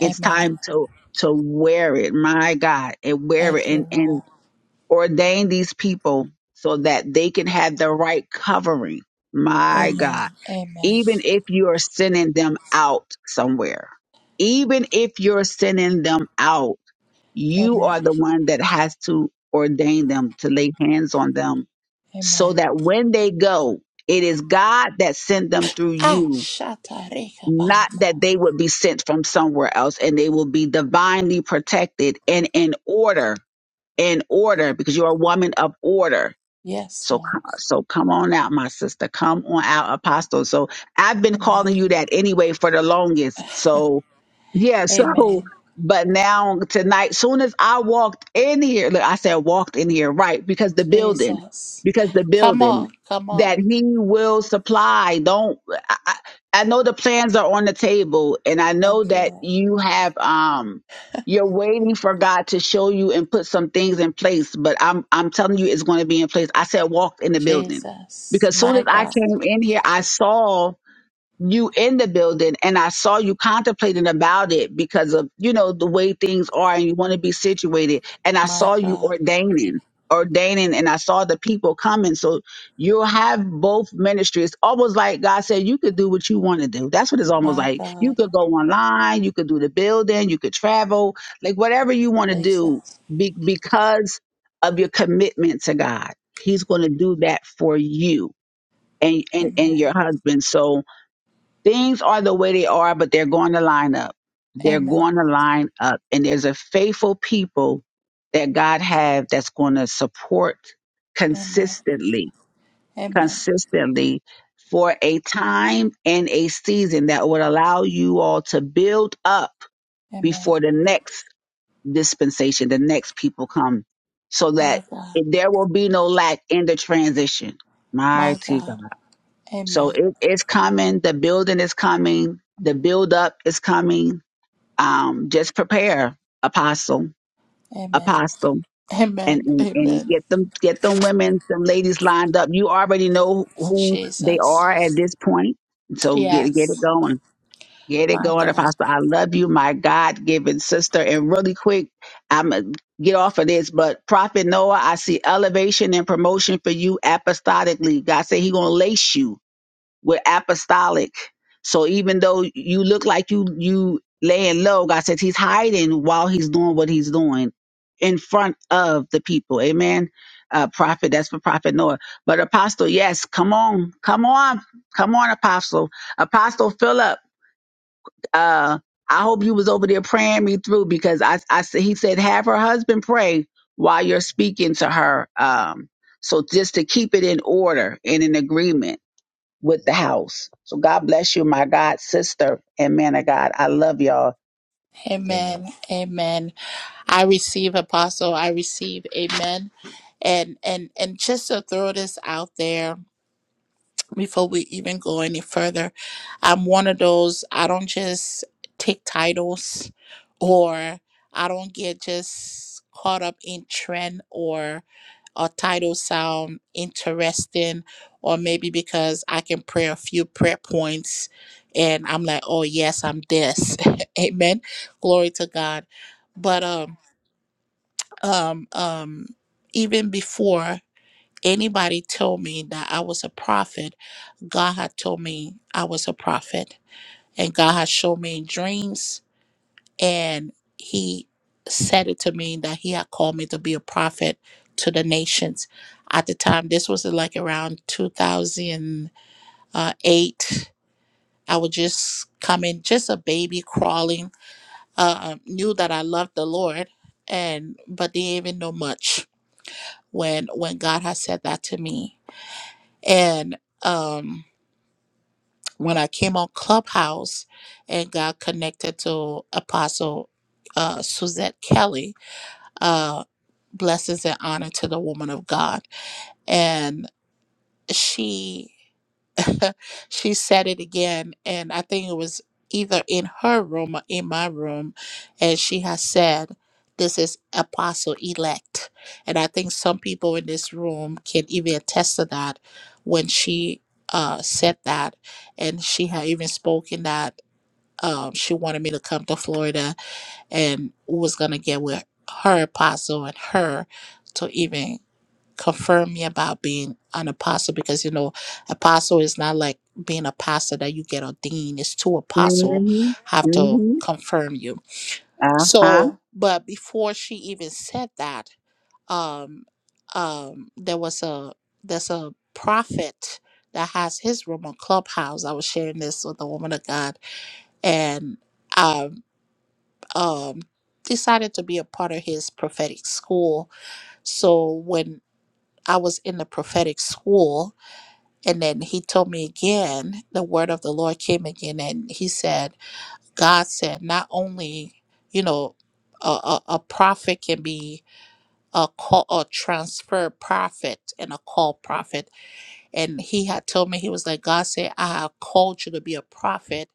It's time to, to wear it. My God and wear Thank it. you, And, and Lord. ordain these people so that they can have the right covering. My Amen. God. Amen. Even if you are sending them out somewhere, even if you're sending them out, you are Amen. the one that has to ordain them to lay hands on them so Amen. that when they go, it is God that sent them through Ah, you, shata reka not banda. that they would be sent from somewhere else and they will be divinely protected and in order in order because you're a woman of order. Yes, So, Lord. so come on out, my sister. Come on out, apostle. So I've been Amen. calling you that anyway for the longest. So yeah, so Amen. but now tonight, soon as I walked in here, look, I said walked in here, right? Because the building, Jesus. because the Come building on, come on. that he will supply. Don't I, I I know the plans are on the table, and I know Thank you, that Lord. you have. um you're waiting for God to show you and put some things in place, but I'm I'm telling you it's going to be in place. I said walked in the building. Jesus. Because soon My as I God. came in here, I saw you in the building and I saw you contemplating about it because of, you know, the way things are and you want to be situated. And I My saw you God. ordaining, ordaining, and I saw the people coming. So you'll have both ministries. Almost like God said, you could do what you want to do. That's what it's almost My like. You God. could go online, you could do the building, you could travel, like whatever you want to do Jesus. be- because of your commitment to God. He's going to do that for you and, and, and Amen. your husband. So, things are the way they are, but they're going to line up. They're Amen. going to line up. And there's a faithful people that God have that's going to support Amen. consistently, Amen. consistently for a time and a season that would allow you all to build up Amen. before the next dispensation, the next people come so that My God. there will be no lack in the transition. My Mighty God. God. So Amen. it, it's coming. The building is coming. The build up is coming. Um, just prepare, apostle, Amen. apostle, and, Amen. and and Amen. get them get them women, them ladies lined up. You already know who they are Jesus. at this point. So get get it Yes. going. Get it My going, God. apostle. I love you, my God given sister. And really quick, I'm get off of this, but Prophet Noah, I see elevation and promotion for you apostolically. God said He gonna lace you. We're apostolic. So even though you look like you you laying low, God says He's hiding while He's doing what He's doing in front of the people. Amen. Uh, prophet, that's for prophet Noah. But apostle, yes, come on, come on, come on, apostle, apostle Philip. Uh, I hope you was over there praying me through because I, I said he said have her husband pray while you're speaking to her. Um, so just to keep it in order and in agreement with the house. So God bless you, my God sister and man of God. I love y'all. Amen. Amen. I receive apostle. I receive amen. And and and just to throw this out there before we even go any further, I'm one of those I don't just take titles or I don't get just caught up in trend a title sound interesting or maybe because I can pray a few prayer points and I'm like, oh yes, I'm this. Amen. Glory to God. But um um um even before anybody told me that I was a prophet, God had told me I was a prophet and God had shown me in dreams and he said it to me that he had called me to be a prophet to the nations at the time this was like around 2008 i was just coming just a baby crawling uh, knew that i loved the lord and but didn't even know much when when god had said that to me and um when i came on clubhouse and got connected to apostle uh, suzette kelly uh, blessings and honor to the woman of God. And she she said it again, and I think it was either in her room or in my room, and she has said, "This is apostle elect," and I think some people in this room can even attest to that when she uh, said that, and she had even spoken that. Um, she wanted me to come to Florida and was gonna get with her apostle and her to even confirm me about being an apostle because you know apostle is not like being a pastor that you get ordained it's two apostle Mm-hmm. have to Mm-hmm. confirm you Uh-huh. so but before she even said that um um there was a there's a prophet that has his room on clubhouse i was sharing this with the woman of god and um um, decided to be a part of his prophetic school. So when I was in the prophetic school, and then he told me again, the word of the Lord came again, and he said, God said, not only, you know, a, a, a prophet can be a call a transfer prophet and a call prophet. And he had told me, he was like, God said, I have called you to be a prophet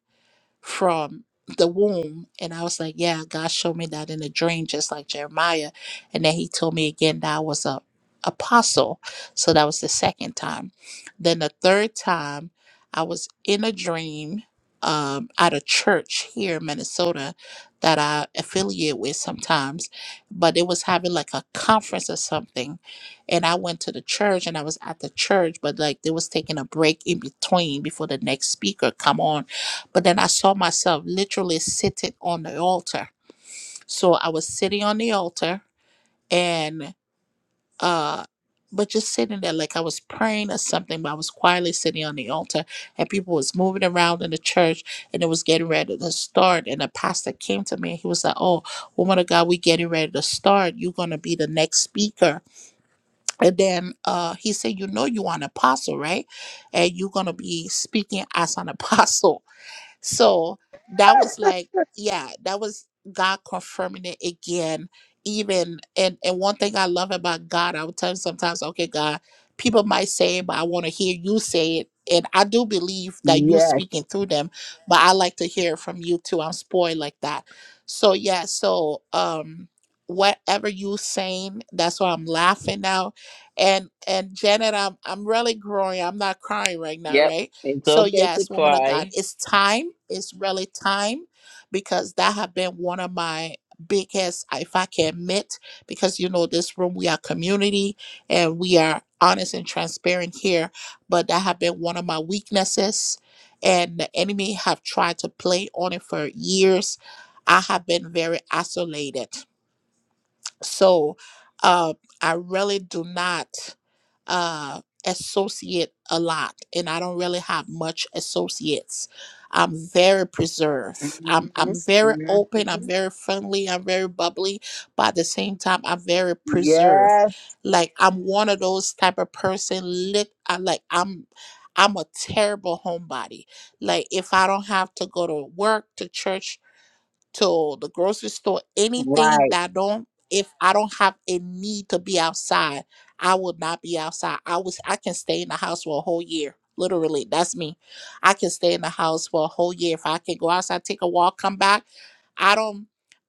from the womb. And I was like, yeah, God showed me that in a dream, just like Jeremiah. And then he told me again that I was a apostle. So that was the second time. Then the third time, I was in a dream um, at a church here in Minnesota that I affiliate with sometimes, but it was having like a conference or something. And I went to the church and I was at the church, but like they was taking a break in between before the next speaker come on but then I saw myself literally sitting on the altar. So I was sitting on the altar and uh but just sitting there like I was praying or something, but I was quietly sitting on the altar and people was moving around in the church and it was getting ready to start. And the pastor came to me and he was like, Oh, woman of God, we getting ready to start. You're gonna be the next speaker. And then uh he said, You know you are an apostle, right? And you're gonna be speaking as an apostle. So that was like, yeah, that was God confirming it again. Even and and one thing I love about God, I would tell him sometimes, okay, God, people might say it, but I want to hear you say it. And I do believe that you Yes. speaking through them, but I like to hear it from you too. I'm spoiled like that. So yeah, so um whatever you saying, that's why I'm laughing now. And and Janet, I'm I'm really growing. I'm not crying right now, Yep, right? it's So okay to yes, woman of God, cry. it's time. It's really time because that have been one of my biggest, if I can admit, because you know this room we are community and we are honest and transparent here. But that have been one of my weaknesses, and the enemy have tried to play on it for years. I have been very isolated so uh, I really do not uh, associate a lot, and I don't really have much associates. I'm very preserved. I'm I'm Mm-hmm. very open. I'm Mm-hmm. very friendly. I'm very bubbly, but at the same time, I'm very preserved. Yes. Like I'm one of those type of person. Lit. I like I'm. I'm a terrible homebody. Like if I don't have to go to work, to church, to the grocery store, anything Right. that don't if I don't have a need to be outside, I will not be outside. I was I can stay in the house for a whole year. Literally, that's me. I can stay in the house for a whole year. If I can go outside, take a walk, come back. I don't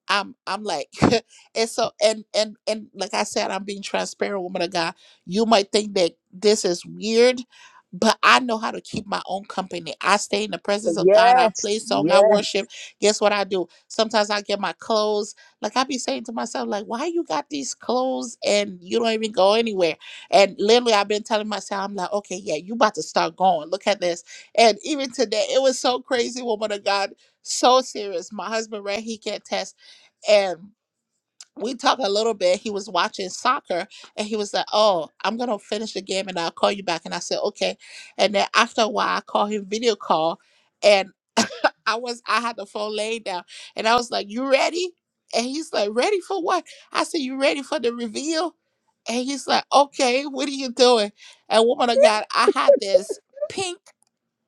I'm I'm like and so and and and like I said, I'm being transparent, woman of God. You might think that this is weird, but I know how to keep my own company. I stay in the presence of God. I Yes. play song. I Yes. worship. Guess what I do? Sometimes I get my clothes. Like I be saying to myself, like, why you got these clothes and you don't even go anywhere? And literally, I've been telling myself, I'm like, okay, yeah, you about to start going. Look at this. And even today, it was so crazy, woman of God, so serious. My husband, right? He can't test, and we talked a little bit. He was watching soccer and he was like, Oh, I'm gonna finish the game and I'll call you back. And I said, Okay. And then after a while I called him video call and I was I had the phone laid down and I was like, You ready? And he's like, Ready for what? I said, You ready for the reveal? And he's like, Okay, what are you doing? And woman of God, I had this pink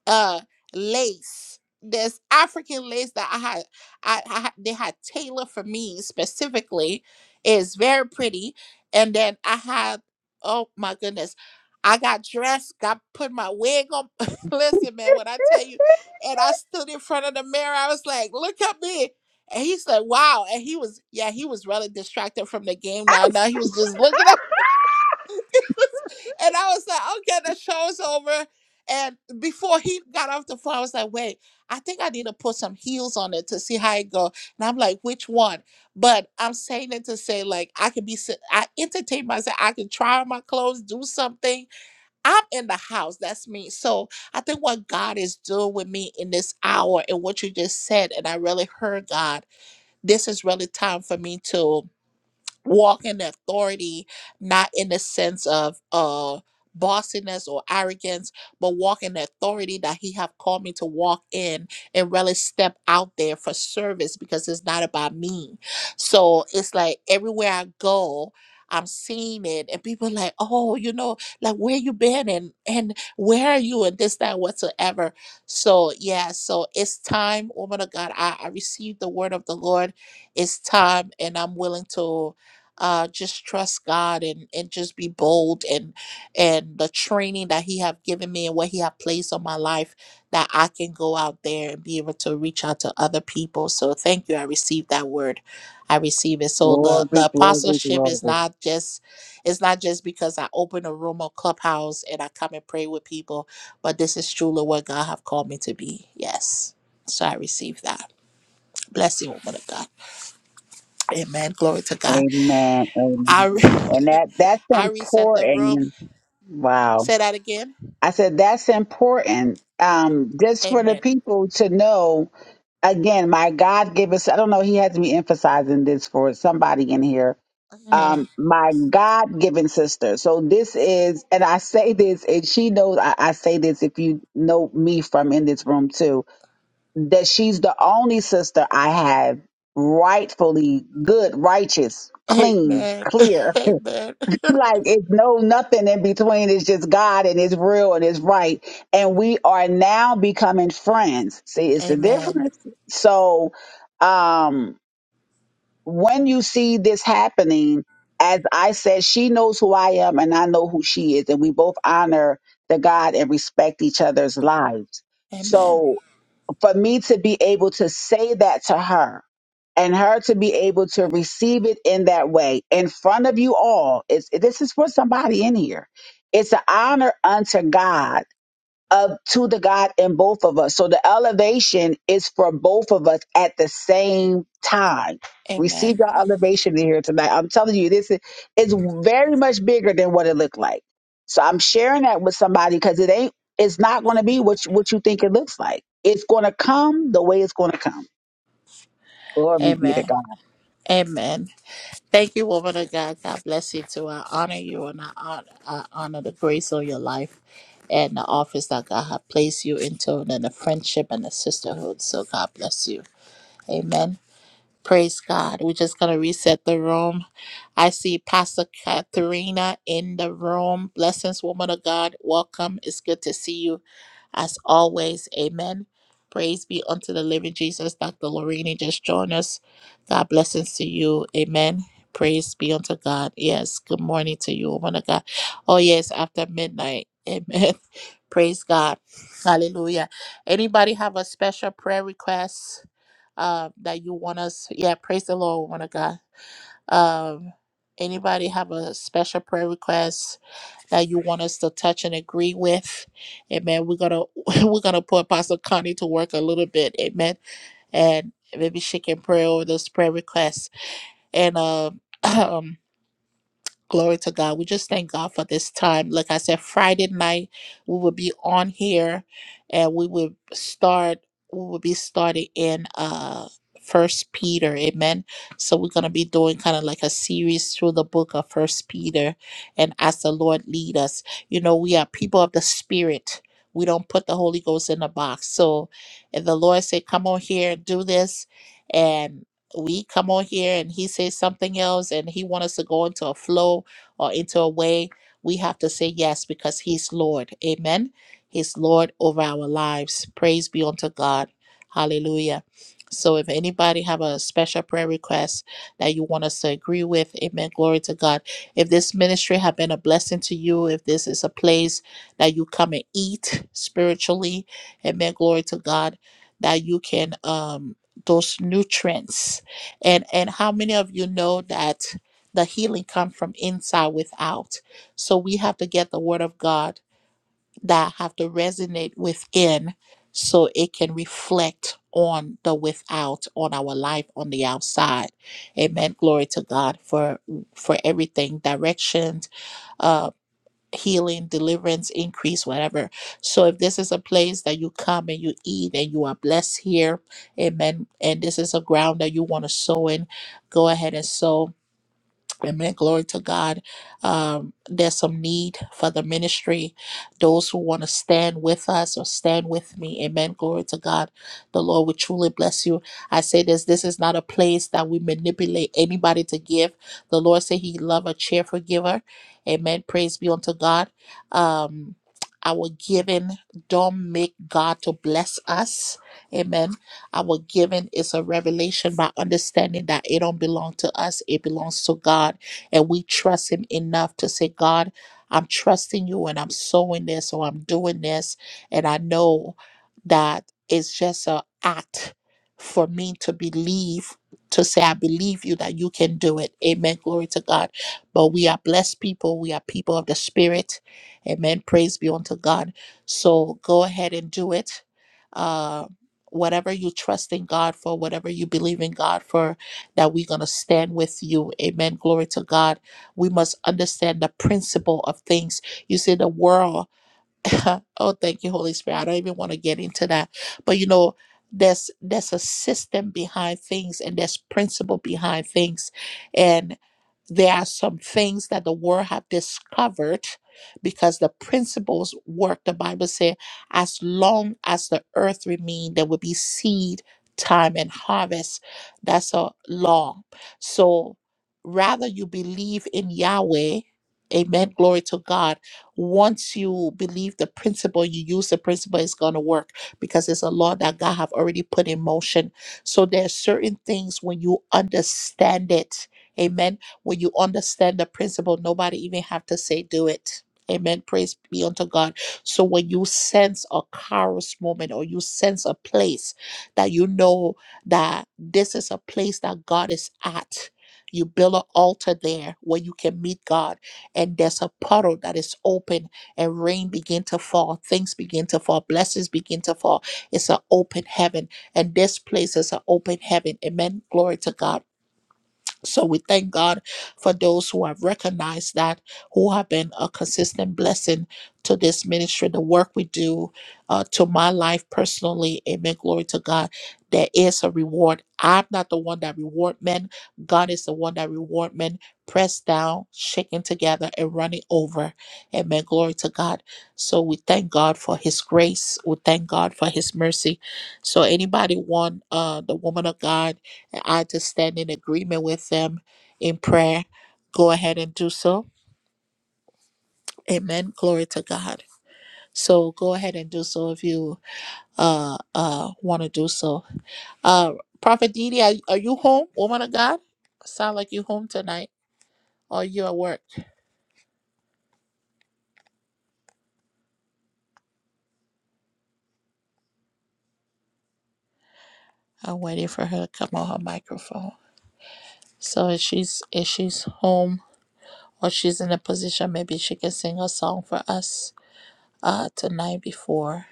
uh lace. There's African lace that I had, I, I had- they had tailored for me specifically. It's very pretty. And then I had, oh my goodness, I got dressed, got put my wig on. Listen, man, when I tell you, and I stood in front of the mirror, I was like, look at me. And he's like, wow. And he was, yeah, he was really distracted from the game now. Now he was just looking at and I was like, okay, the show's over. And before he got off the phone, I was like, wait, I think I need to put some heels on it to see how it go. And I'm like, which one? But I'm saying it to say, like, I can be, se- I entertain myself. I can try on my clothes, do something. I'm in the house. That's me. So I think what God is doing with me in this hour and what you just said, and I really heard God, this is really time for me to walk in authority, not in the sense of uh bossiness or arrogance, but walk in the authority that he have called me to walk in and really step out there for service because it's not about me. So it's like everywhere I go, I'm seeing it and people like, oh, you know, like where you been and and where are you and this, that, whatsoever. So yeah, so it's time, woman of God. I, I received the word of the Lord. It's time and I'm willing to uh, just trust God and and just be bold and and the training that He have given me and what He have placed on my life that I can go out there and be able to reach out to other people. So thank you. I received that word. I receive it. So the Glory, the glory, apostleship glory. is not just it's not just because I open a room or clubhouse and I come and pray with people, but this is truly what God have called me to be. Yes. So I receive that. Bless you, woman of God. Amen. Glory to God. Amen. I Amen. And re- that that's I reset the room. important. Wow. Say that again. I said, that's important. Um, just for the Amen. people to know, again, my God gave us, I don't know, he had to be emphasizing this for somebody in here. Mhm. Um, my God given sister. So this is, and I say this, and she knows I, I say this if you know me from in this room too, that she's the only sister I have rightfully good, righteous, clean, Amen. clear Amen. like it's no nothing in between. It's just God and it's real and it's right. And we are now becoming friends. See, it's the Amen. difference. So um when you see this happening, as I said, she knows who I am and I know who she is, and we both honor the God and respect each other's lives. Amen. So for me to be able to say that to her and her to be able to receive it in that way in front of you all it's this is for somebody in here it's an honor unto god up to the God in both of us. So the elevation is for both of us at the same time. Receive Amen. your elevation in here tonight. I'm telling you, this is it's very much bigger than what it looked like. So I'm sharing that with somebody because it ain't it's not going to be what you, what you think it looks like. It's going to come the way it's going to come. Glory be to Amen. God. Amen. Thank you, woman of God. God bless you too. I honor you and I honor, I honor the grace on your life and the office that God has placed you into and the friendship and the sisterhood. So God bless you. Amen. Praise God. We're just going to reset the room. I see Pastor Katharina in the room. Blessings, woman of God. Welcome. It's good to see you as always. Amen. Praise be unto the living Jesus. Dr. Lorini just joined us. God blessings to you. Amen. Praise be unto God. Yes. Good morning to you, woman of God. Oh, yes. After midnight. Amen. Praise God. Hallelujah. Anybody have a special prayer request? uh, that you want us. Yeah, praise the Lord, woman of God. Um, anybody have a special prayer request that you want us to touch and agree with? Amen. We're gonna we're gonna put Pastor Connie to work a little bit. Amen. And maybe she can pray over those prayer requests. And um. Glory to God. We just thank God for this time. Like I said, Friday night we will be on here and we will start we will be starting in uh First Peter. Amen. So we're gonna be doing kind of like a series through the book of First Peter and as the Lord lead us. You know, we are people of the spirit. We don't put the Holy Ghost in a box. So if the Lord said, Come on here, do this. and we come on here and he says something else and he wants us to go into a flow or into a way, we have to say yes because he's Lord. Amen. He's Lord over our lives. Praise be unto God. Hallelujah. So if anybody have a special prayer request that you want us to agree with, amen. Glory to God. If this ministry have been a blessing to you, if this is a place that you come and eat spiritually, amen. Glory to God. That you can um those nutrients and and how many of you know that the healing comes from inside without so we have to get the word of god that have to resonate within so it can reflect on the without on our life on the outside amen glory to god for for everything directions uh, healing, deliverance, increase, whatever. So if this is a place that you come and you eat and you are blessed here, amen. And this is a ground that you want to sow in, go ahead and sow Amen. Glory to God. Um, there's some need for the ministry. Those who want to stand with us or stand with me. Amen. Glory to God. The Lord will truly bless you. I say this this is not a place that we manipulate anybody to give. The Lord said He love a cheerful giver. Amen. Praise be unto God. Um, our giving don't make God to bless us. Amen. Our giving is a revelation by understanding that it don't belong to us, it belongs to God. And we trust Him enough to say, God, I'm trusting you and I'm sowing this or I'm doing this. And I know that it's just an act for me to believe, to say, I believe you that you can do it. Amen. Glory to God. But we are blessed people. We are people of the Spirit. Amen. Praise be unto God. So go ahead and do it. Uh, whatever you trust in God for, whatever you believe in God for, that we're going to stand with you. Amen. Glory to God. We must understand the principle of things. You see, the world. oh, thank you, Holy Spirit. I don't even want to get into that. But you know, there's there's a system behind things and there's principle behind things. And there are some things that the world have discovered because the principles work. The Bible says, as long as the earth remains, there will be seed, time, and harvest. That's a law. So rather you believe in Yahweh, amen, glory to God once you believe the principle, you use the principle, it's going to work because it's a law that God have already put in motion. So there are certain things when you understand it. Amen. When you understand the principle, nobody even have to say do it. Amen. Praise be unto God. So when you sense a kairos moment or you sense a place that you know that this is a place that God is at, you build an altar there where you can meet God and there's a puddle that is open and rain begin to fall things begin to fall blessings begin to fall it's an open heaven and this place is an open heaven amen glory to god so we thank God for those who have recognized that, who have been a consistent blessing to this ministry, the work we do, uh, to my life personally. Amen. Glory to God. There is a reward. I'm not the one that reward men. God is the one that reward men. Pressed down, shaken together, and running over. Amen. Glory to God. So we thank God for His grace. We thank God for His mercy. So anybody want uh, the woman of God? and I just stand in agreement with them in prayer, go ahead and do so. Amen. Glory to God. So go ahead and do so if you uh uh want to do so. Uh Prophet Didi, are, are you home, woman of God? Sound like you home tonight or you at work. I'm waiting for her to come on her microphone. So if she's if she's home or she's in a position, maybe she can sing a song for us uh tonight before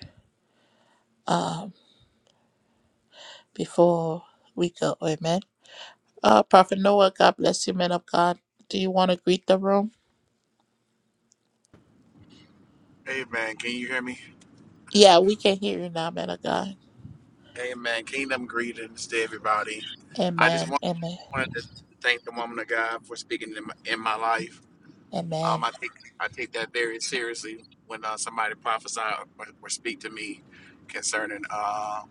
before we go. Amen. Uh, Prophet Noah, God bless you, man of God. Do you want to greet the room? Amen. Can you hear me? Yeah, we can hear you now, man of God. Amen. Kingdom greetings to everybody. I just Amen. want, Amen. wanted to thank the woman of God for speaking in my, in my life. Amen. Um, I take I take that very seriously when uh, somebody prophesy or, or speak to me concerning uh,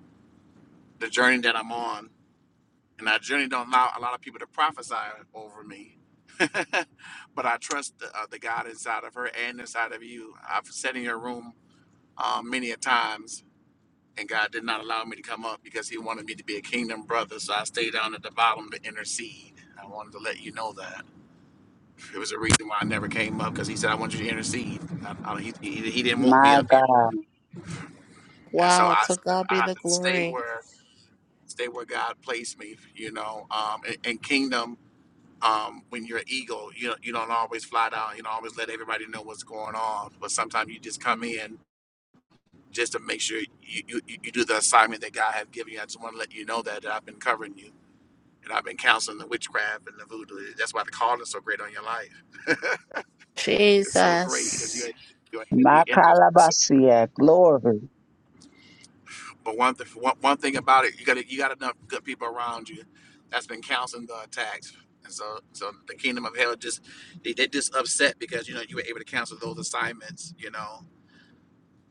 the journey that I'm on, and I journey don't allow a lot of people to prophesy over me. but I trust the, uh, the God inside of her and inside of you. I've sat in your room uh, many a times and God did not allow me to come up because He wanted me to be a kingdom brother. So I stayed down at the bottom to intercede. I wanted to let you know that it was a reason why I never came up because He said I want you to intercede. I, I, he, he he didn't want me My up here, God. and so Wow, I to God I be the had to stay glory. where stay where God placed me. You know, um, and, and kingdom. Um, when you're an eagle, you don't- you don't always fly down. You don't always let everybody know what's going on. But sometimes you just come in just to make sure you, you, you do the assignment that God has given you. I just want to let you know that, that I've been covering you And I've been counseling the witchcraft and the voodoo. That's why the call is so great on your life. It's so great because Jesus. you you're a heavy My calabasia. Glory. But one, th- one one thing about it, you got you got enough good people around you that's been counseling the attacks. And so so the kingdom of hell just they, they just upset because you know you were able to cancel those assignments. You know,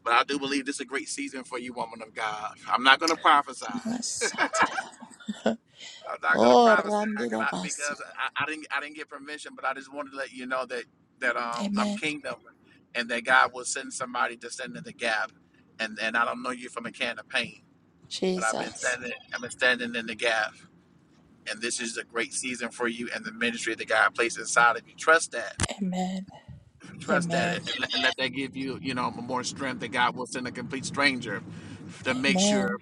but I do believe this is a great season for you, woman of God. I'm not going to prophesy, Masataya. I'm not gonna Oh, prophesy 'cause Randida I, Basi. because I, I didn't I didn't get permission, but I just wanted to let you know that that um I'm Amen. kingdom, and that God will send somebody to stand in the gap, and and I don't know you from a can of paint, but I've been Jesus. standing I've been standing in the gap, and this is a great season for you and the ministry that God placed inside of you. Trust that, Amen. trust that, Amen. and, and let that give you you know more strength that God will send a complete stranger to make sure Amen.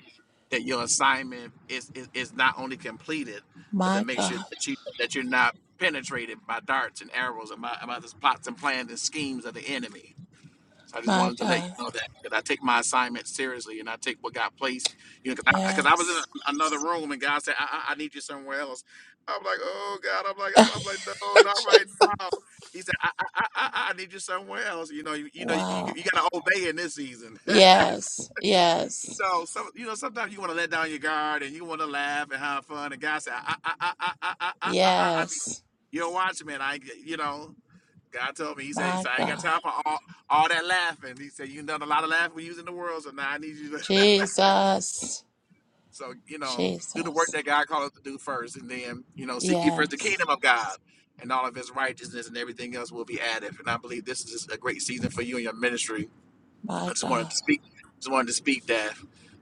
that your assignment is, is is not only completed, but to My make sure God. that you that you're not penetrated by darts and arrows and by, by the plots and plans and schemes of the enemy. So I just My wanted to let you God. know that because I take my assignment seriously and I take what God placed. You know, because I, 'cause I was in a, Yes. another room and God said, I, "I I need you somewhere else." I'm like, "Oh God!" I'm like, "I'm, I'm like, no, not right now." He said, I, "I I I I need you somewhere else." You know, you, you know, you, Wow. you got to obey in this season. Yes. Yes. know, some you know, sometimes you want to let down your guard and you want to laugh and have fun. And God said, I, I, I, I, I, I, I, I, I need Yes. you to watch, man. I, you know, God told me. He said, he My said, I ain't got God. time for all, all that laughing. He said, you done a lot of laughing when you was in the world, so now I need you to, Jesus. so you know, do the work Jesus. that God called us to do first, and then you know, seek ye first the Yes. kingdom of God. And all of his righteousness and everything else will be added. And I believe this is just a great season for you and your ministry I My just wanted God. to speak. Just wanted to speak that,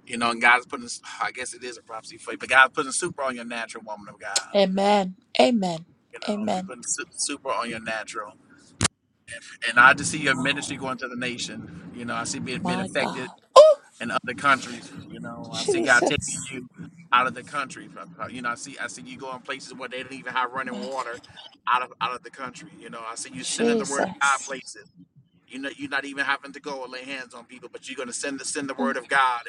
you know, and God's putting. I guess it is a prophecy for you, but God's putting super on your natural woman of God. Amen. Amen. You know, if you Amen. putting su- super on your natural, and I just see your Wow. ministry going to the nation. You know, I see being being My affected God. in other countries. You know, I see God taking Jesus. you out of the country. You know, I see I see you going places where they don't even have My running God. water out of out of the country. You know, I see you sending the word of God Jesus. places. you know you're not even having to go and lay hands on people but you're going to send the send the Mm. word of god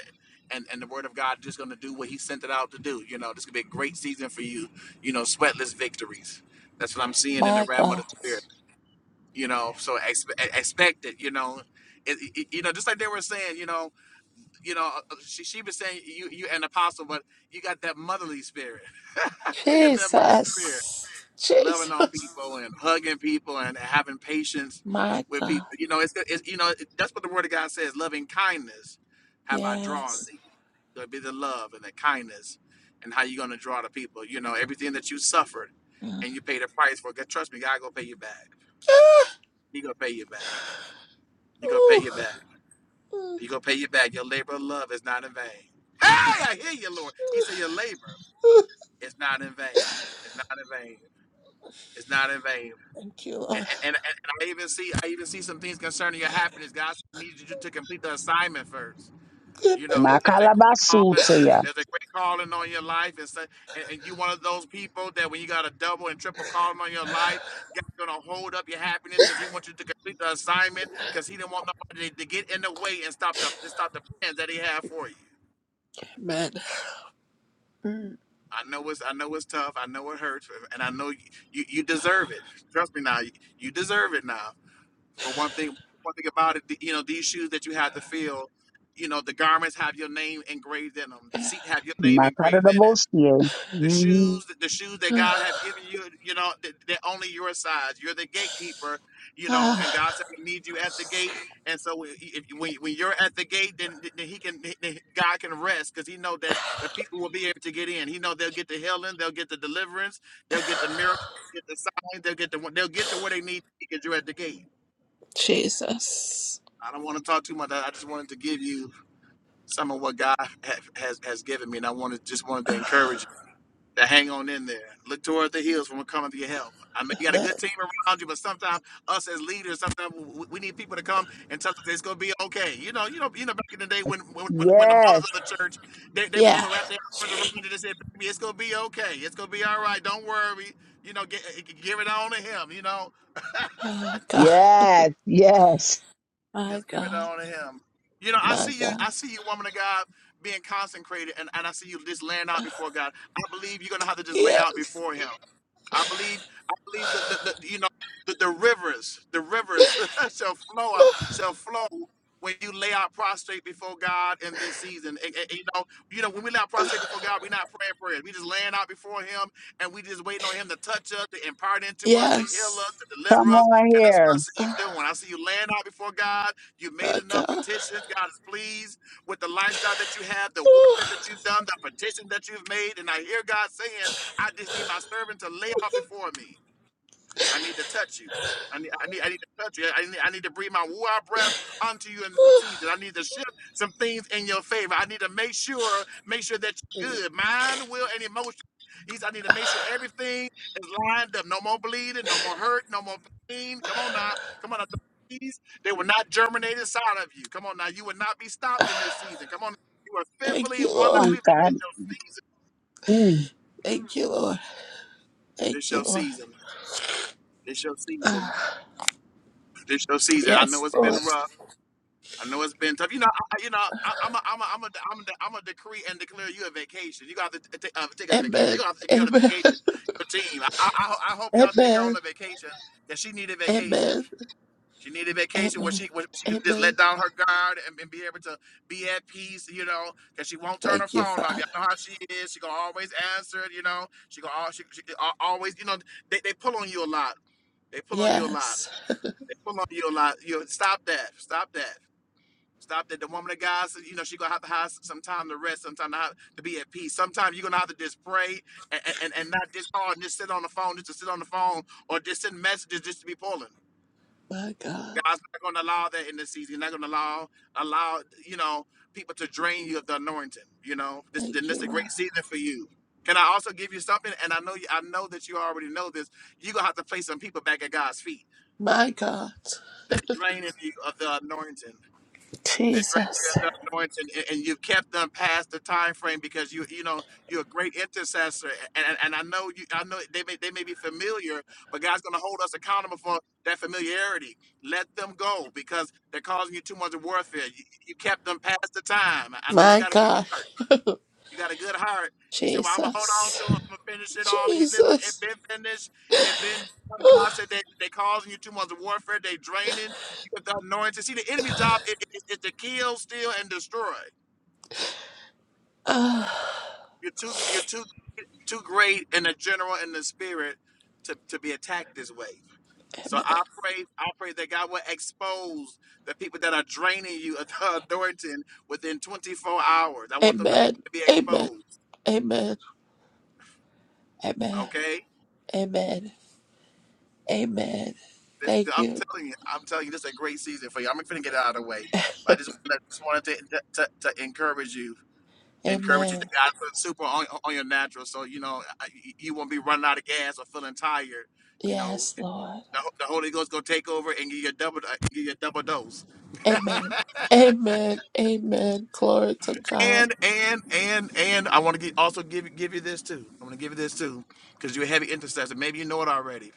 and and the word of god just going to do what he sent it out to do you know this could be a great season for you you know sweatless victories that's what i'm seeing in the My realm of God. the spirit you know so expect, expect it you know it, it- you know just like they were saying you know you know uh, uh, she, she was saying you you an apostle but you got that motherly spirit you got that motherly spirit Jesus. loving on Jesus. people and hugging people and having patience My with God. people. You know, it's, it's you know it, that's what the Word of God says: loving kindness have I drawn Yes. thee. So it'd be the love and the kindness, and how you're gonna draw the people. You know, everything that you suffered Mm. and you paid a price for. God, trust me, God gonna pay you back. He gonna pay you back. He gonna pay Ooh. you back. Mm. He gonna pay you back. Your labor of love is not in vain. Hey, I hear you, Lord. He said your labor Mm. is not in vain. It's not in vain. It's not in vain. Thank you, and, Lord. and, and I even see I even see some things concerning your happiness. God needs you to complete the assignment first. You know, but My Amen. there's a great calabasu to calling. ya. There's a great calling on your life, and, so, and and you one of those people that when you got a double and triple calling on your life, God's gonna hold up your happiness because He wants you to complete the assignment because He didn't want nobody to, to get in the way and stop the to stop the plans that He had for you. Amen. I know it's I know it's tough. I know it hurts, and I know you you, you deserve it. Trust me now, you, you deserve it now But one thing, one thing about it, the- you know, these shoes that you have to fill, you know, the garments have your name engraved in them. The seat have your name My engraved in it. The mm shoes, the shoes that Mm. God have given you, you know, th- they're only your size. You're the gatekeeper, you know, and Ah. God said He needs you at the gate. And so, i- if you- when when you're at the gate, then, then He can, then God can rest because He know that the people will be able to get in. He know they'll get the healing, they'll get the deliverance, they'll get the miracle, get the sign, they'll get the they'll get to where they need to be because you're at the gate. Jesus. I don't want to talk too much. I I just wanted to give you some of what God ha- has has given me, and I wanted just wanted to encourage you to hang on in there. Look toward the hills when we're coming to your help. I know you got a But good team around you, but sometimes us as leaders, sometimes we we need people to come and tell us it's going to be okay. You know, you know, you know. Back in the day, when when, when when the Yes. mothers of the church, they they would they yeah. would wrap their arms around you and said, "Baby, it's going to be okay. It's going to be all right. Don't worry. You know, get, give it on to him. You know." Oh God. Yes, yes. My Just give it God. on to him. You know, I My see you, I God. see you, woman of God, being consecrated, and, and I see you just laying out before God. I believe you're gonna have to just lay Yeah. out before Him. I believe, I believe that the, the you know the, the rivers, the rivers shall flow, out- shall flow when you lay out prostrate before God in this season. And, and- and, you know, you know, when we lay out prostrate before God, we're not praying prayers. We just laying out before Him, and we just waiting on Him to touch us, to impart into us, to heal us, Yes. to deliver Come us. on And that's what I here. see you Oh, doing. I see you laying out before God. You made my enough God. petitions. God is pleased with the lifestyle that you have, the work Oh, that you've done, the petition that you've made. And I hear God saying. I just need my servant to lay out before me. I need to touch you. I need, I need, I need to touch you. I need, I need to breathe my war breath onto you in this oh. season. I need to shift some things in your favor. I need to make sure, make sure that you're good, mind, will, and emotion. He's, I need to make sure everything is lined up. No more bleeding, no more hurt, no more pain. Come on now, come on now. The seeds, They will not germinate inside of you. Come on now, you will not be stopped in this season. Come on, you are Thank fearfully and you, Come Lord. wonderfully. on, made. God. Mm. Thank you, Lord. This Thank you, your season. This your Lord. season. This your season. Ah, this your season. I know yes, it's been Lord. rough. I know it's been tough. You know, I, you know, I, I'm a, I'm a, I'm a, I'm a, I'm a decree and declare you a vacation. You got to t- uh, take a vacation. They Amen. gonna have to take you on a Amen. vacation. Your team. I, I, I I hope y'all take her on Amen. a vacation that she needed vacation. Amen. She needed vacation where Amen. she where she can just Amen. let down her guard and, and be able to be at peace. You know, because she won't turn her Thank you, phone off. Father. Y'all know how she is. She gonna always answer it. You know, she gonna al- she, she al- always. You know, they, they pull on you a lot. They pull on you a lot. Yes. Hold on, you lot. You stop that. Stop that. Stop that. The woman of God, said, you know, she gonna have to have some time to rest, some time to, have, to be at peace. Sometimes you're gonna have to just pray and, and, and not just call and just sit on the phone, just to sit on the phone, or just send messages just to be pulling. My God. God's not gonna allow that in this season. He's not gonna allow allow you know people to drain you of the anointing. You know, this then Thank this you, is a great Lord. season for you. Can I also give you something? And I know you, I know that you already know this. You're gonna have to place some people back at God's feet. My God. They're draining you of the anointing They drink Jesus. the anointing, and, and you've kept them past the time frame because you, you know, you're a great intercessor. And, and, and I know you, I know they may they may be familiar, but God's going to hold us accountable for that familiarity. Let them go because they're causing you too much warfare. You, you kept them past the time. I know you My got a good God. heart. You got a good heart. You said, "Well, I'm gonna hold on Jesus. to it. I'm gonna finish it off." You listen. It Jesus. been finished. It been. done. God said they they causing you too much warfare. They draining. You got the anointing. See, the enemy's job is it, it, to kill, steal, and destroy. Ah, You're too you're too too great in the general and the spirit to to be attacked this way. So I pray I pray that God will expose the people that are draining you of the anointing within 24 hours. I want them the amen. people to be Amen. exposed. Amen. Amen. Okay Amen. Amen. This, Thank I'm you. telling you, I'm telling you, this is a great season for you. I'm gonna get it out of the way. But I just, I just wanted to, to, to encourage you, encourage you. to Amen. I put super on, on your natural, so you know I- you won't be running out of gas or feeling tired. You know, Yes, Lord. the, the Holy Ghost gonna take over and give you a double, uh, give you a double dose. Amen. Amen. Amen. Glory to God. And and and and I want to get, also give you- give you this too. I'm gonna give you this too, because you're a heavy intercessor. Maybe you know it already.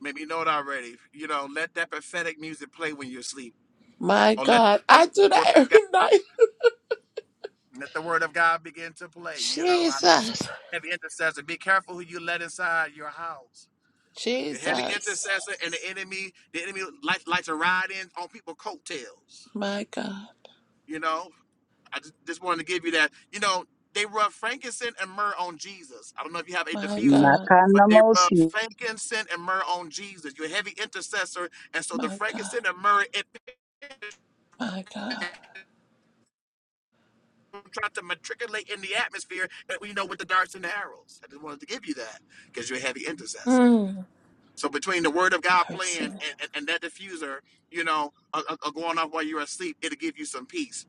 Maybe you know it already. You know, let that prophetic music play when you sleep, My or let God. or I let do the word that of every God. night. Let the word of God begin to play. You know, I look at Jesus. heavy intercessor. Be careful who you let inside your house. Your heavy Jesus. intercessor and the enemy, the enemy likes like to ride in on people's coattails. My God. You know, I just, just wanted to give you that. You know, they rub frankincense and myrrh on Jesus. I don't know if you have a My diffuser, God. but they rub Nakanamosi. frankincense and myrrh on Jesus. You're a heavy intercessor, and so the My God. frankincense and myrrh it. My God. trying to matriculate in the atmosphere that we know with the darts and the arrows. I just wanted to give you that because you're a heavy intercessor. Mm. So between the word of God I playing receive. and, and, and that diffuser, you know, uh, uh, uh, going off while you're asleep, it'll give you some peace.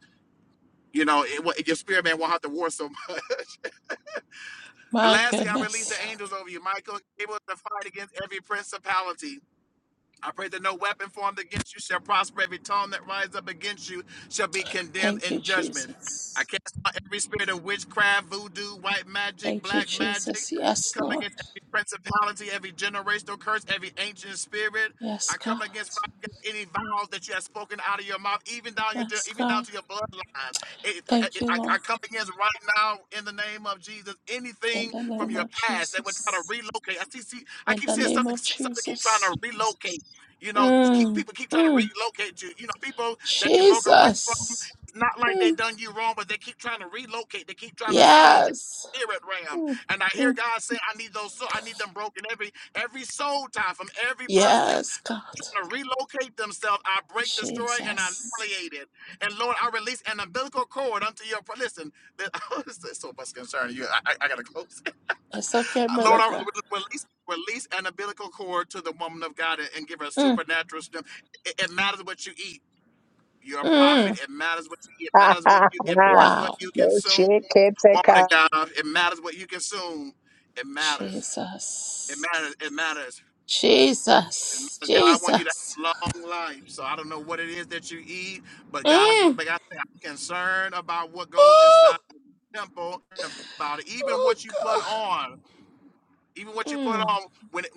You know, it, will your spirit man won't have to war so much. And My lastly, I release the goodness. angels over you, Michael, able to fight against every principality I pray that no weapon formed against you shall prosper. Every tongue that rises up against you shall be condemned Thank you, in judgment. Jesus. I cast out every spirit of witchcraft, voodoo, white magic, Thank you, black magic. Jesus. I Yes, come Lord. against every principality, every generational curse, every ancient spirit. Yes, I God. come against any vows that you have spoken out of your mouth, even down your Yes, even down God. to your bloodline. It- Thank it- you, I, I Lord. come against right now in the name of Jesus In anything the from name your of past that would try to Jesus. relocate. I see, see I In keep the seeing name something of something keep trying to Jesus. relocate you know, keep, Mm, people keep trying to mm, relocate you. You know, people that you broke away from, Jesus. it's not like they Mm, done you wrong, but they keep trying to relocate. They keep trying to summons you. yes. Here at Ram, Mm, and I hear mm. God say, "I need those. Soul, I need them broken every every soul tie from every person Yes, God. trying to relocate themselves. I break, destroy, and I Jesus. annihilate it. And Lord, I release an umbilical cord unto your. Listen, there- there's so much concern. You, I, I got to close. It's okay, Lord, I Malika. release release an umbilical cord to the woman of God and, and give her Mm, supernatural strength. It, it matters what you eat. You're a prophet. mm. It matters what you eat. It matters what you it matters what Wow. you No consume, shit, can't take woman of out. God. It matters what you consume. It matters. It Jesus. matters. It matters. It Jesus. matters. God, I want you to Jesus. have a long life. So I don't know what it is that you eat, but God's Mm. but God, said, I'm concerned about what goes Oh, inside the temple, about it, even oh what you put God. on. even what you put Mm. on when it-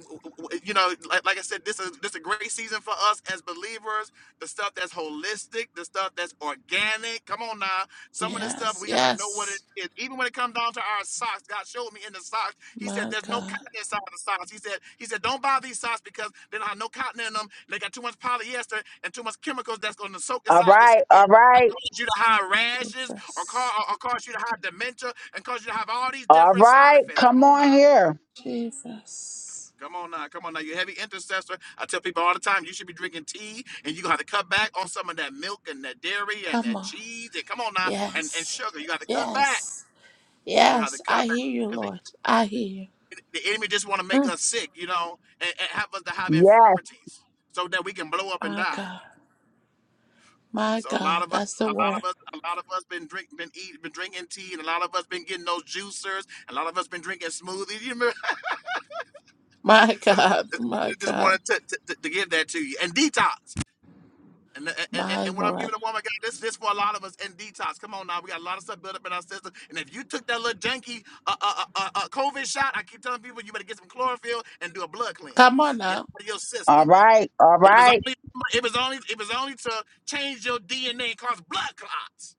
you know like, like i said this is this is a great season for us as believers the stuff that's holistic the stuff that's organic come on now some of this stuff Yes, we got to know what it yes. is even when it comes down to our socks god showed me in the socks he said My there's no God. cotton inside the socks he said he said don't buy these socks because they don't have no cotton in them they got too much polyester and too much chemicals that's going to soak All inside the right, skin all and right, cause you to have rashes or, cause, Jesus. or or cause you to have dementia and cause you to have all these all different side right. effects come Come on now on here. Jesus. Come on now, come on now. You're a heavy intercessor. I tell people all the time, you should be drinking tea and you gotta cut back on some of that milk and that dairy and Come that on. cheese. And come on now, and, and Yes. sugar. You gotta cut back. Yes. You gotta Yes. I cut back. hear you, Because Lord. I hear you. the, the enemy just wanna make Mm. us sick, you know, and, and have us to have Yes. infirmities so that we can blow up and My die. God. My So a lot God. of us, That's the a lot word. of us, a lot of us been drink, been eating, been drinking tea, and a lot of us been getting those juicers. A lot of us been drinking smoothies. You remember? My I just, God. My just God. wanted to, to, to to give that to you and detox. And, and, and My when I'm Lord. giving a woman, God, this this for a lot of us in detox. Come on now, we got a lot of stuff built up in our system. And if you took that little janky uh, uh, uh, uh, uh, COVID shot, I keep telling people you better get some chlorophyll and do a blood Come on cleanse. Get it now. out of your All system. right, all It was right. only it was only it was only to change your DNA and cause blood clots.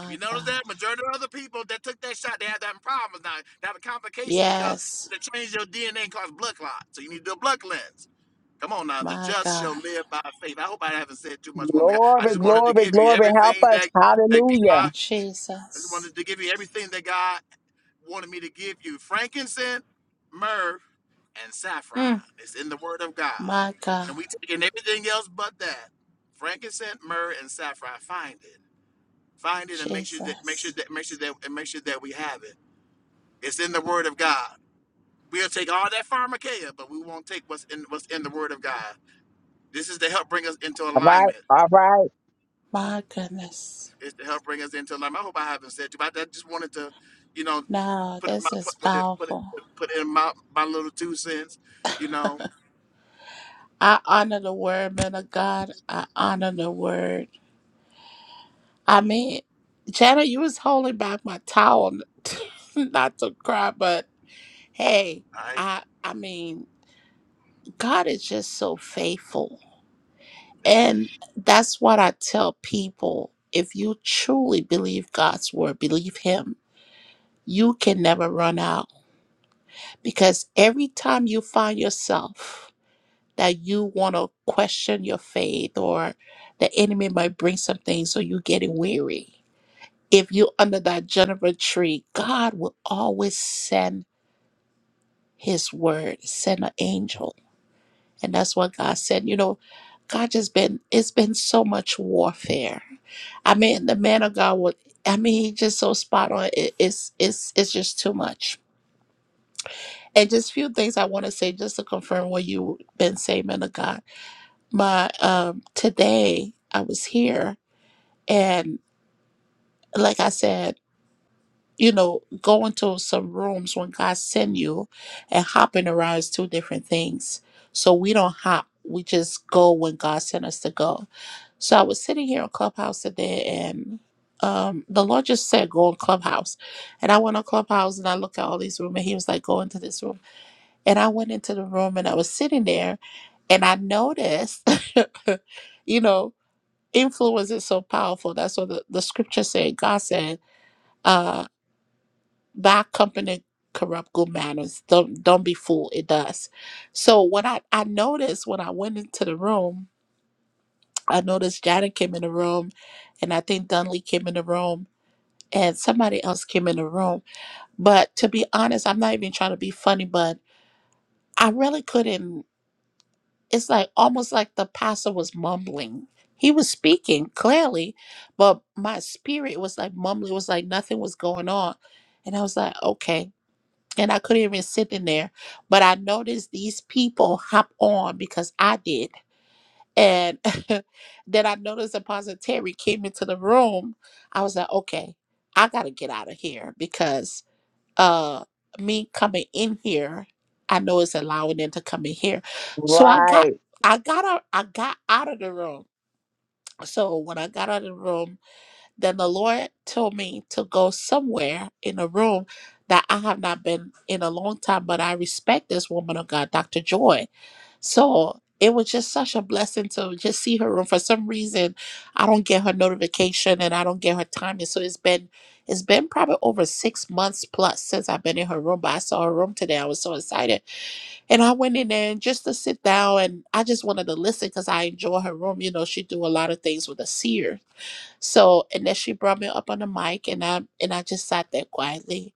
If you notice God. that, majority of other people that took that shot, they have that problems now. They have a complication because Yes. they change your DNA and cause blood clots. So you need to do a blood cleanse. Come on now, the My just God. shall live by faith. I hope I haven't said too much, woman. of God. I Glory, just wanted to glory, give you glory. Help everything that us. that Hallelujah. God. I just Jesus. wanted to give you everything that God wanted me to give you: frankincense, myrrh, and saffron. Mm. It's in the Word of God, My God. and we taking everything else but that: frankincense, myrrh, and saffron. Find it, find it, and make sure that make sure Jesus. that make sure that and make sure that we have it. It's in the Word of God. We'll take all that pharmakeia, but we won't take what's in what's in the Word of God. This is to help bring us into All right, alignment. all right, My goodness. It's to help bring us into alignment. I hope I haven't said too much. I just wanted to, you know, No, put in my this is put, put it put it powerful. put in my my little two cents. You know, I honor the word, man of God. I honor the word. I mean, Jana, you was holding back my towel not to cry, but hey, I I I mean, God is just so faithful. that's me. And that's what I tell people. If you truly believe God's word, believe him, you can never run out. Because every time you find yourself that you want to question your faith or the enemy might bring some things, so you're getting weary. If you're under that juniper tree, God will always send his word, send an angel. And that's what God said. You know, God just been, it's been so much warfare. I mean, the man of God would, I mean, he just so spot on. It, it's, it's, it's just too much. And just few things I want to say just to confirm what you've been saying, man of God my um today I was here and like I said, you know, going to some rooms when God send you and hopping around is two different things. So we don't hop. We just go when God sent us to go. So I was sitting here on Clubhouse today and um the Lord just said go on Clubhouse. And I went on Clubhouse and I looked at all these rooms and he was like, Go into this room. And I went into the room and I was sitting there and I noticed, you know, influence is so powerful. That's what the, the scripture said. God said, uh, bad company corrupt good manners. Don't don't be fooled. It does. So what I, I noticed when I went into the room, I noticed Janet came in the room and I think Dunley came in the room and somebody else came in the room. But to be honest, I'm not even trying to be funny, but I really couldn't. it's like almost like the apostle was mumbling. He was speaking clearly, but my spirit was like mumbling. It was like nothing was going on. And I was like, okay. And I couldn't even sit in there. But I noticed these people hop on because I did. And then I noticed Apostle Terry came into the room. I was like, okay, I got to get out of here because uh me coming in here i know it's allowing them to come in here so i got right. i got out i got out of the room so when i got out of the room then the lord told me to go somewhere in a room that i have not been in a long time but i respect this woman of god dr joy so it was just such a blessing to just see her. And for some reason, I don't get her notification and I don't get her timing. So it's been it's been probably over six months plus since I've been in her room. But I saw her room today. I was so excited, and I went in there and just to sit down and I just wanted to listen because I enjoy her room. You know, she do a lot of things with a seer. So and then she brought me up on the mic and I and I just sat there quietly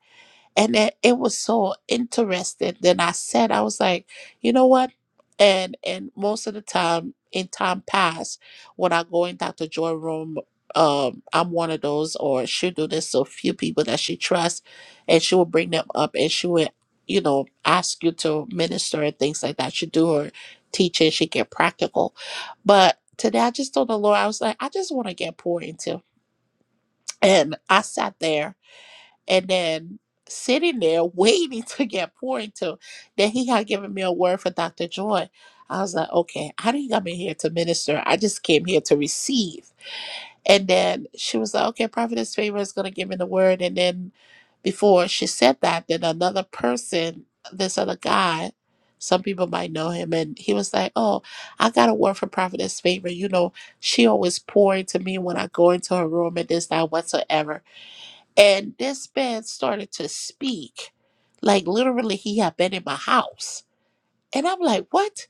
and it, it was so interesting then i said i was like you know what and and most of the time in time past when i go in dr joy room um i'm one of those or she'll do this to a few people that she trusts and she will bring them up and she will you know ask you to minister and things like that she do her teaching she get practical but today i just told the lord i was like i just want to get poured into and i sat there and then sitting there waiting to get poured into. Then he had given me a word for Dr. Joy. I was like, okay, I didn't come in here to minister. I just came here to receive. And then she was like, okay, Prophetess Favor is going to give me the word. And then before she said that, then another person, this other guy, some people might know him, and he was like, oh, I got a word for Prophetess Favor. You know, she always pour into me when I go into her room and this, that, whatsoever. And this man started to speak like literally he had been in my house. And I'm like, what?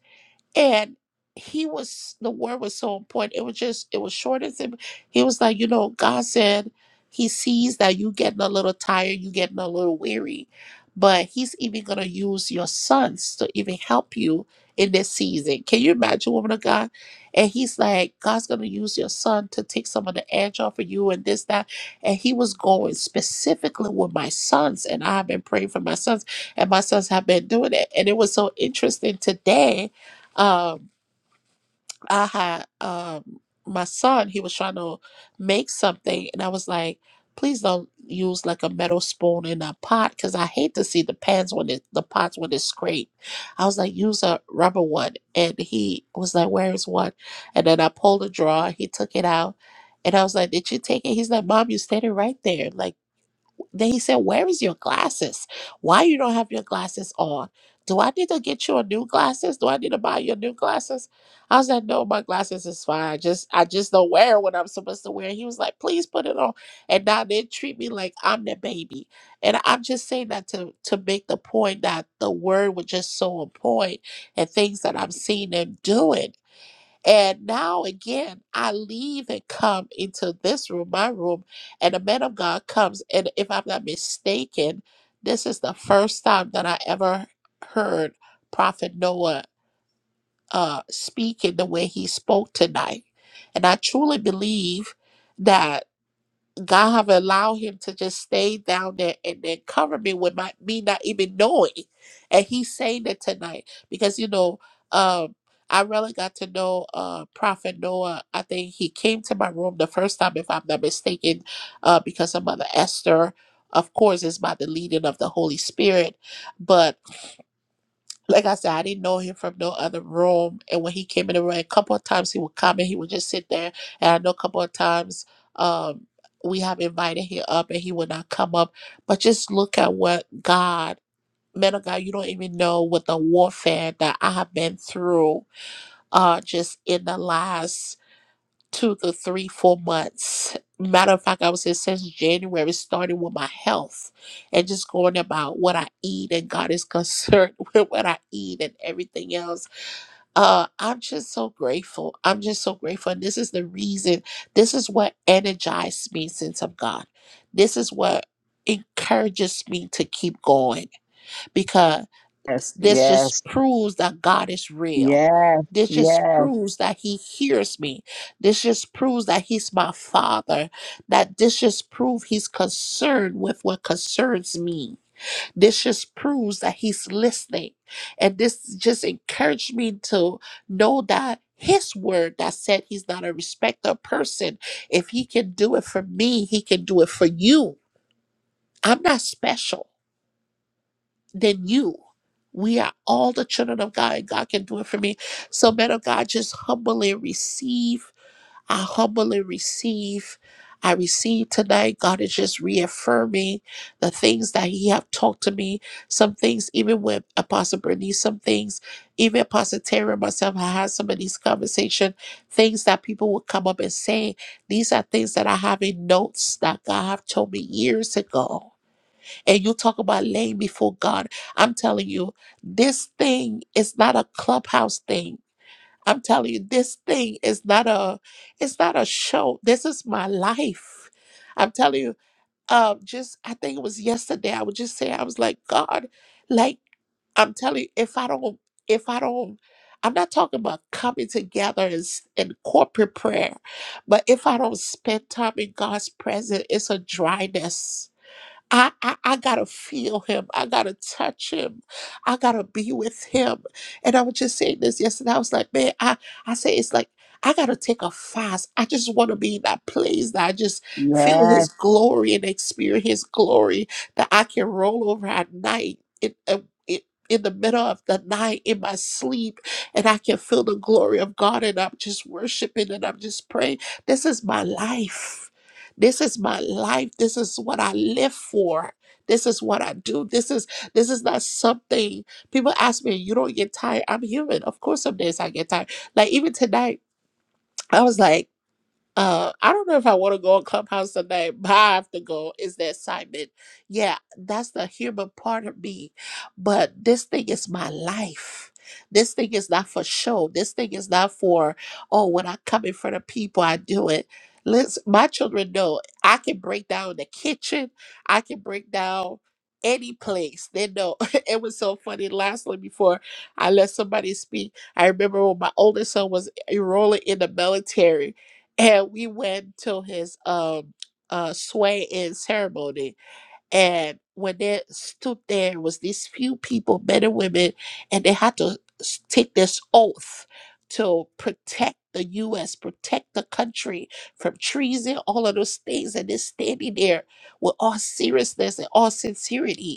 and he was the word was so important it was just it was short as him he was like you know god said he sees that you getting a little tired you getting a little weary but he's even going to use your sons to even help you in this season can you imagine woman of god and he's like god's going to use your son to take some of the edge off of you and this that and he was going specifically with my sons and i've been praying for my sons and my sons have been doing it and it was so interesting today um i had um my son he was trying to make something and i was like please don't use like a metal spoon in a pot because i hate to see the pans when it the pots when it's scraped i was like use a rubber one and he was like where is one and then i pulled a drawer he took it out and i was like did you take it he's like mom you said it right there like then he said, Where is your glasses? Why you don't have your glasses on? Do I need to get you a new glasses? Do I need to buy you new glasses? I was like, No, my glasses is fine. I just I just don't wear what I'm supposed to wear. He was like, Please put it on. And now they treat me like I'm the baby. And I'm just saying that to to make the point that the word was just so on point and things that I'm seeing them doing. And now again, I leave and come into this room, my room, and the man of God comes. And if I'm not mistaken, this is the first time that I ever heard Prophet Noah uh, speak in the way he spoke tonight. And I truly believe that. God have allowed him to just stay down there and then cover me with my me not even knowing. And he's saying it tonight because you know, um, I really got to know uh Prophet Noah. I think he came to my room the first time, if I'm not mistaken, uh, because of Mother Esther. Of course, it's by the leading of the Holy Spirit, but like I said, I didn't know him from no other room. And when he came in the room, a couple of times he would come and he would just sit there. And I know a couple of times um, we have invited him up and he would not come up. But just look at what God, man of God, you don't even know what the warfare that I have been through uh, just in the last two to three, four months. Matter of fact, I would say since January, starting with my health and just going about what I eat, and God is concerned with what I eat and everything else. Uh, I'm just so grateful. I'm just so grateful. And this is the reason, this is what energized me since I'm God. This is what encourages me to keep going because Yes, this yes, just proves that God is real. yes, This just yes, proves that he hears me. This just proves that he's my father. That this just proves he's concerned with what concerns me. This just proves that he's listening. And this just encouraged me to know that his word that said he's not a respecter of person. If he can do it for me, he can do it for you. I'm not special than you. We are all the children of God, and God can do it for me. So, man of God, just humbly receive. I humbly receive. I receive tonight. God is just reaffirming the things that He have talked to me. Some things, even with Apostle Bernice, some things, even Apostle Terry and myself, I had some of these conversation. Things that people would come up and say. These are things that I have in notes that God have told me years ago and you talk about laying before God. I'm telling you, this thing is not a clubhouse thing. I'm telling you, this thing is not a it's not a show. This is my life. I'm telling you, um, just I think it was yesterday. I would just say I was like, God, like I'm telling you, if I don't, if I don't, I'm not talking about coming together and, s- corporate prayer, but if I don't spend time in God's presence, it's a dryness I, I, I gotta feel him. I gotta touch him. I gotta be with him. And I was just saying this yesterday. I was like, man, I, I say it's like I gotta take a fast. I just wanna be in that place that I just feel yes. his glory and experience his glory that I can roll over at night. In, uh, in in the middle of the night in my sleep, and I can feel the glory of God, and I'm just worshiping and I'm just praying. This is my life this is my life this is what i live for this is what i do this is this is not something people ask me you don't get tired i'm human of course some days i get tired like even tonight i was like uh, I don't know if I want to go on Clubhouse tonight, but I have to go. Is that Simon? Yeah, that's the human part of me. But this thing is my life. This thing is not for show. This thing is not for, oh, when I come in front of people, I do it. Listen, my children know I can break down the kitchen. I can break down any place. They know. it was so funny. Lastly, before I let somebody speak, I remember when my oldest son was enrolling in the military and we went to his um uh sway in ceremony and when they stood there was these few people men and women and they had to s- take this oath to protect the U.S., protect the country from treason, all of those things, and they're standing there with all seriousness and all sincerity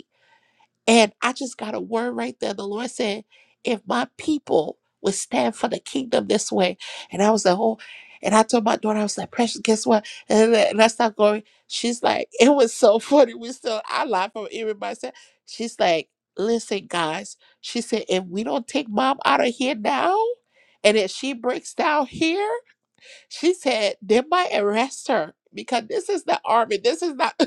and I just got a word right there. The Lord said, if my people would stand for the kingdom this way. And I was like, oh, and I told my daughter, I was like, precious, guess what? And, I- and I started going, she's like, it was so funny. We still, I laugh from everybody. said- She's like, listen, guys. She said, if we don't take mom out of here now, and if she breaks down here, she said, they might arrest her because this is the army. This is not.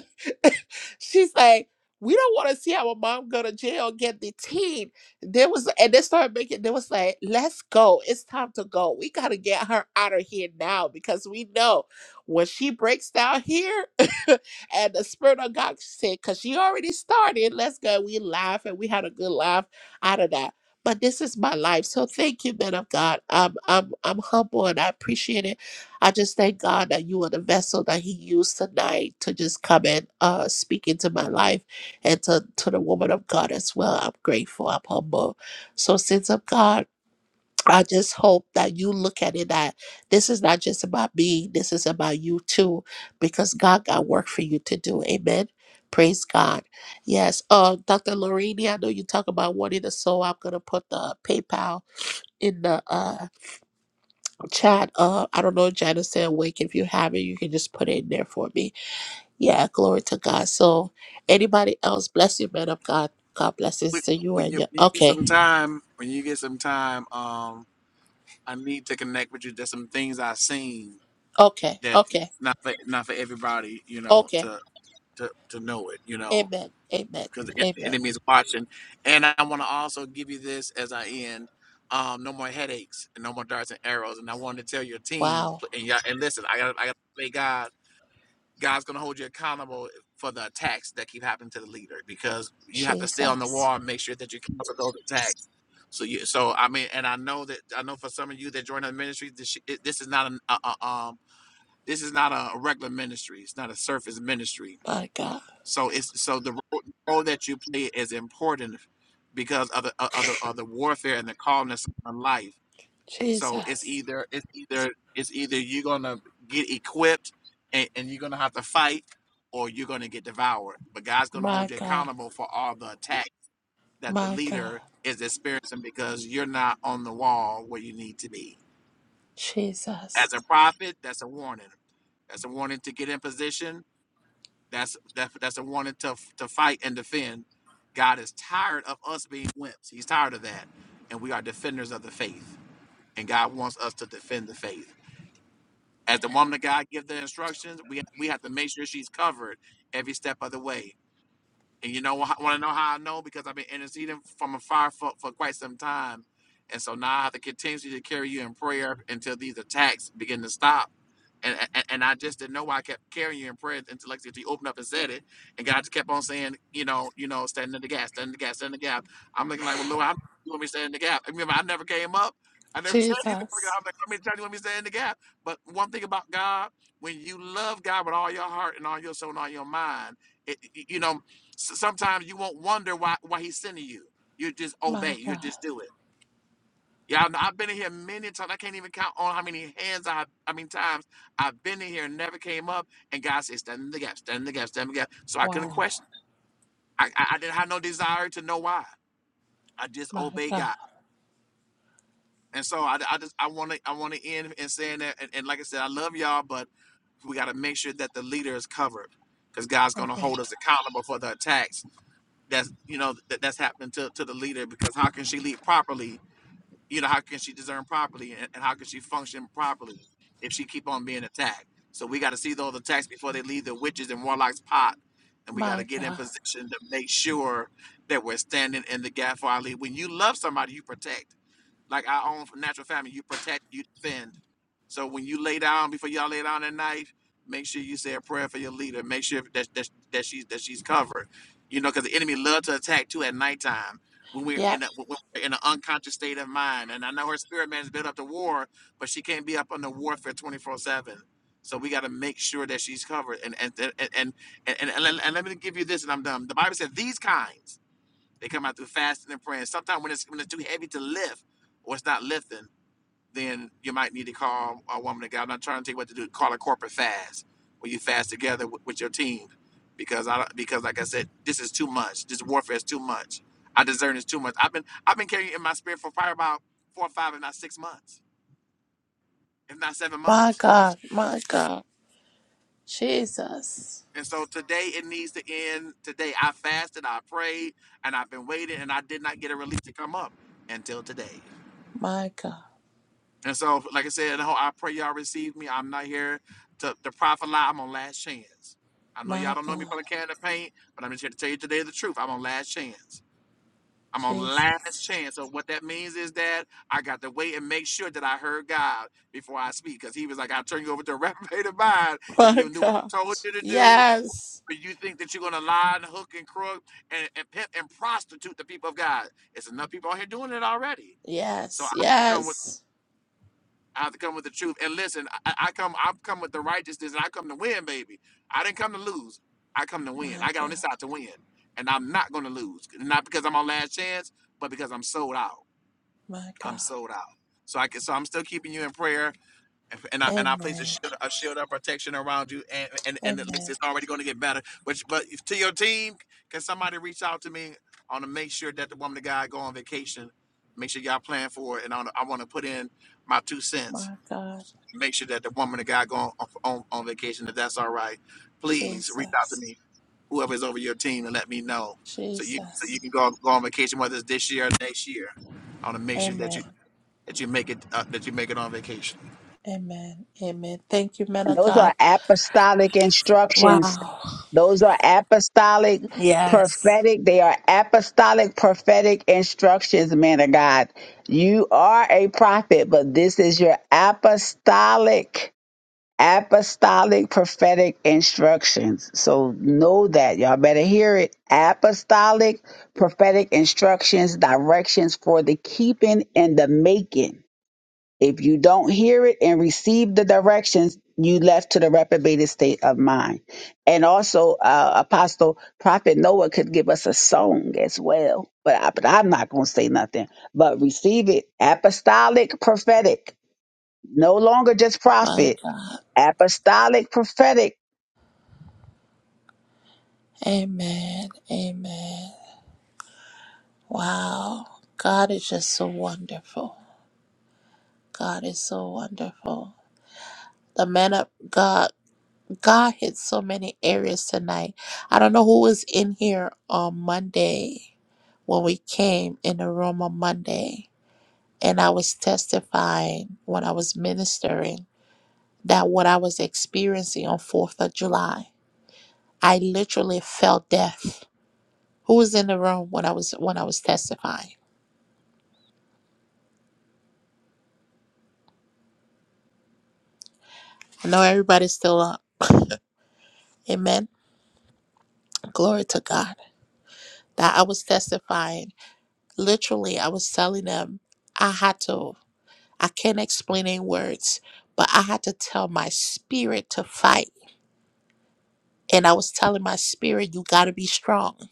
She's like, we don't want to see our mom go to jail, get detained. There was, and they started making, they was like, let's go. It's time to go. We got to get her out of here now because we know when she breaks down here and the Spirit of God said, because she already started, let's go. We laugh and we had a good laugh out of that but this is my life. So thank you, man of God. I'm I'm I'm humble and I appreciate it. I just thank God that you are the vessel that He used tonight to just come and uh, speak into my life and to, to the woman of God as well. I'm grateful. I'm humble. So, sins of God, I just hope that you look at it that this is not just about me, this is about you too, because God got work for you to do. Amen. Praise God. Yes. Uh, Dr. Lorini, I know you talk about wanting to sow. I'm going to put the PayPal in the uh, Chat, uh, I don't know, Janice said wake. If you have it, you can just put it in there for me. Yeah, glory to God. So, anybody else, bless you, man of God. God blesses When to you when and you, your. when you get some Okay, time, when you get some time, um, I need to connect with you. There's some things I've seen okay, that okay, not for not for everybody, you know, okay. to to to know it, you know. Amen, amen, because the the amen. enemy is watching. And I want to also give you this as I end. Um, no more headaches and no more darts and arrows. And I wanted to tell your team Wow, and y'all, and listen, I got I got to say God. God's gonna hold you accountable for the attacks that keep happening to the leader because you have to stay on the Jesus, wall and make sure that you counter those attacks. So you, so I mean, and I know that I know for some of you that join the ministry, this sh- it- this is not an uh, uh, um this is not a regular ministry. It's not a surface ministry my God, so it's so the ro- role that you play is important because of the o- of the, of the warfare and the calmness of life. So it's Jesus, either it's either it's either you're gonna get equipped and, and you're gonna have to fight, or you're gonna get devoured. But God's gonna my hold you God, accountable for all the attack that the my God, leader is experiencing because you're not on the wall where you need to be. Jesus, As a prophet, that's a warning. That's a warning to get in position That's that, that's a warning to to fight and defend. God is tired of us being wimps. He's tired of that, and we are defenders of the faith. And God wants us to defend the faith. As the woman of God give the instructions, we we have to make sure she's covered every step of the way and you know, want to know how I know? Because I've been interceding from afar for, for quite some time. And so now I have to continue to carry you in prayer until these attacks begin to stop. And, and, and I just didn't know why I kept carrying you in prayer until like you opened up and said it. And God just kept on saying, you know, you know, standing in the gap, standing in the gap, standing in the gap. I'm looking like, well, Lord, I'm you want me to stand in the gap. And remember, I never came up. I never said anything. I'm Jesus, like, I mean, you want me to stand in the gap. But one thing about God, when you love God with all your heart and all your soul and all your mind, it- you know, S- sometimes you won't wonder why why he's sending you. You just obey. my You God. just do it. Yeah, I- I've been in here many times. I can't even count on how many hands I, I mean, times I've been in here and never came up. And God said, "Stand in the gap, stand in the gap, stand in the gap." So I couldn't Wow, question. It. I, I I didn't have no desire to know why. I just my obey God, God. And so I, I just I want to I want to end in saying that. And, and like I said, I love y'all, but we got to make sure that the leader is covered, because God's going to amen, hold us accountable for the attacks that's you know that that's happening to, to the leader because how can she lead properly you know how can she discern properly and, and how can she function properly if she keep on being attacked so we got to see those attacks before they leave the witches and warlocks pot and we got to my get in God. position to make sure that we're standing in the gap for our lead when you love somebody you protect like our own natural family. You protect, you defend. So when you lay down, before y'all lay down at night, make sure you say a prayer for your leader. Make sure that that, that she's that she's covered. You know, because the enemy loves to attack too at nighttime when we're Yep, in a, when we're in an unconscious state of mind. And I know her spirit man is built up to war, but she can't be up under warfare twenty four seven. So we got to make sure that she's covered. And and and and and, and, and, let, and let me give you this, and I'm done. The Bible says these kinds. They come out through fasting and praying. Sometimes when it's when it's too heavy to lift or it's not lifting, then you might need to call a woman of God. I'm not trying to tell you what to do. Call a corporate fast where you fast together with, with your team, because I because like I said, this is too much. This warfare is too much. I discern is too much. I've been I've been carrying it in my spirit for probably about four or five, if not six months, if not seven my months. God, my God. Jesus. And so today it needs to end. Today I fasted, I prayed, and I've been waiting, and I did not get a release to come up until today. My God. And so, like I said, no, I pray y'all receive me. I'm not here to, to profit lie. I'm on last chance. I know y'all My don't know me God. from the can of paint, but I'm just here to tell you today the truth. I'm on last chance. I'm on last Jesus. chance. So what that means is that I got to wait and make sure that I heard God before I speak. Because he was like, I'll turn you over to a reprobated mind if My you do what God. I told you to do, Yes. but you think that you're gonna lie and hook and crook and, and pimp and prostitute the people of God. It's enough people out here doing it already. So I Yes. have to come with Yes. I have to come with the truth. And listen, I, I come, I come with the righteousness, and I come to win, baby. I didn't come to lose. I come to win. My I got on this God. side to win, and I'm not going to lose. Not because I'm on last chance, but because I'm sold out. My I'm God. sold out. So I can, so I'm still keeping you in prayer, and, and I and I place a Amen. shield, a shield of protection around you, and and and at least Amen. it's already going to get better. But but to your team, can somebody reach out to me? I want to make sure that the woman of God go on vacation. Make sure y'all plan for it, and I wanna- I want to put in my two cents My God. make sure that the woman or guy go on, on on vacation. If that's all right, please reach out to Jesus. me, whoever is over your team, and let me know so you so you Jesus. can go go on vacation whether it's this year or next year. I want to make sure that Amen. you that you make it uh, that you make it on vacation. Amen. Amen. Thank you, man And of those God. are apostolic instructions. Wow. Those are apostolic, Yes. prophetic. They are apostolic, prophetic instructions, man of God. You are a prophet, but this is your apostolic, apostolic, prophetic instructions. So know that. Y'all better hear it. Apostolic, prophetic instructions, directions for the keeping and the making. If you don't hear it and receive the directions, you left to the reprobated state of mind. And also, uh, Apostle Prophet Noah could give us a song as well, but, I, but I'm not going to say nothing. But receive it, apostolic, prophetic, no longer just My prophet, God. apostolic, prophetic, Amen. Amen. Wow. God is just so wonderful. God is so wonderful. The man of God, God hit so many areas tonight. I don't know who was in here on Monday when we came in the room on Monday. And I was testifying when I was ministering that what I was experiencing on 4th of July, I literally felt death. Who was in the room when I was when I was testifying? I know everybody's still up. Amen. Glory to God. That I was testifying Literally, I was telling them, I had to, I can't explain in words, but I had to tell my spirit to fight. And I was telling my spirit, you got to be strong.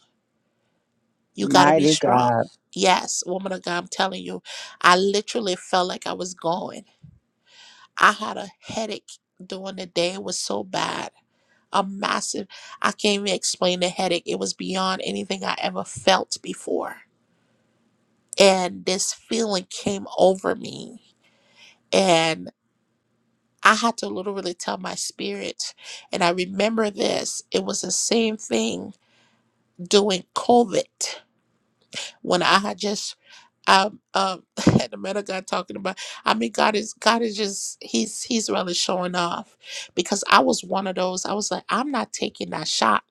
You got to be mighty strong. God, Yes, woman of God, I'm telling you, I literally felt like I was going. I had a headache during the day. It was so bad. A massive, I can't even explain the headache. It was beyond anything I ever felt before and this feeling came over me. And I had to literally tell my spirit. And I remember this. It was the same thing during COVID when I had just um um had the man of God talking about. I mean, God is God is just he's he's really showing off because I was one of those. I was like, I'm not taking that shot.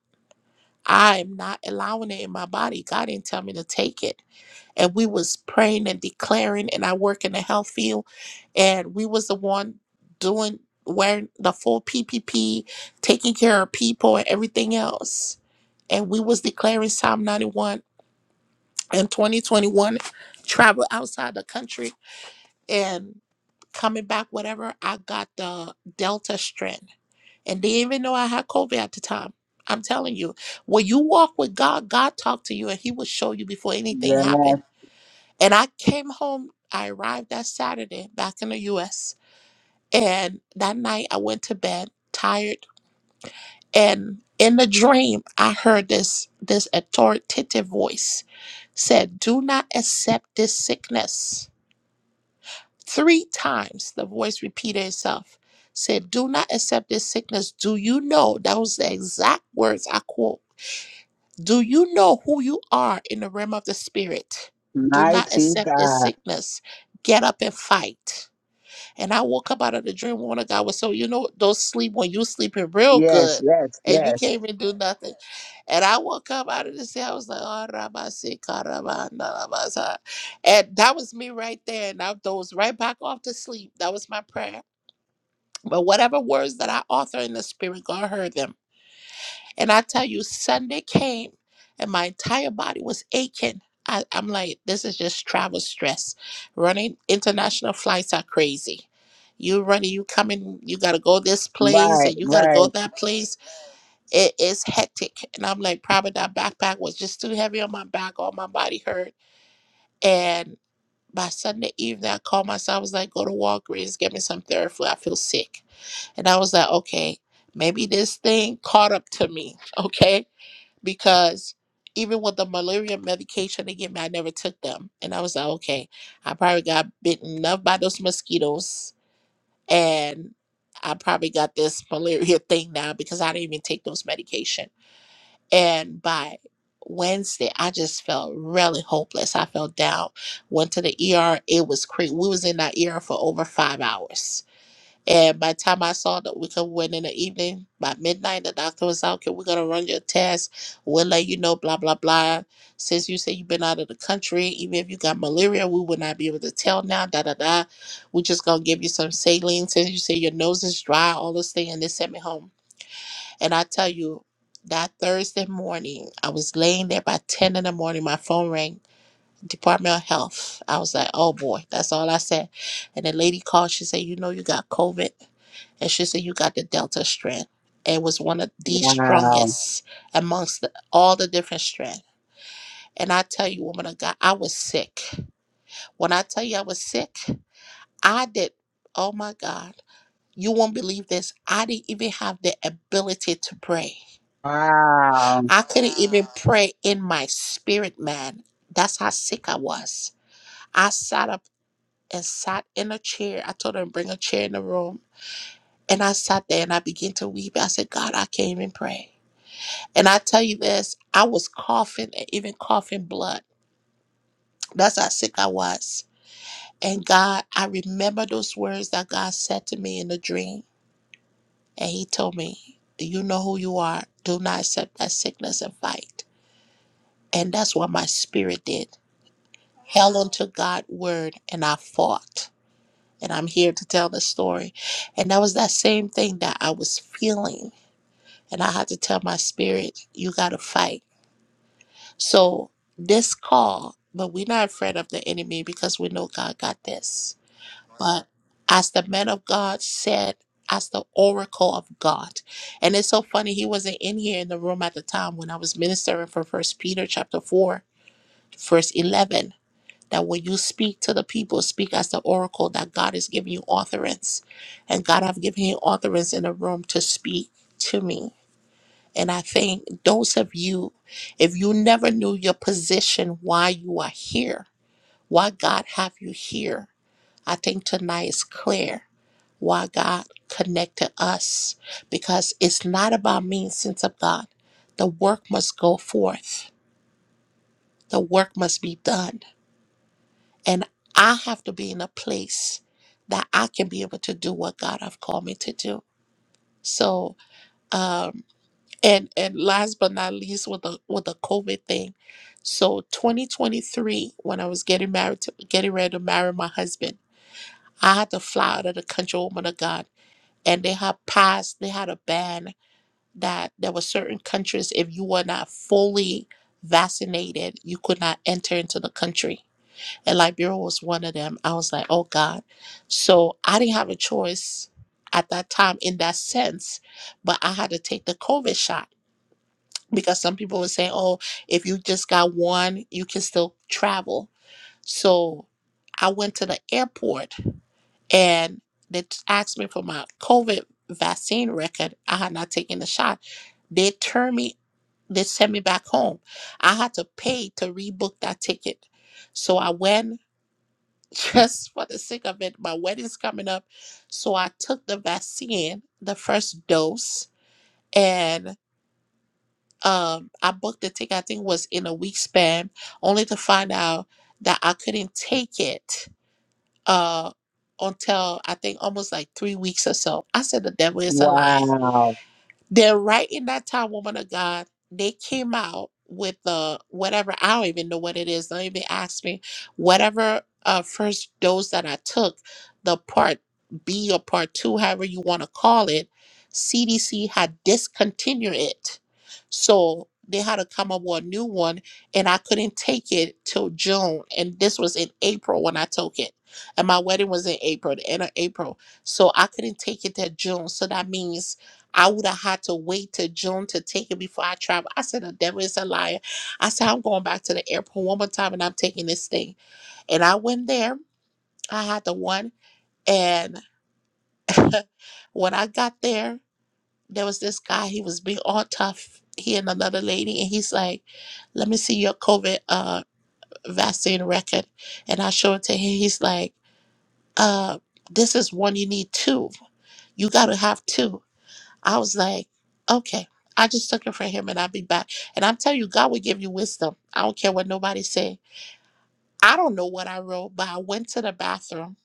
I'm not allowing it in my body. God didn't tell me to take it and we was praying and declaring and i work in the health field and we was the one doing wearing the full ppp taking care of people and everything else and we was declaring psalm 91 in 2021 travel outside the country and coming back whatever i got the delta strand and they even know i had covid at the time i'm telling you when you walk with god god talk to you and he will show you before anything yes, happens and I came home, I arrived that Saturday back in the US. And that night I went to bed tired. And in the dream, I heard this this authoritative voice said, Do not accept this sickness. Three times the voice repeated itself. Said, Do not accept this sickness. Do you know? That was the exact words I quote. Do you know who you are in the realm of the spirit? Do not mighty accept this God, sickness. Get up and fight. And I woke up out of the dream. Woman of God was so you know those sleep when you sleeping real yes, good yes, and you yes, can't even do nothing. And I woke up out of the sleep. I was like, oh, Rabasi, Karabanda, Rabasa." and that was me right there. And I dozed right back off to sleep. That was my prayer. But whatever words that I author in the spirit, God heard them. And I tell you, Sunday came and my entire body was aching. I, I'm like, this is just travel stress. Running international flights are crazy. You running, you coming, you gotta go this place right, and you gotta go right, that place. It is hectic. And I'm like, probably that backpack was just too heavy on my back, all my body hurt. And by Sunday evening, I called myself, I was like, go to Walgreens, get me some Theraflu. I feel sick. And I was like, okay, maybe this thing caught up to me. Okay because even with the malaria medication they give me, I never took them. And I was like, okay, I probably got bitten enough by those mosquitoes and I probably got this malaria thing now because I didn't even take those medication. And by Wednesday, I just felt really hopeless. I felt down. Went to the ER. It was crazy. We was in that ER for over five hours and by the time I saw that we could win in the evening, by midnight, the doctor was out. Okay, we're gonna run your test. We'll let you know, blah blah blah. Since you say you've been out of the country, even if you got malaria, we would not be able to tell now. Da da da. We're just gonna give you some saline. Since you say your nose is dry, all this thing, and they sent me home. And I tell you, that Thursday morning, I was laying there by ten in the morning. My phone rang. Department of Health. I was like, oh boy, that's all I said. And the lady called. She said, you know, you got COVID and she said you got the delta strand It was one of the wow, strongest amongst the, all the different strand and i tell you woman of god i was sick when i tell you i was sick i did oh my god you won't believe this i didn't even have the ability to pray wow, i couldn't even pray in my spirit man that's how sick i was i sat up and sat in a chair i told her to bring a chair in the room and i sat there and i began to weep i said god i can't even pray And I tell you this, I was coughing and even coughing blood. That's how sick I was. And God, I remember those words that God said to me in the dream. And He told me, You know who you are. Do not accept that sickness and fight. And that's what my spirit did. Held onto God's word and I fought. And I'm here to tell the story. And that was that same thing that I was feeling. And I had to tell my spirit, You got to fight So this call, but we're not afraid of the enemy because we know God got this. But as the man of God said, as the oracle of God. And it's so funny, he wasn't in here in the room at the time when I was ministering for First Peter chapter 4, verse 11. That when you speak to the people, speak as the oracle that God is giving you authorance. And God have given you authorance in the room to speak to me. And I think those of you, if you never knew your position, why you are here, why God have you here, I think tonight is clear why God connected us because it's not about me, Since of God. The work must go forth, the work must be done. And I have to be in a place that I can be able to do what God have called me to do. So, um And and last but not least with the with the COVID thing. So 2023, when I was getting married to getting ready to marry my husband, I had to fly out of the country woman of God. And they had passed, they had a ban that there were certain countries if you were not fully vaccinated, you could not enter into the country. And Liberia was one of them. I was like, oh God. So I didn't have a choice at that time in that sense, but I had to take the COVID shot because some people would say, "Oh, if you just got one, you can still travel." So I went to the airport and they t- asked me for my COVID vaccine record. I had not taken the shot. They turned me. They sent me back home. I had to pay to rebook that ticket. So I went just for the sake of it. My wedding's coming up, so I took the vaccine, the first dose, and. um, I booked the ticket, I think it was in a week span, only to find out that I couldn't take it uh, until I think almost like three weeks or so. I said, the devil is a liar. wow. Then right in that time, woman of God, they came out with the whatever I don't even know what it is. Don't even ask me. Whatever uh first dose that I took, the part B or part two, however you want to call it, CDC had discontinued it. So they had to come up with a new one and I couldn't take it till June. And this was in April when I took it. And my wedding was in April, the end of April. So I couldn't take it till June. So that means I would have had to wait till June to take it before I travel. I said, the devil is a liar. I said, I'm going back to the airport one more time and I'm taking this thing. And I went there. I had the one. And when I got there, there was this guy. He was being all tough. He and another lady. And he's like, let me see your COVID uh, vaccine record. And I show it to him. He's like, uh, this is one you need two. You got to have two I was like, okay, I just took it from him and I'll be back. And I'm telling you, God will give you wisdom. I don't care what nobody say. I don't know what I wrote, but I went to the bathroom.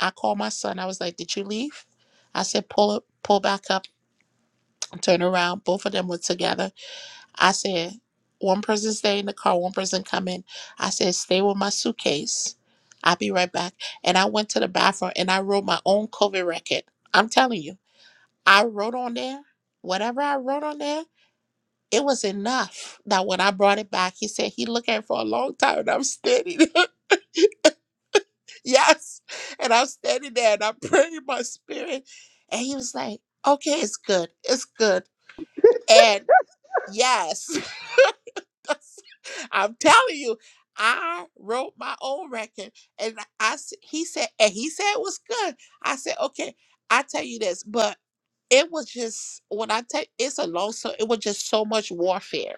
I called my son. I was like, did you leave? I said, pull up, pull back up, turn around. Both of them were together. I said, one person stay in the car, one person come in. I said, stay with my suitcase. I'll be right back. And I went to the bathroom and I wrote my own COVID record. I'm telling you, I wrote on there, whatever I wrote on there, it was enough that when I brought it back, he said he looked at it for a long time and I'm standing there. yes. And I'm standing there and I'm praying in my spirit. And he was like, okay, it's good. It's good. And yes, I'm telling you, I wrote my own record. And I s- he said, and he said it was good. I said, okay, I tell you this, but it was just when I tell it's a long so it was just so much warfare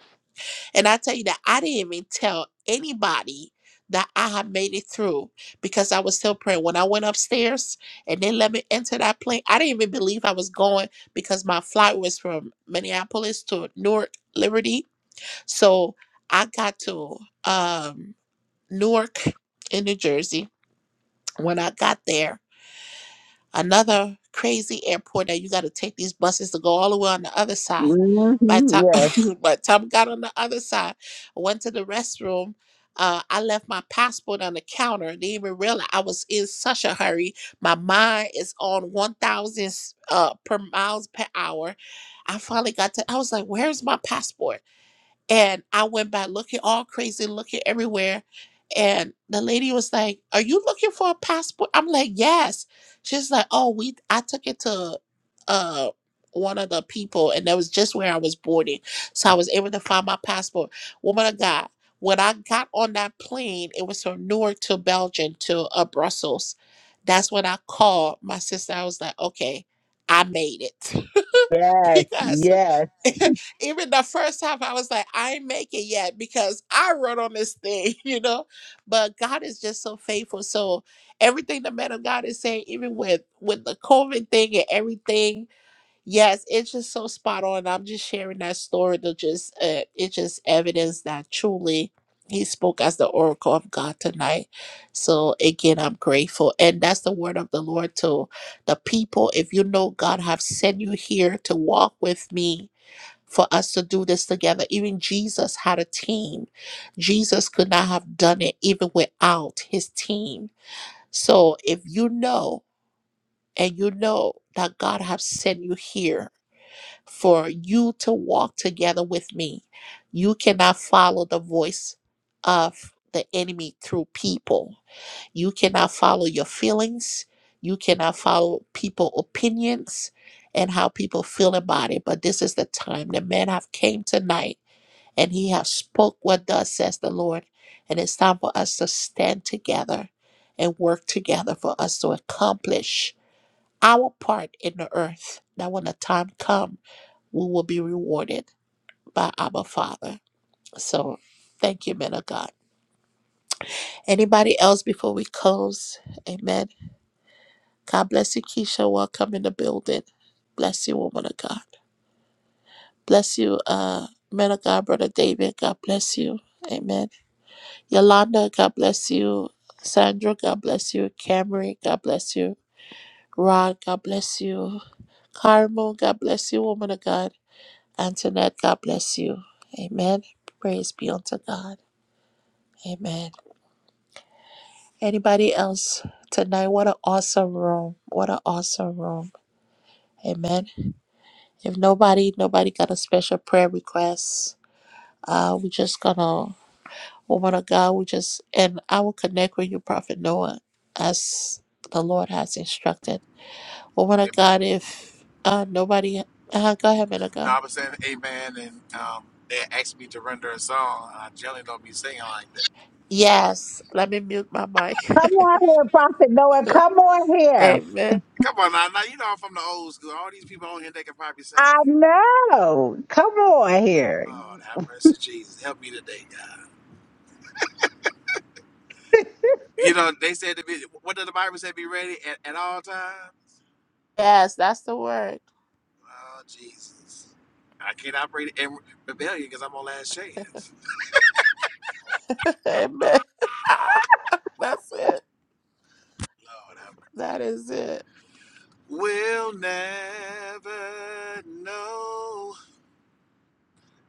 And I tell you that I didn't even tell anybody that I had made it through because I was still praying. When I went upstairs and they let me enter that plane, I didn't even believe I was going because my flight was from Minneapolis to Newark Liberty. So I got to um, Newark in New Jersey. When I got there, Another crazy airport that you got to take these buses to go all the way on the other side. hmm By the Yes, time by the time I got on the other side, I went to the restroom. Uh, I left my passport on the counter. Didn't even realize I was in such a hurry. My mind is on one thousand uh, per miles per hour. I finally got to. I was like, "Where's my passport?" And I went by looking all crazy, looking everywhere. And the lady was like, Are you looking for a passport? I'm like, Yes. She's like, Oh, we I took it to uh one of the people and that was just where I was boarding. So I was able to find my passport. Woman of God. When I got on that plane, it was from Newark to Belgium to uh, Brussels. That's when I called my sister. I was like, okay, I made it. yes, because yes. even the first time I was like, I ain't make it yet because I run on this thing, you know. But God is just so faithful. So everything the man of God is saying, even with with the COVID thing and everything, yes, it's just so spot on. I'm just sharing that story to just uh, it's just evidence that truly he spoke as the oracle of God tonight. So again, I'm grateful, and that's the word of the Lord to the people. If you know God have sent you here to walk with me for us to do this together. Even Jesus had a team. Jesus could not have done it even without his team. So if you know and you know that God has sent you here for you to walk together with me, you cannot follow the voice of the enemy through people. You cannot follow your feelings. You cannot follow people opinions and how people feel about it. But this is the time the men have came tonight and he has spoke what thus says the Lord. And it's time for us to stand together and work together for us to accomplish our part in the earth. That when the time come, we will be rewarded by our Father. So thank you, men of God. Anybody else before we close? Amen. God bless you, Keisha. Welcome in the building. Bless you, woman of God. Bless you, uh, men of God, brother David. God bless you. Amen. Yolanda, God bless you. Sandra, God bless you. Cameron, God bless you. Rod, God bless you. Carmel, God bless you, woman of God. Antoinette, God bless you. Amen. Praise be unto God. Amen. Anybody else tonight? What an awesome room. What an awesome room. Amen. If nobody, nobody got a special prayer request, uh, we're just gonna Woman of God, we just, and I will connect with you, Prophet Noah, as the Lord has instructed. Woman of God, Amen. if uh, nobody, uh, go ahead, man of No, God. I was saying amen, and um, they asked me to render a song. and I generally don't be singing like that. Yes, let me mute my mic. Come on here, Prophet Noah. Come on here. Amen. Come on, now, now you know I'm from the old school. All these people on here they can probably sing. I know. Come on here. Lord, have mercy, Jesus, help me today, God. You know, they said to be, what did the Bible say? Be ready at, at all times. Yes, that's the word. Oh, Jesus. I can't operate in rebellion because I'm on last chance. Amen. that's it. Lord, I That is it. will never know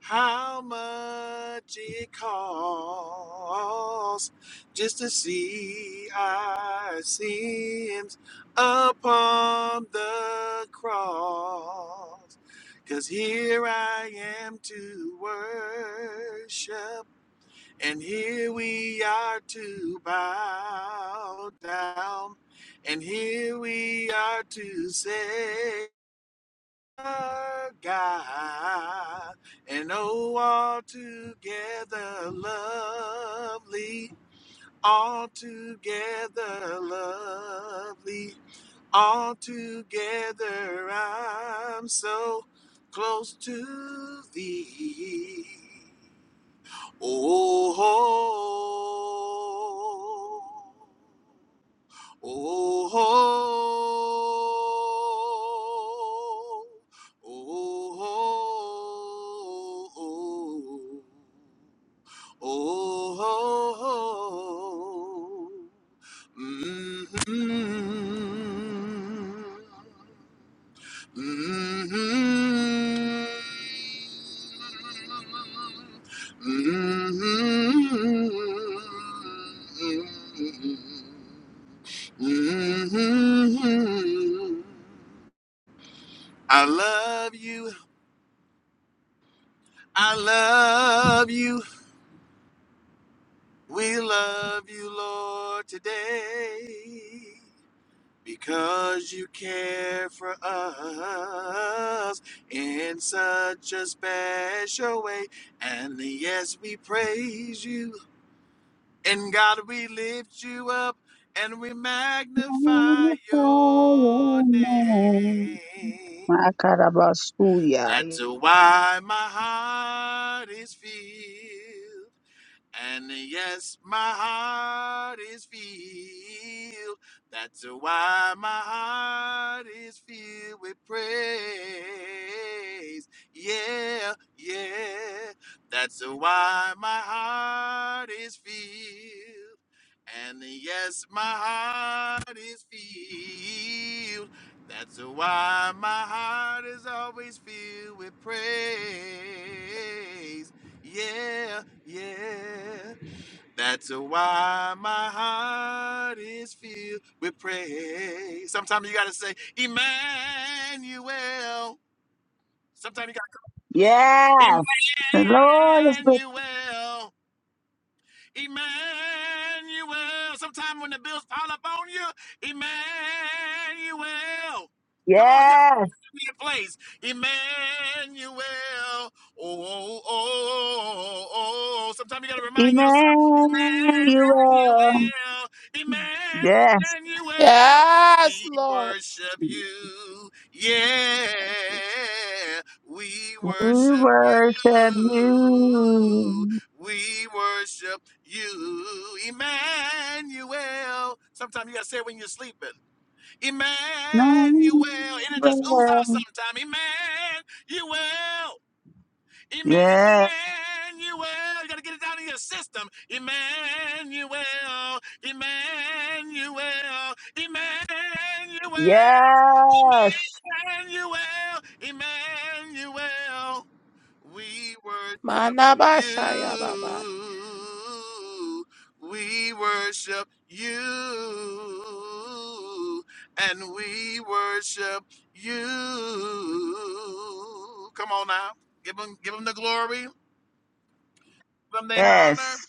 How much it costs just to see our sins upon the cross. Cause here I am to worship, and here we are to bow down, and here we are to say. God and oh, altogether lovely, altogether lovely, altogether I'm so close to thee. Oh. Oh, oh, oh, oh, oh, oh, oh. Mhm. Mm-hmm. Mm-hmm. Mm-hmm. Mm-hmm. Mm-hmm. Mm-hmm. Mm-hmm. Mm-hmm. I love you. I love you. We love you, Lord, today. Because you care for us in such a special way. And yes, we praise you. And God, we lift you up and we magnify Glorify your your name. name. My That's Karabasuya. why my heart is filled. And yes, my heart is filled. That's why my heart is filled with praise. Yeah, yeah. That's why my heart is filled. And yes, my heart is filled. That's why my heart is always filled with praise. Yeah, yeah. That's why my heart is filled with praise. Sometimes you got to say, Emmanuel. Sometimes you got to say, Yes, the Lord is with Emmanuel. Emmanuel. Sometime when the bills pile up on you, Emmanuel. Come on, y'all. Yes, Be in place. Emmanuel. Oh, oh, oh, oh, oh. Sometimes you got to remind yourself, Emmanuel. Emmanuel. Yes, Emmanuel. Yes, We Lord. worship you. Yeah, Thank you. we we worship you. worship you. We worship you, Emmanuel. Sometimes you gotta say it when you're sleeping. Emmanuel. It'll just ooze out Emmanuel. sometime. Emmanuel. Emmanuel. Yes, You gotta get it down in your system. Emmanuel. Emmanuel. Emmanuel. Emmanuel. yes, Emmanuel. We were Manabashaya Baba. you. We worship you. And we worship you. Come on now. Give them, give them the glory. Give them the honor. yes.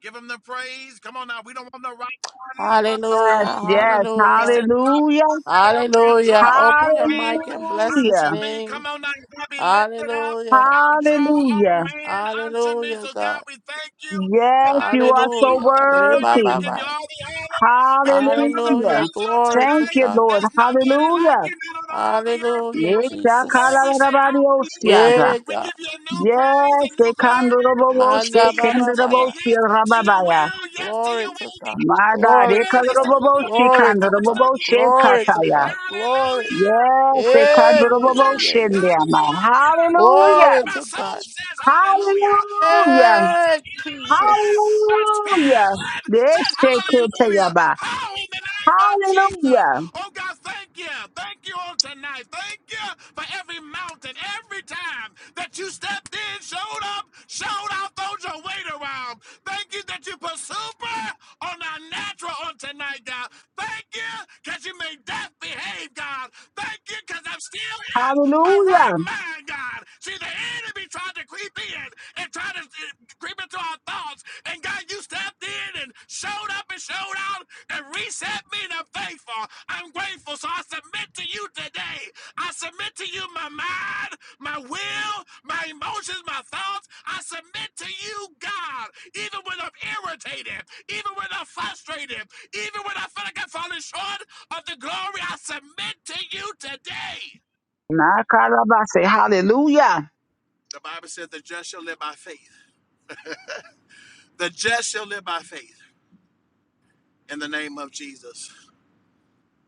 Give them the praise. Come on now. We don't want no right part of us. Hallelujah. Come Yes, on now. yes. He Hallelujah. said, Hallelujah. up and draw Hallelujah. all Open your men mic and bless his unto Hallelujah. me. name. Come on now, God, be lifted up. Hallelujah. I'll draw all Hallelujah. men unto me. Hallelujah, So, God, God. we thank you. Yes, Tonight, you we are give you so all Hallelujah. the Reba glory. worthy. We give you baba. all the honor. We give you all the Hallelujah. Hallelujah. praise on Glory Thank to tonight. you, God. Lord. There's nobody like Hallelujah. you, not on all the earth, Hallelujah, God. Lord, we Jesus. say hallelujah. Yekakalalabarabariosiada. Yeah, We God. give you a new praise, Yes, a new glory. We say Manda yes baba today, baba. yes to your ekandoroboboshekenderobosirababaya. will, yes to Glory your to will. God. God. my God, Glory to Lord, it's the God. middle of the Glory night, but to we still God. give you ekandoroboboshikandaroboboshe Glory praise. to kataya. God. Glory. Hallelujah! Yes, Yeah, Hallelujah! yeah, yeah, yeah, yeah. ekandoroboboshendiama. Hallelujah! hallelujah. Hallelujah! Glory My to soul God. says hallelujah. My Hallelujah. mind says Hey, hallelujah. Jesus. My Hallelujah. spirit says hallelujah. Deshekoteaba. How in the name of Jesus. Hallelujah. Oh God, thank you. Thank you on tonight. Thank you for every mountain, every time that you stepped in, showed up, showed out, throwed your weight around. Thank you that you put super on our natural on tonight, God. Thank you that you made death behave, God. Thank you, because I'm still in my right Hallelujah. mind, God. See, the enemy tried to creep in and try to uh, creep into our thoughts. And God, you stepped in and showed up and showed out and reset me, and I'm thankful. I'm grateful. So I submit to you today. I submit to you my mind, my will, my emotions, my thoughts. I submit to you, God, even when I'm irritated, even when I'm frustrated, even when I feel like I'm falling short of the glory I submit to you today. Nakaraba say hallelujah. The Bible says the just shall live by faith. The just shall live by faith in the name of Jesus.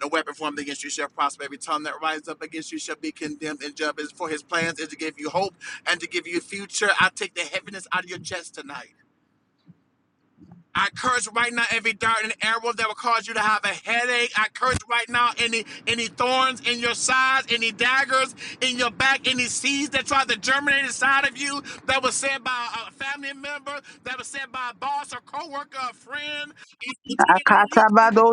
No weapon formed against you shall prosper. Every tongue that rises up against you shall be condemned and judged. For his plans is to give you hope and to give you future. I take the heaviness out of your chest tonight. I curse right now every dart and arrow that will cause you to have a headache. I curse right now any any thorns in your sides, any daggers in your back, any seeds that try to germinate inside of you that was said by a family member, that was said by a boss or coworker, a friend Akatabado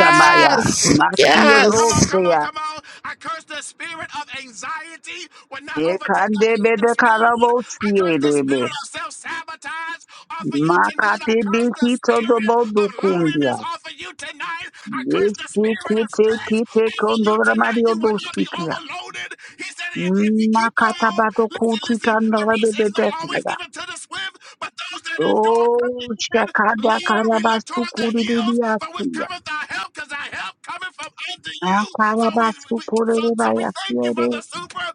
sheep of the family. Come on, Yes. come on, Makirosea. come on. I curse the spirit of anxiety will not overtake. I curse Ekandebe the de spirit. karabo I curse the siedebe. spirit of self sabotage off of you tonight. I curse Makatebe the hito spirit dobo of loneliness dukundia. off of you tonight. I curse the spirit of Deshikute stress kite off of you kondora tonight. mario You will not be doshikia. overloaded. He said, if, if you keep on, Makatabado listen, kuti listen, the kandora race is not always bebe given to the swift, but those that endure to the Oh, end. shakada Lord, we look karabasu toward the hills, for with kuririyakuya. cometh our help help because our help coming from unto Na you. So we, karabasu we so so we thank you for kuririyakuya. the supernatural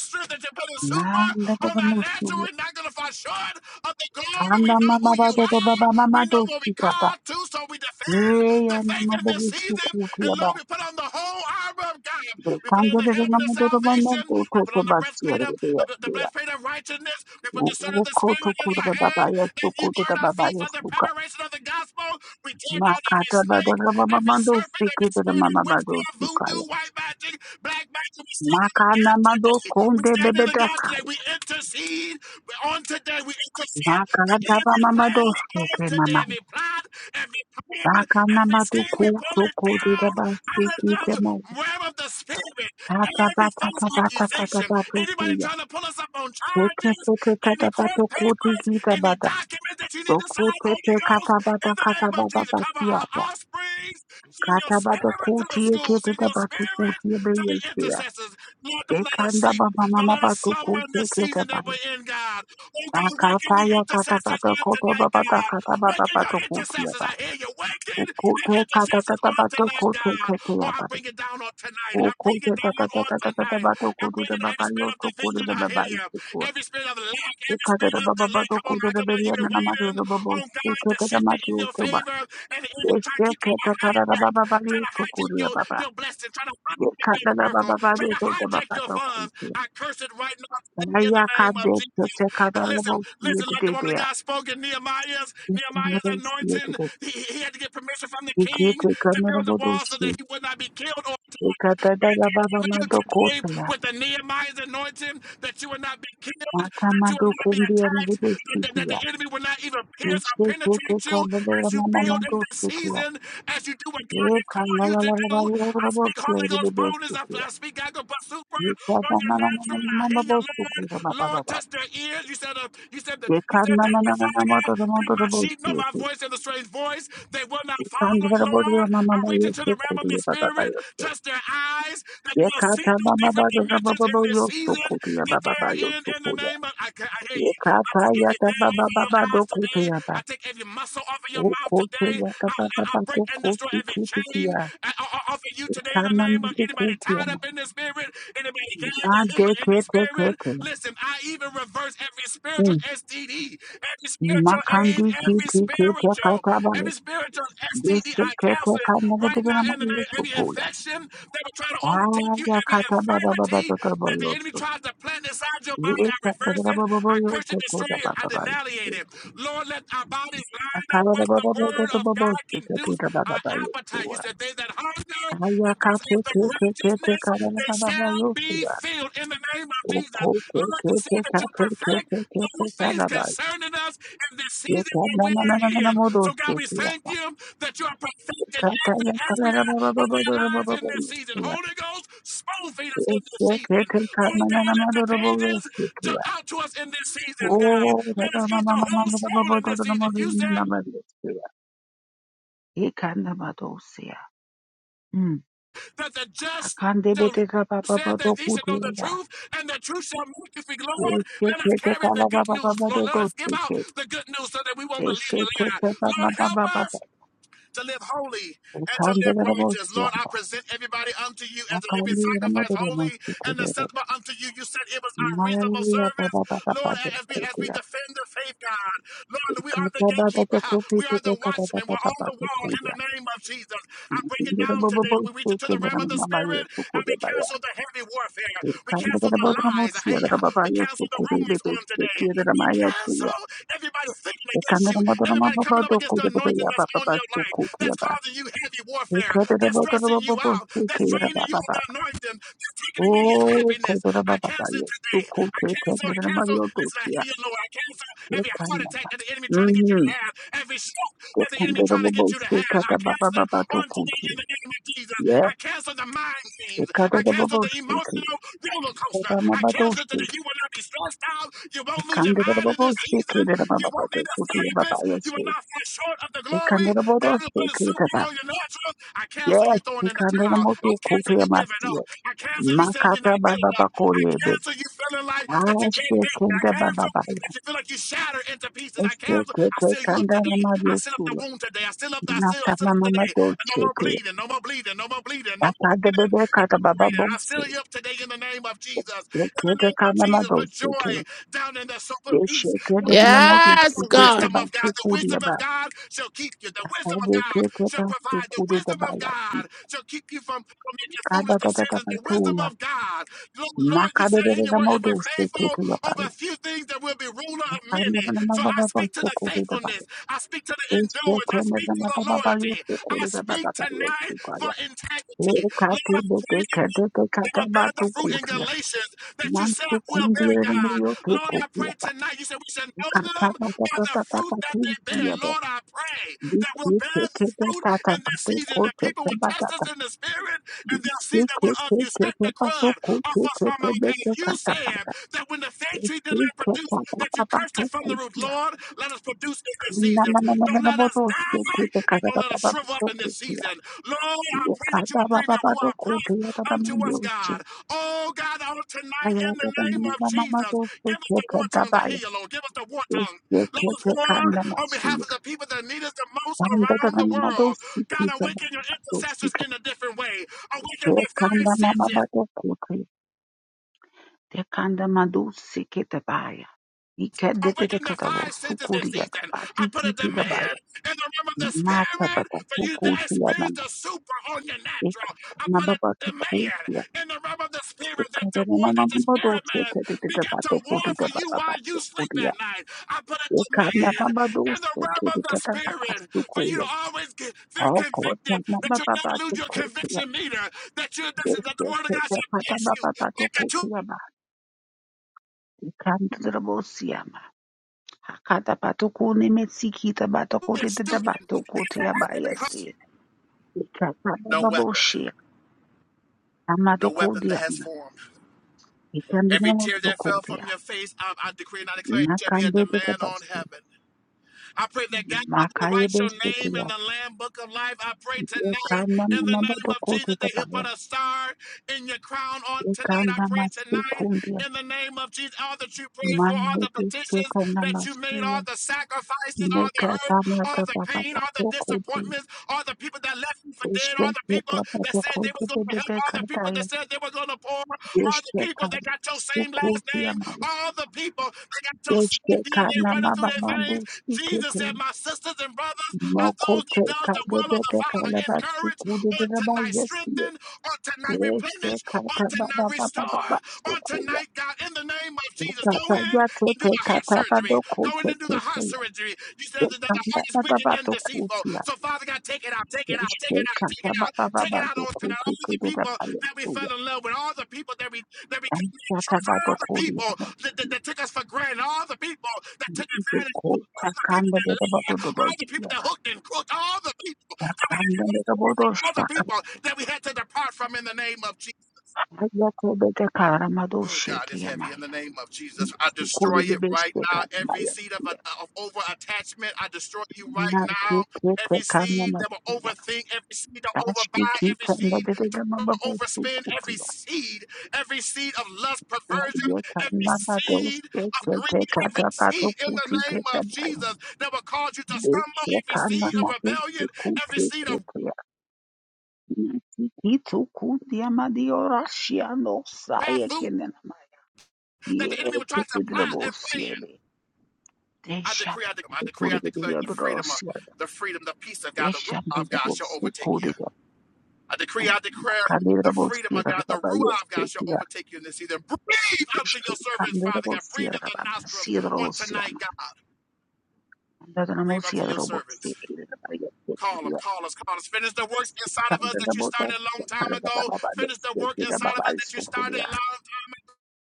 strength that you put a Na super on our natural. ndakaramusuya. We're not gonna fall short of the glory. We Anda know mama who you baba are. baba mama We know what we dosti kaba. call to. So we defend Ye ya the faith mama in baba this season. suku kuya And ba. Lord, we put on the whole armor of God. We put on Kanje the de helmet of mama baba mama salvation. to to We put to on the basti breastplate of of the the yakuya. breastplate of righteousness. We put O the sword of the ko spirit to in our kurba hand, baba ya and you suku to da guard our baba feet ya for the suka. preparation of the gospel. We tear Ma down every kata baba snake baba every mama serpent, dosti kuya every spirit mama of baba witchcraft, dosti voodoo, kaya. white magic, black magic. We stand Ma in the gap kana mama do today. We konde stand in bebe the gap da today. We intercede on today. We intercept the Makadaba enemy's mama plans on doshike today. mama. Every plot, every plan, Daka every nama do scheme, we ku pull to it ko de da down ba out siki of te the mo. realm of the spirit. Kata ba Every ta false ta ba ta ta ta accusation, ba to ku anybody ya. trying to pull us up on Teke charges, te te kata any ba court to ku ti papers, ki ta ba any ta. documents that you need To to ku sign, te te Holy Ghost, kata ba in ta the kata name of ba ba Jesus, ba cover ti ya our ya. offspring, Send Kati your spirit to the schools. Send your spirit to te the te ya. intercessors. Lord, Te don't let us sleep. Don't let us ku slumber in ti this season that we're in, God. Oh, God, waken the intercessors on tonight, God. Waken your ya. intercessors. I hear you. Ku Waken the intercessors on tonight, God. Oh, I bring it down on tonight. I ku bring it down on tonight. I bring it every spirit of division. I hear you. Every spirit of lack, ku every spirit of delay. Come on, now, come on. You've been ta ma do waiting do bo bo on God siki to te ta shift ma it in do your to ba. favor, and the enemy trying to Deshe keep ke te trying to kata da ba hijack, ba ba trying li to to ku hijack ri ya your, ba ba. your blessing, trying to Ye hijack your kata da ba miracle, ba ba trying do to to ba ba hijack ba your to ku funds. ti ya. I curse it right now in the Raya name of kande Jesus. kote kadara Listen, bo listen, yedi like the de woman of de. Ayakande tekadabo yedidea. God spoke in Nehemiah's, Nehemiah's Ikamodos anointing. yedide. He, he had to get permission from the king Ikite to build the wall so that kanabodoshi. he would not be killed or Ikatadada baba leave you today madokotela. with the Nehemiah's anointing that you will not be killed, Mata that you will not be madokundia attacked, that, that, that the nibudeshikia. enemy will not even pierce or Isheke penetrate you tekadada as you mama build in mado this shiki ya. season, as you do what God E has called you kanala to la la do. la I yora bo speak Holy yedi de Ghost de bonus. I, shiki ya. I speak I go but super on Ekata your na na na na natural. I mama hear your bo Lord. shiki ya baba Lord, baba. touch their ears. You said, uh, you said that you said Ekana that na na na na de Father mama God, mama that my sheep know madoshikia. my voice and the strange voice voice. They will not Eka follow, Lord. I lalalala reach into the realm of the Spirit, yorobosia yedideshikia. touch their eyes, that they'll see Yekata through baba different baba baba dimensions in baba this season yosukuya that baba they are baba in, in the yosukuya. name of. I, can, I hear you. I Yekata take every yata veil baba off of your baba eyes today. dokuya I baba. take every muscle off of your mouth Okote today. yata I, I, baba I baba break and destroy dokuti every kuti chain kia. uh, o- off of you today in the Etana name of mtu anybody kutia tied ma. up in the Spirit, anybody gagged. I hear Ade you in the kete Spirit. kete. Listen, I even to reverse every spiritual Mm. STD, every spiritual AIDS, Makandi every kiti kete spiritual, kata bale. every spiritual STD Desi I kete cancel it kama kutu right now bila ma in the name. Every yosukuya. infection that will try to overtake Ah you, every yakata baba baba infirmity baba baba that the enemy yosukuya. tries to plant inside your body, I Yekata reverse it. baba baba I curse it, destroy yosukuya it, baba I baba. denialate it. Lord, let our bodies Oh, line up with the word of God Conduce our appetite. You said they that hunger and thirst with the righteousness they shall be filled in the name of Jesus. Lord, you said that you perfect those things concerning us in this season that we are in. So, God, we thank you that you are perfecting every area of our lives in this season. Holy Ghost, spoon feed us in this season. Oh, God, let the pages jump out to us in this season, God. Let us eat the whole scroll in this season. You said Ikanda madosia. Mm. that the just Akande shall bete kapa said papa that ye should know the pokutia. truth, and the truth shall make you free. Lord, Kandera let us carry the good mother, news. Mamma, Lord, let Doku, us give out the good news so that we won't believe a lie. Lord, help us to live holy and to live righteous. Lord, I present everybody unto you as a living sacrifice, holy and acceptable unto you. You said it was our reasonable service. Lord, as we as we defend the faith, God. Lord, we are the gatekeeper. We are the watchman. We're on the wall in the name of Jesus. I bring it down today. We reach into the realm of the spirit and we cancel the heavy warfare. We cancel the lies. Hey, yeah. we cancel the rumors on today. We cancel every Everybody thinking against you. Everybody coming up against the anointing the that's on baba your life. That's Kandere causing you heavy warfare. That's stressing you out. That's draining you of Ikadadabotorobobosikirabababa. the anointing. That's taking away your Oh, happiness. Kodora I Baba, cancel it yes, to today. Kote, I cancel. I cancel. Mario Listen, I Dosia, hear you, Lord. I cancel yes, every heart attack Kanaba. that the enemy trying to get you to Mm-hmm. have. Every stroke The that the enemy Kandada trying to Bobo, get you to have. I Sikata Baba cancel it Baba to on today Kote, in the name of Jesus. yes, I cancel the mind the games. I Kadada cancel Bobo, the Siki, emotional roller coaster. Baba I cancel today Mabadoshi, today. You will not be stressed out. You the won't lose your Kandada mind in Bobo, this Siki, season. the You Baba won't to need a Kote, Baba therapist. You will Yosu, not fall short of the the glory. Kandada Bobo, God will put a Siki, super Taba, on your natural. I cancel you yes, throwing the in the Kandada towel. I Moto cancel Kote, you giving up. Masia, I cancel you saying you're Makata not good Baba enough. I Bakorebe, cancel you feeling like that Ah, you can't make it. I Shekenda cancel Baba, that you feel like you shatter into pieces. I cancel. I Estekeke seal you up kanda na today. I seal up the mariosula. wound today. I seal up. Nata I na seal. I seal tama up mama today. And no dolce more ke. bleeding. No more bleeding. No more bleeding. No more Tapa de bleeding bebe and kata baba liberated. I bolse. seal you up today in the name of Jesus. In the Estekeke name of kanda ma Jesus, put dolce ke. joy down in the Put Deshe peace. ke de na mori Give them Yes, the steke ke God. wisdom ba of God. The sukuri wisdom of ba. God shall keep you. The Tapa wisdom of de God ke ke shall ba provide. The sukuri de wisdom ba of ya si. God shall keep you from, from making foolish Kada da da da decisions. ba The wisdom tuya. of God. Lord, Lord, you Maka de say in your na word, mo if we're dolce ke faithful ke ya ba. over a few things, there will be ruler of Kanda many. na ma So I baba ba speak to the sukuri de ba. faithfulness. I speak to the endurance. I Estekeke speak speak na to ma the baba ba yo loyalty. I sukuri de ba speak ba tonight ba for integrity. Lord, I pray that we we will bear the fruit in Ekapodokekadekekakabatukutia. Galatians that you said will bear, God. Lord, I pray Namsukundieremiyotukukiaba. tonight. You said we should know them by the fruit that they bear. Kakabatatatatatatuisiaba. Lord, I pray that we'll bear the fruit in this season, that people will test us Dikikekeketatapatukutekebakata. in the spirit and they'll see that we're of you. Strip the crud off us from our path. You said Dikikekeketatatukutekebekekatabaka. that when the fig tree did not produce produce that you cursed it from the root. Dikikekatapatakutia. Lord, let us produce in this season. Don't let us die and don't let us shrivel up in this Nanananananabotosikekeketatapatatukutia. season. Lord, I pray that you would breathe your Ruah breath unto us, Yekadabababatukutia. God. Oh, God, on tonight in the Mama name of Jesus, give us the war tongues. I hear you, Lord. Give us the war tongues. Let us war on behalf of the people that need us the most around the world. God, awaken your intercessors in a different way. Awaken their five senses. Awaken the five senses this season. I put a demand in the realm of the spirit for you to experience the super on your natural. I put a demand in the realm of the spirit that the war that the spirit man begin to war for you while you sleep at night. I put a demand in the realm of the spirit for you to always get, feel Oh, God, convicted, na- that na- you'll ba- never ba- to lose your go to ya- conviction meter, that you that, this, that the yes, word of yes, God yes, should ba- ba- bless ba- you, ba- ba- to that go you to ya- ba- Ikan to the boss, ya- bayasi Hakata ba to go ni me siki ta ba to go be a de- de- de- ba student, to go to ya- ba, yes, because eh. Ika ba- ba- no ba- bo weapon. shi ya. Ama to no go weapon de that ya, has formed. Every tear that fell from your face, I, I decree and I declare, it shall be a demand on si. heaven. I pray that God Mother will write your si name in the Lamb Book of Life. I pray tonight in the name of Jesus that He'll put a star in your crown on tonight. I pray si tonight in the name of Jesus. All that you prayed for, all the si petitions that you si made, all the sacrifices, all the Neka hurt, tama all the kapa pain, kapa all the toko de disappointments, all the people that left you for dead, deshte all the people kapa kapa that said toko they were de de going to de help, de all the kata people that ya said they were going to pour, all the deshte people that got kapa got your same suku last tiya name. ma All the people that got your deshte same DNA kana running ma through ba their ma de veins. suku Jesus te said, My sisters and brothers are moko those that te does the kapa de will de of the de Father. kala ba Encourage suku de de on de ba tonight, yeti strengthen on tonight, deshte replenish on kata ba tonight, ba ba ba ba restore ba on suku ya tonight, God, in the name of Jesus. Go kata in ya te and do te the heart kata ba surgery. doko Go in te and do te the te heart ya kata ba ba ya ya. surgery. You said that the ma heart is ma wicked Ma and Thank deceitful. you. So, Father God, take it out, take it out, Thank take you. it out, take it out, take it out on tonight. All the people that we fell in love with, all the people that we that we all the people that, that, that take us for granted, all the people that take advantage of us, all the people that lied, all the people that hooked and crooked, all the people, all the people that we had to depart from in the name of Jesus. Oh God, it's heavy in the name of Jesus. I destroy it right now. Every seed of, of over attachment, I destroy you right now. Every seed that will overthink, every seed to overbuy, every seed to overspend, every seed, every seed of lust, perversion, every seed of greed, every seed in the name of Jesus that will cause you to stumble, every seed of rebellion, every seed of Itukundi amadio rashia no bad saye food kenen that ye the enemy will try to plot and plan. kedidrabosie I desha decree, I declare, I decree, I kurde declare the freedom, of, diodrosia the freedom, the peace of God, the Ruah of God shall desu overtake you. kudi I decree, I declare the freedom kadidrabosie of God, the Ruah of God bayeste shall ya overtake you in this season. Breathe unto your deshe kan servants, Father God. Breathe in their baba nostrils on sidrosia tonight, God. manda Breathe unto dramosia your drobosie servants. kedidrabosie Call kudi them, call us, call us. Finish the works inside of us that you started a kandrabotosia long time kare ago. baba Finish the badosie work kida inside of baba us that you started sukuria a long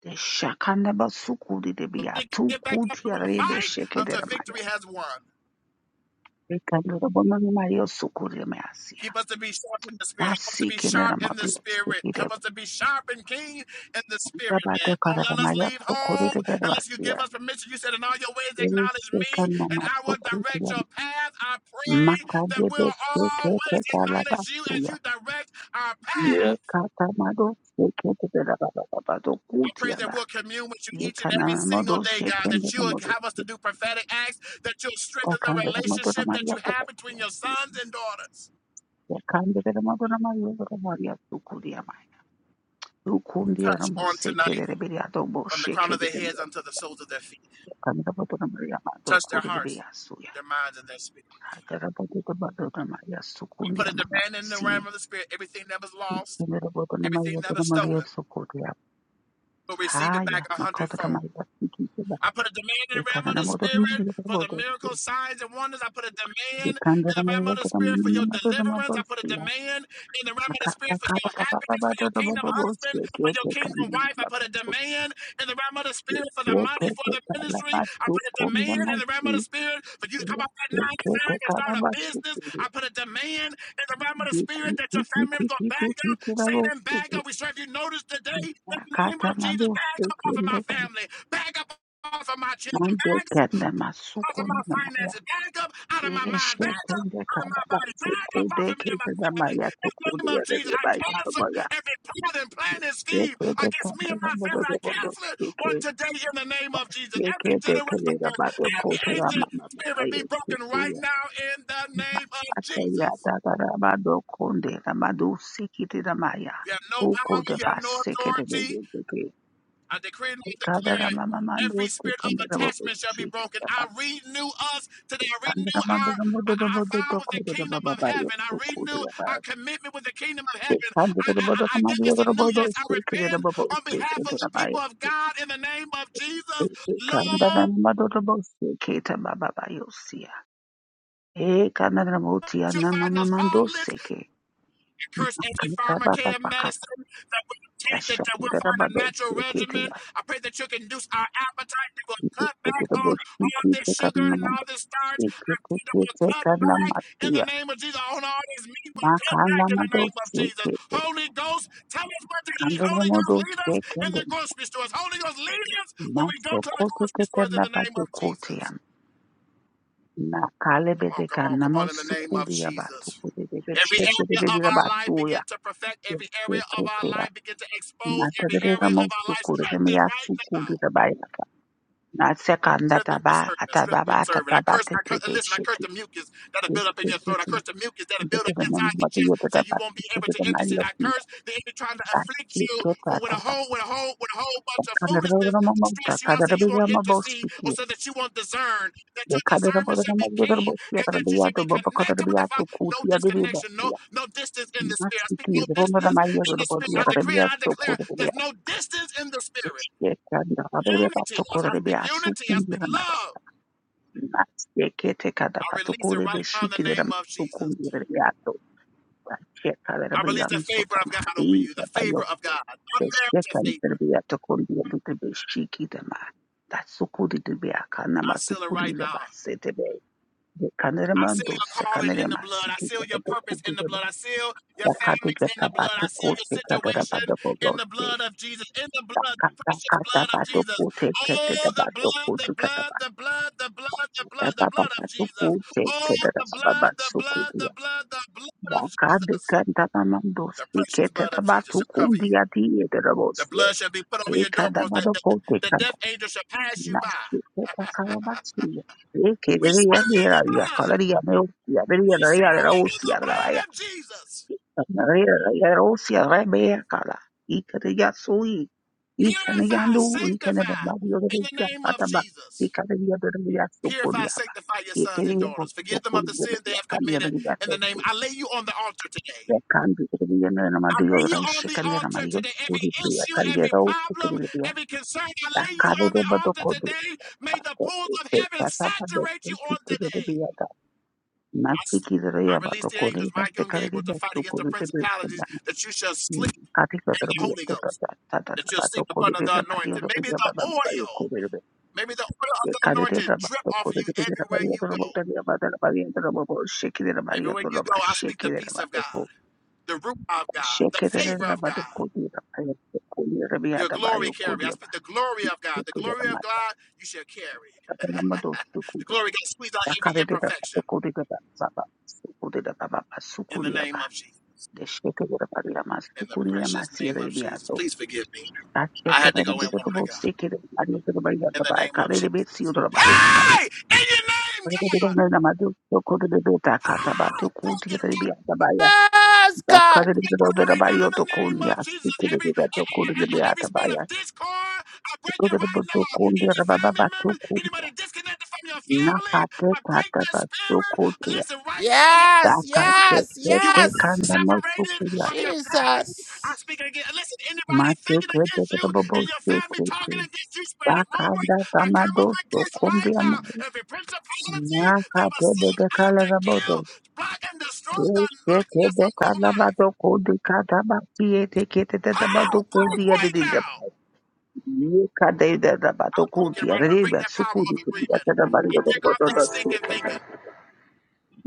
desha kan baba sukudi de time ago. biatu Get back up kudi ya and rebe fight sheke until victory dermaya has won. kandrabonani mario sukuri measi Keep us to be sharp in the spirit. Help us to Dasi be sharp kenara in the madhuri spirit. sikire Help us to be sharp and keen in the bata spirit, bata man. Don't karara let us maya leave to home korure unless you give bervasiya. us permission. You said, In all your ways, Yeri acknowledge me, sekan and mama I to will direct kudiya your path. I pray mata that we'll debe seke te always kala acknowledge you as basuya. you direct our Ye path. kata mado seke te bera baba baba do I pray kutiya that ba. we'll commune with you Ye each and every kanara single mado day, God, seken that dera you'll mado. have us to do prophetic acts, that you'll strengthen the Yakandera mado na relationship that Maria you have kota between your kuyasi. sons and daughters. Yakandera mado na Maria kota Maria to kudiya ma. To kundiya na Touch mo on tonight. seke dera beriya to bo from the crown seke of their heads dera. unto the soles of their feet. Kanara mado na Maria mado Touch their kurire hearts, beriya their minds, and their spirit. Akarabodota badota Maria I sukundi put a amama demand in the realm basi. of the spirit. Everything that was lost, Umerabota na everything Maria that tena was Maria stolen, sukuria. will receive it Haya, back a makota na hundredfold. Maria sikitiba. I put a demand in the realm Dekana of na the moto na spirit Maria for the bodo. miracles, signs, and wonders. I put a demand Dekanda in the na realm Maria of the tena spirit for mama your mama tena deliverance. I put a mabosi ya. demand in the realm of the Akata spirit for your kaba kaba happiness, kaba for your tena kingdom husband, mabosi ya. for your Kete kingdom kana na wife. I put a mabosi. demand in the realm of the spirit for the money, for Kete the kana ministry. I basu put a kumba demand in the realm of the masi. spirit for you to come out that nine to Kete five and start kana a basu business. kuri. I put a demand in the realm of the spirit Kiki that your family kiki members gonna kiki bag kiki up, kiki Satan bag kiki up. We serve you notice today in the name Akata of Jesus, bag madosi up off of my kende kana family, bag up off of my children, mande back up kende off masuku of my nende maya finances, back up out of my dege mind, back sheka up out of my baba body, back suku up off of me deke and my kende family. maya In the suku name of diye Jesus, kende I cancel maya every plot and plan and scheme yeke de against kende me and my kende family. de I kende cancel it yeke on today in the name of Jesus. yeke Every de kende generational de curse, bado every koto la ancient mama spirit makayo be broken suku right ya now in the name of akata Jesus. madosi maya You have no suku power, de you have no basse kende de authority. de de de I decree and I kada la declare mama mando every de spirit of kende de babo attachment shall be shiki broken. ya I mama renew us today. I kende renew la mando our, de modo de our modo vow de with the kende de kingdom baba of bayo heaven. I renew suku our commitment with the kingdom of heaven. I, I, I I give us a new yes. I repent on behalf of the people of God in the name of Jesus. Lord, you're fighting us faultless. Curse every pharmacare medicine that we take, that, that we'll find a natural regimen. I pray that you can induce our appetite. That we'll cut back on all this sugar and all this starch. that will cut back in the name of Jesus. On all these meat will cut back in the name of Jesus. Holy Ghost, tell us what to eat. Kandoro Holy Ghost, modo lead us in sekende, the grocery stores. Holy Ghost, lead us when we go maso to the kote grocery kete stores in na the name bate of kote Jesus. Come on, come Nakalebedeka on, come on, in the name of namosukudia Jesus. batukudede Every area of bechekedebedida our life batuya. begin to perfect. Every area of our Yesekekea. life begin to expose. Every Natadededa area of our life mosukudede strengthened right now. meyasukudida bayaka. Nasekanda Strength in taba your servant. Strength in atababa your servant. I atataba curse, I curse, tetebe listen, I curse cheke. the mucus that'll build up in your throat. I Yesekete. curse the mucus that'll build up Bedede inside your namimatu chest so yedede you won't be able to batukedede intercede. I mariyoki. curse the enemy trying to afflict you Dashekete with, with a ataba. whole, with a whole, with a whole bunch of foolishness Kadedebedede to mamota. stress you out so you won't Kadedebedede maboskiti. Kadedebedede intercede or maboskiti. so that you won't discern, that your discernment Kadedebedede should be keen maboskiti. and that you should Kadedebedede be connected with the Father. maboskiti. No Kadedebedede disconnection, maboskiti. no, no distance in the spirit. I speak no Masikiri ronora distance Maria in the spirit. Robodia I decree, Rebia I declare Tokoria there's no distance in the spirit. Echikanda Rabia Unity. I I speak Tokoria unity. I speak Sukumbira love. Nastekete Kada I release it Patokore right now in the Beshikira name of Jesus. Sukumbira To Cheka I release the Rabian favor of God over Sotamari you, the favor Bayo of God, unmerited Besheka favor. Rebia Tokoria Beshikita Tatsukuri Biaka I seal it right Namatukuri now. Basete Be I seal Kaneramando your calling in the Sekanerema blood. I Sikira seal your purpose in the Tokuri blood. I seal your Takati families in the blood. Katabato I seal your Kote situation Kadarabada in the blood of Jesus. In the blood, the kata precious kata blood of bato Jesus. kute kete da Oh, the bato blood, the kutu kata blood, ba the blood, the blood, the ba blood, the ba blood of bato Jesus. kute Oh, the kete da ba ba blood, the suku blood, the dia blood, the blood of ba kade Jesus. kanta na mando The sti precious kete blood of da bato Jesus shall cover kundi you. ati ete da The bosie blood shall be put over e your kada doorpost. That bato the, kute the kata death angel shall pass you by. nashi kete kala basie e We kere ya seal de la the via blood. kala dia me usia de We la seal ya de la it with the usia de la vaya blood of Jesus. ya de la usia re be kala ikana Purify, yandu ikana da sanctify ba yo da in the ya name of fata ba Jesus. ikana ya da ya soko Purify, ya ba sanctify your sons and ikana ya daughters. Forgive them soko of the ya da sins they ya have kan ya da committed ya in da the name. I lay you on the altar ya today. kan da ya na na ma I da lay yo you ra on shi the kan na ma altar yo today. ko Every da ya issue, kan ya every ra o ko problem, da ya every concern, I da lay you ka da on da the ba da altar ko da today. ba May the ko pools ko of da heaven ta ta ba da saturate you ki on ki da today. da ya da na I, ki s- ki da I ya ba release da the ko da angels, ba Michael da and ka da Gabriel, to ya fight against soko the da da principalities ya that you shall sleep काफी in प्रकार the भी Holy आपको Ghost, पता था था था that you'll बातों sleep को upon भी the रेट भारी और anointed. Maybe रुपया बाबा the भाई oil, को maybe the oil of the Yekanirira anointed drip off of bakuru you bidira everywhere bariya you go. turabotaniya badara bariya turabo shekirira bariya Everywhere you turaba go, I speak the shekirira peace of bado God, the root of God, the favor shekirira of bado God, kudira bariya kudira your biyada bayo glory carry. I kudira speak the glory of bado God. The kudira glory of mata God you shall carry. tatana mado The glory kudira of God squeeze out every yakarira imperfection bado kudira baba kudira baba in the sukuriya name ba of Jesus. de shekirira bariya mas In the sukuriya precious mas name yere of Jesus. biyado Please forgive me. I akirira had to bado go in, kudira woman of bado God. shekirira bariya in the turaba name of yakarira besiyo Jesus. turaba Hey, in your name, God, Nakatebekala raboto, I break it right, Yes, God. break it right now in the name of Jesus. Every e- e- e- e, e, every spirit of discord, I break it right now. Any family members, anybody disconnected from your family, I break that spirit. Listen, right now. Yes, yes, You were not yes. be separated from your family. i Jesus. speak again. Listen, anybody thinking against you and your family talking against you, spreading rumors, I come up against right now every principality that was sent out deshketebekala to kill, block, and destroy the nothingness of your life. raboto kudikata How? Tuku Break right now. yeka de da da ba I break tuku it dia right now. Break riba that power suku of di dia agreement. da da ba I dia da break da off da that da suku stinking thinking.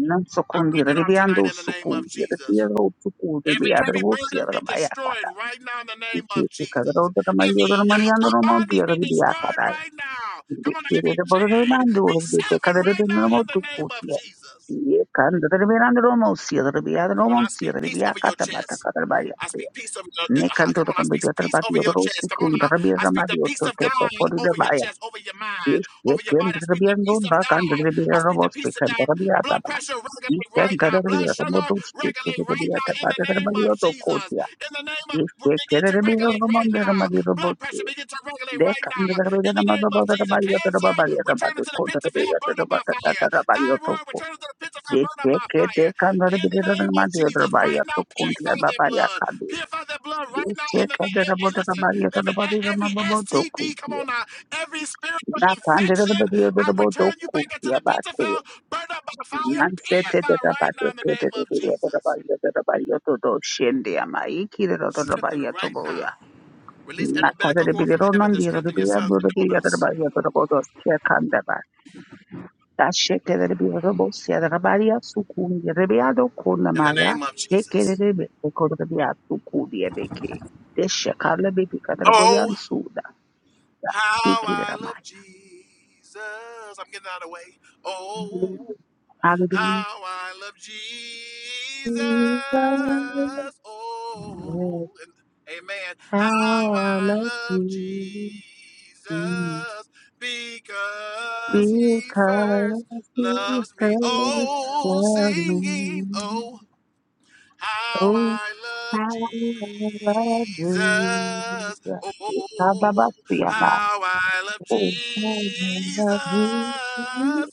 nan suku I di break it off riba ando tonight in the name suku of di Jesus. riba ro suku di Every riba da heavy ro burden sia da be ba ya ka destroyed da right now in the name of ki ki ka da Jesus. ro da ma yo Every da ma ni yoke ando of mo di bondage be riba ya ka destroyed da right now. ki Come on, ki every da ba da ma chain be ando di ki ka severed da da right no now mo in the tuku name of dia Jesus. ye kan da riba ando ro mo sia da riba da Come ro on, mo I sia speak da riba peace ya over ka your ta ba ta chest. ka da I speak peace over your, uh, come on, I speak peace over your chest. Come on now. I speak the peace to of to God over your chest, over your mind, Ye over your ken body. I speak the rabia ndon peace of ba kan God. rabia I speak the robot speak, peace of kan God. rabia ta Blood bala. pressure Ye regulate ken right kan now. Blood rabia sugar robot speak, regulate right now in the name of Jesus. In the name of begin to regulate right now. Blood pressure begin to regulate right now. In the name of Jesus, cancer, return it to the pits of hell, burn up by fire. Thyroid, return it to the pits of hell, burn up by fire. In the name of Jesus, right now, purify their blood. Purify their blood right now. In the name, and, and listen, e- every STD, come on now, every spiritual infection, I return you back into the pits of Yes, hell, burn up by fire, Hallelujah. purify right now in the name of Jesus. Strengthen right Hallelujah. now. Release every medical cord from heaven to strengthen your sons and daughters in the name of Jesus. Oh, how I love Jesus. I'm getting out of the way. Oh, how I love Jesus. Oh, and, amen. How I love Jesus because he Because first he loves me. first Oh, loved singing. me. Oh. How Oh, I love how I love Jesus. Jesus. Oh, oh, oh, oh. Ikababafiaba. how I love Oh, how I Jesus. love Jesus. Oh,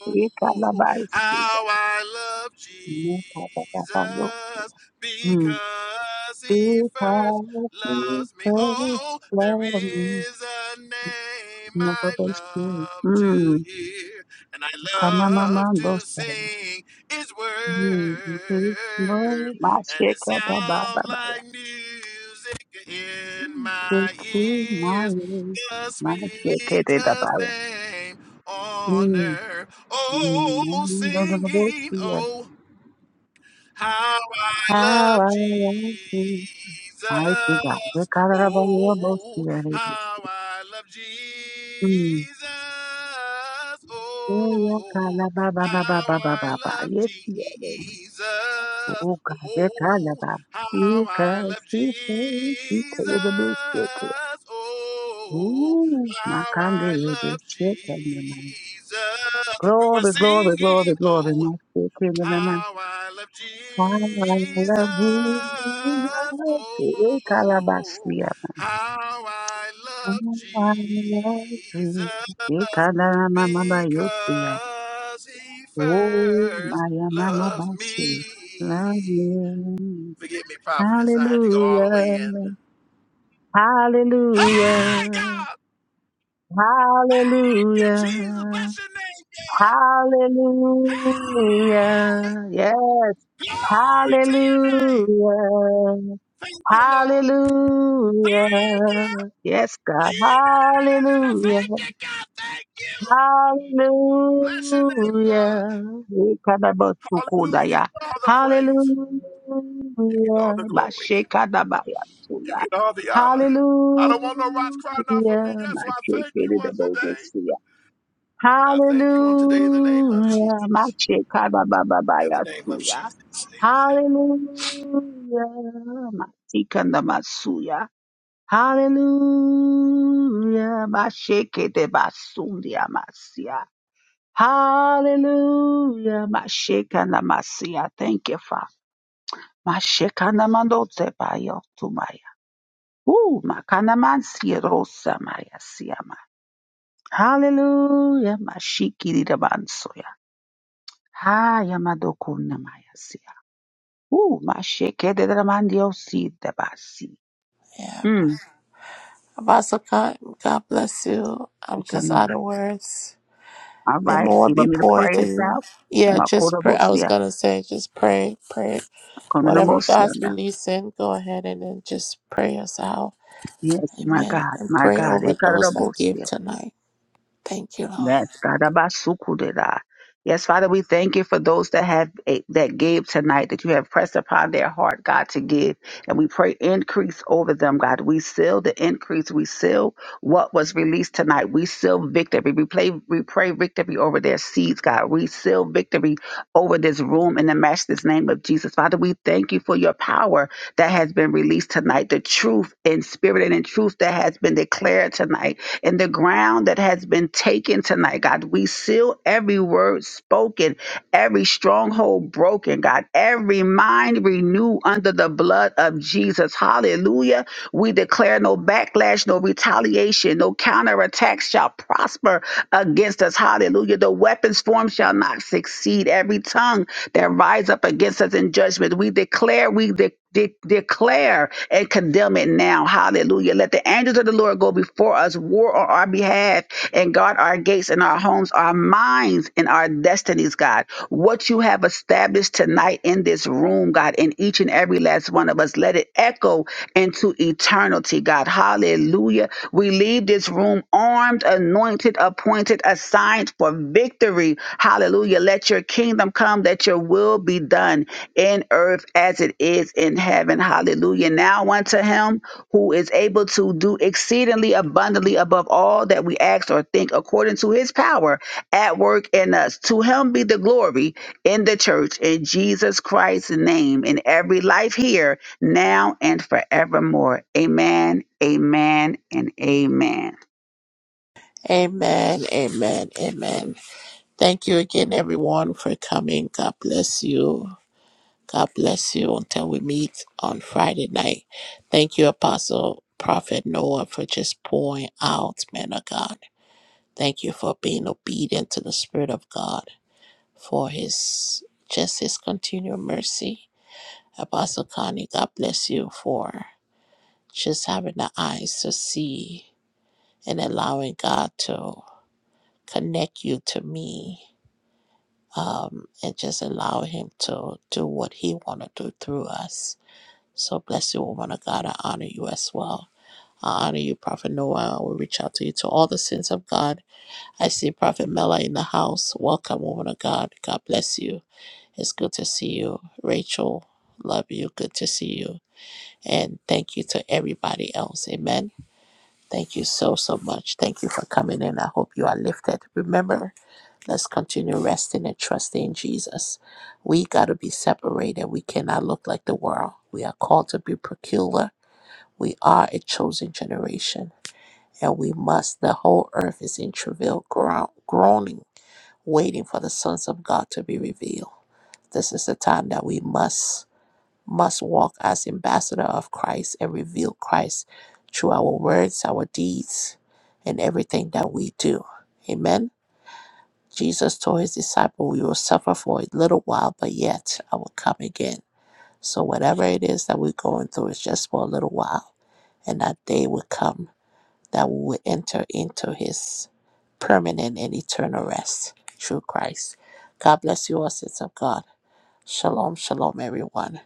oh, oh, oh. Ikababaisia. how I love Jesus Makabababayo. Hmm. because he first Because he loves me. first Oh, there loved me. is a name Never I best you. love to Hmm. hear and I love Kanamama to dosa. sing. Is worth, His word, my and it shaker, da ba ba sounds ba ya. like music in Shake my It is my ears. way, The my shaker, da da ba sweetest ya. name on Mm, earth. mm, mm, Oh, mm, da da da da, singing, see ya. oh. How I How love I Jesus. love you, mighty God. Ye ka da da ba ya, bo see Oh, ya, re be how see. I love Jesus. Mm, oh, ya ka Oh, ba ba ba ba how ba ba I ba ba. love Yes, yeah, yes. Jesus. Oh God, ye ka Oh, ba. how I Because love he is, he Jesus. is the best. Oh, Ooh, how makande I rebe love sheke mama. Jesus. We were Glory, glory, glory, singing. glory. oh. Masheke mama. How I love I Jesus. love Jesus. Oh, Ekalabasia. how I I love Jesus love Jesus. Ekadala mama because bayosia. he Oh, first my mama loves bashi. Love me. you. Forgive me, prophetess. I had to go all the way in. Hallelujah. Hey, Hallelujah. God! Thank you, Jesus. Hallelujah. Bless your name, God. Hey, Hallelujah. Yes. glory to your name. Hallelujah. Thank you, Lord. Hallelujah. Thank you. Yes, God. Thank Hallelujah. you, God. Thank you. Bless your name, God. Hallelujah. Hallelujah. You Ikadabasukudaya. get all the praise. You get all Hallelujah. the glory. You Bashekadabayatuya. get all the honor. Hallelujah. I don't want no rocks crying out for me. That's why I thank you on today. Hallelujah. I thank you on today in the name of Hallelujah. Jesus. Macheka baba baba In the name of yasuya. Jesus. Amen. Hallelujah. Matikanda masuya. Hallelujah. Masheke de basundia masia. Hallelujah. Masheka na masia. Thank you, Father. Masheka na mandote bayo tumaya. Ooh, makana mansia rosa maya siama. Hallelujah. Mashiki de bansoya. Haya madokuna maya Ooh, my shit. que de la man Dios sí de basi. Yeah. Mm. Apostle God, God bless you. I'm y con just out una- of words. All May right. more You be want me to poured pray to it you. out? Yeah, Ma just cora pray. I was bosia, going to say, just pray, pray. con una Whatever mosia God's now. releasing, go ahead and then just pray us out. Yes, my Amen. God, And my pray over those that God. give tonight. Thank you, Lord. Yes, God, Abasukudera. Yes, Father, we thank you for those that have eh, that gave tonight, that you have pressed upon their heart, God, to give. And we pray increase over them, God. We seal the increase. We seal what was released tonight. We seal victory. We play, we pray victory over their seeds, God. We seal victory over this room in the matchless name of Jesus. Father, we thank you for your power that has been released tonight, the truth in spirit and in truth that has been declared tonight and the ground that has been taken tonight, God. We seal every word spoken, every stronghold broken, God, every mind renewed under the blood of Jesus. Hallelujah. We declare no backlash, no retaliation, no counterattack shall prosper against us. Hallelujah. The weapons formed shall not succeed. Every tongue that rise up against us in judgment, we declare, we de- de- declare and condemn it now. Hallelujah. Let the angels of the Lord go before us, war on our behalf, and guard our gates and our homes, our minds and our destinies, God. What you have established tonight in this room, God, in each and every last one of us, let it echo into eternity, God. Hallelujah. We leave this room armed, anointed, appointed, assigned for victory. Hallelujah. Let your kingdom come, that your will be done in earth as it is in heaven. Hallelujah. Now unto him who is able to do exceedingly abundantly above all that we ask or think according to his power at work in us. To him be the glory in the church in Jesus Christ's name in every life here, now and forevermore. Amen, amen, and amen. Amen, amen, amen. Thank you again, everyone, for coming. God bless you. God bless you until we meet on Friday night. Thank you, Apostle Prophet Noah, for just pouring out, man of God. Thank you for being obedient to the Spirit of God, for His just His continual mercy. Apostle Connie, God bless you for just having the eyes to see and allowing God to connect you to me um, and just allow Him to do what He want to do through us. So bless you, woman of God. I honor you as well. I honor you, Prophet Noah. I will reach out to you to all the sins of God. I see Prophet Mela in the house. Welcome, woman of God. God bless you. It's good to see you. Rachel, love you. Good to see you. And thank you to everybody else. Amen. Thank you so, so much. Thank you for coming in. I hope you are lifted. Remember, Let's continue resting and trusting in Jesus. We got to be separated. We cannot look like the world. We are called to be peculiar. We are a chosen generation. And we must, the whole earth is in travail, groan- groaning, waiting for the sons of God to be revealed. This is the time that we must must walk as ambassador of Christ and reveal Christ through our words, our deeds, and everything that we do. Amen. Jesus told his disciple, "We will suffer for a little while, but yet I will come again." So whatever it is that we're going through is just for a little while, and that day will come that we will enter into His permanent and eternal rest through Christ. God bless you all, saints of God. Shalom, shalom, everyone.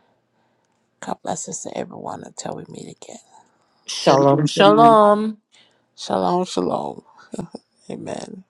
God blesses to everyone until we meet again. Shalom, Shalom, shalom. shalom. Shalom, shalom. Amen.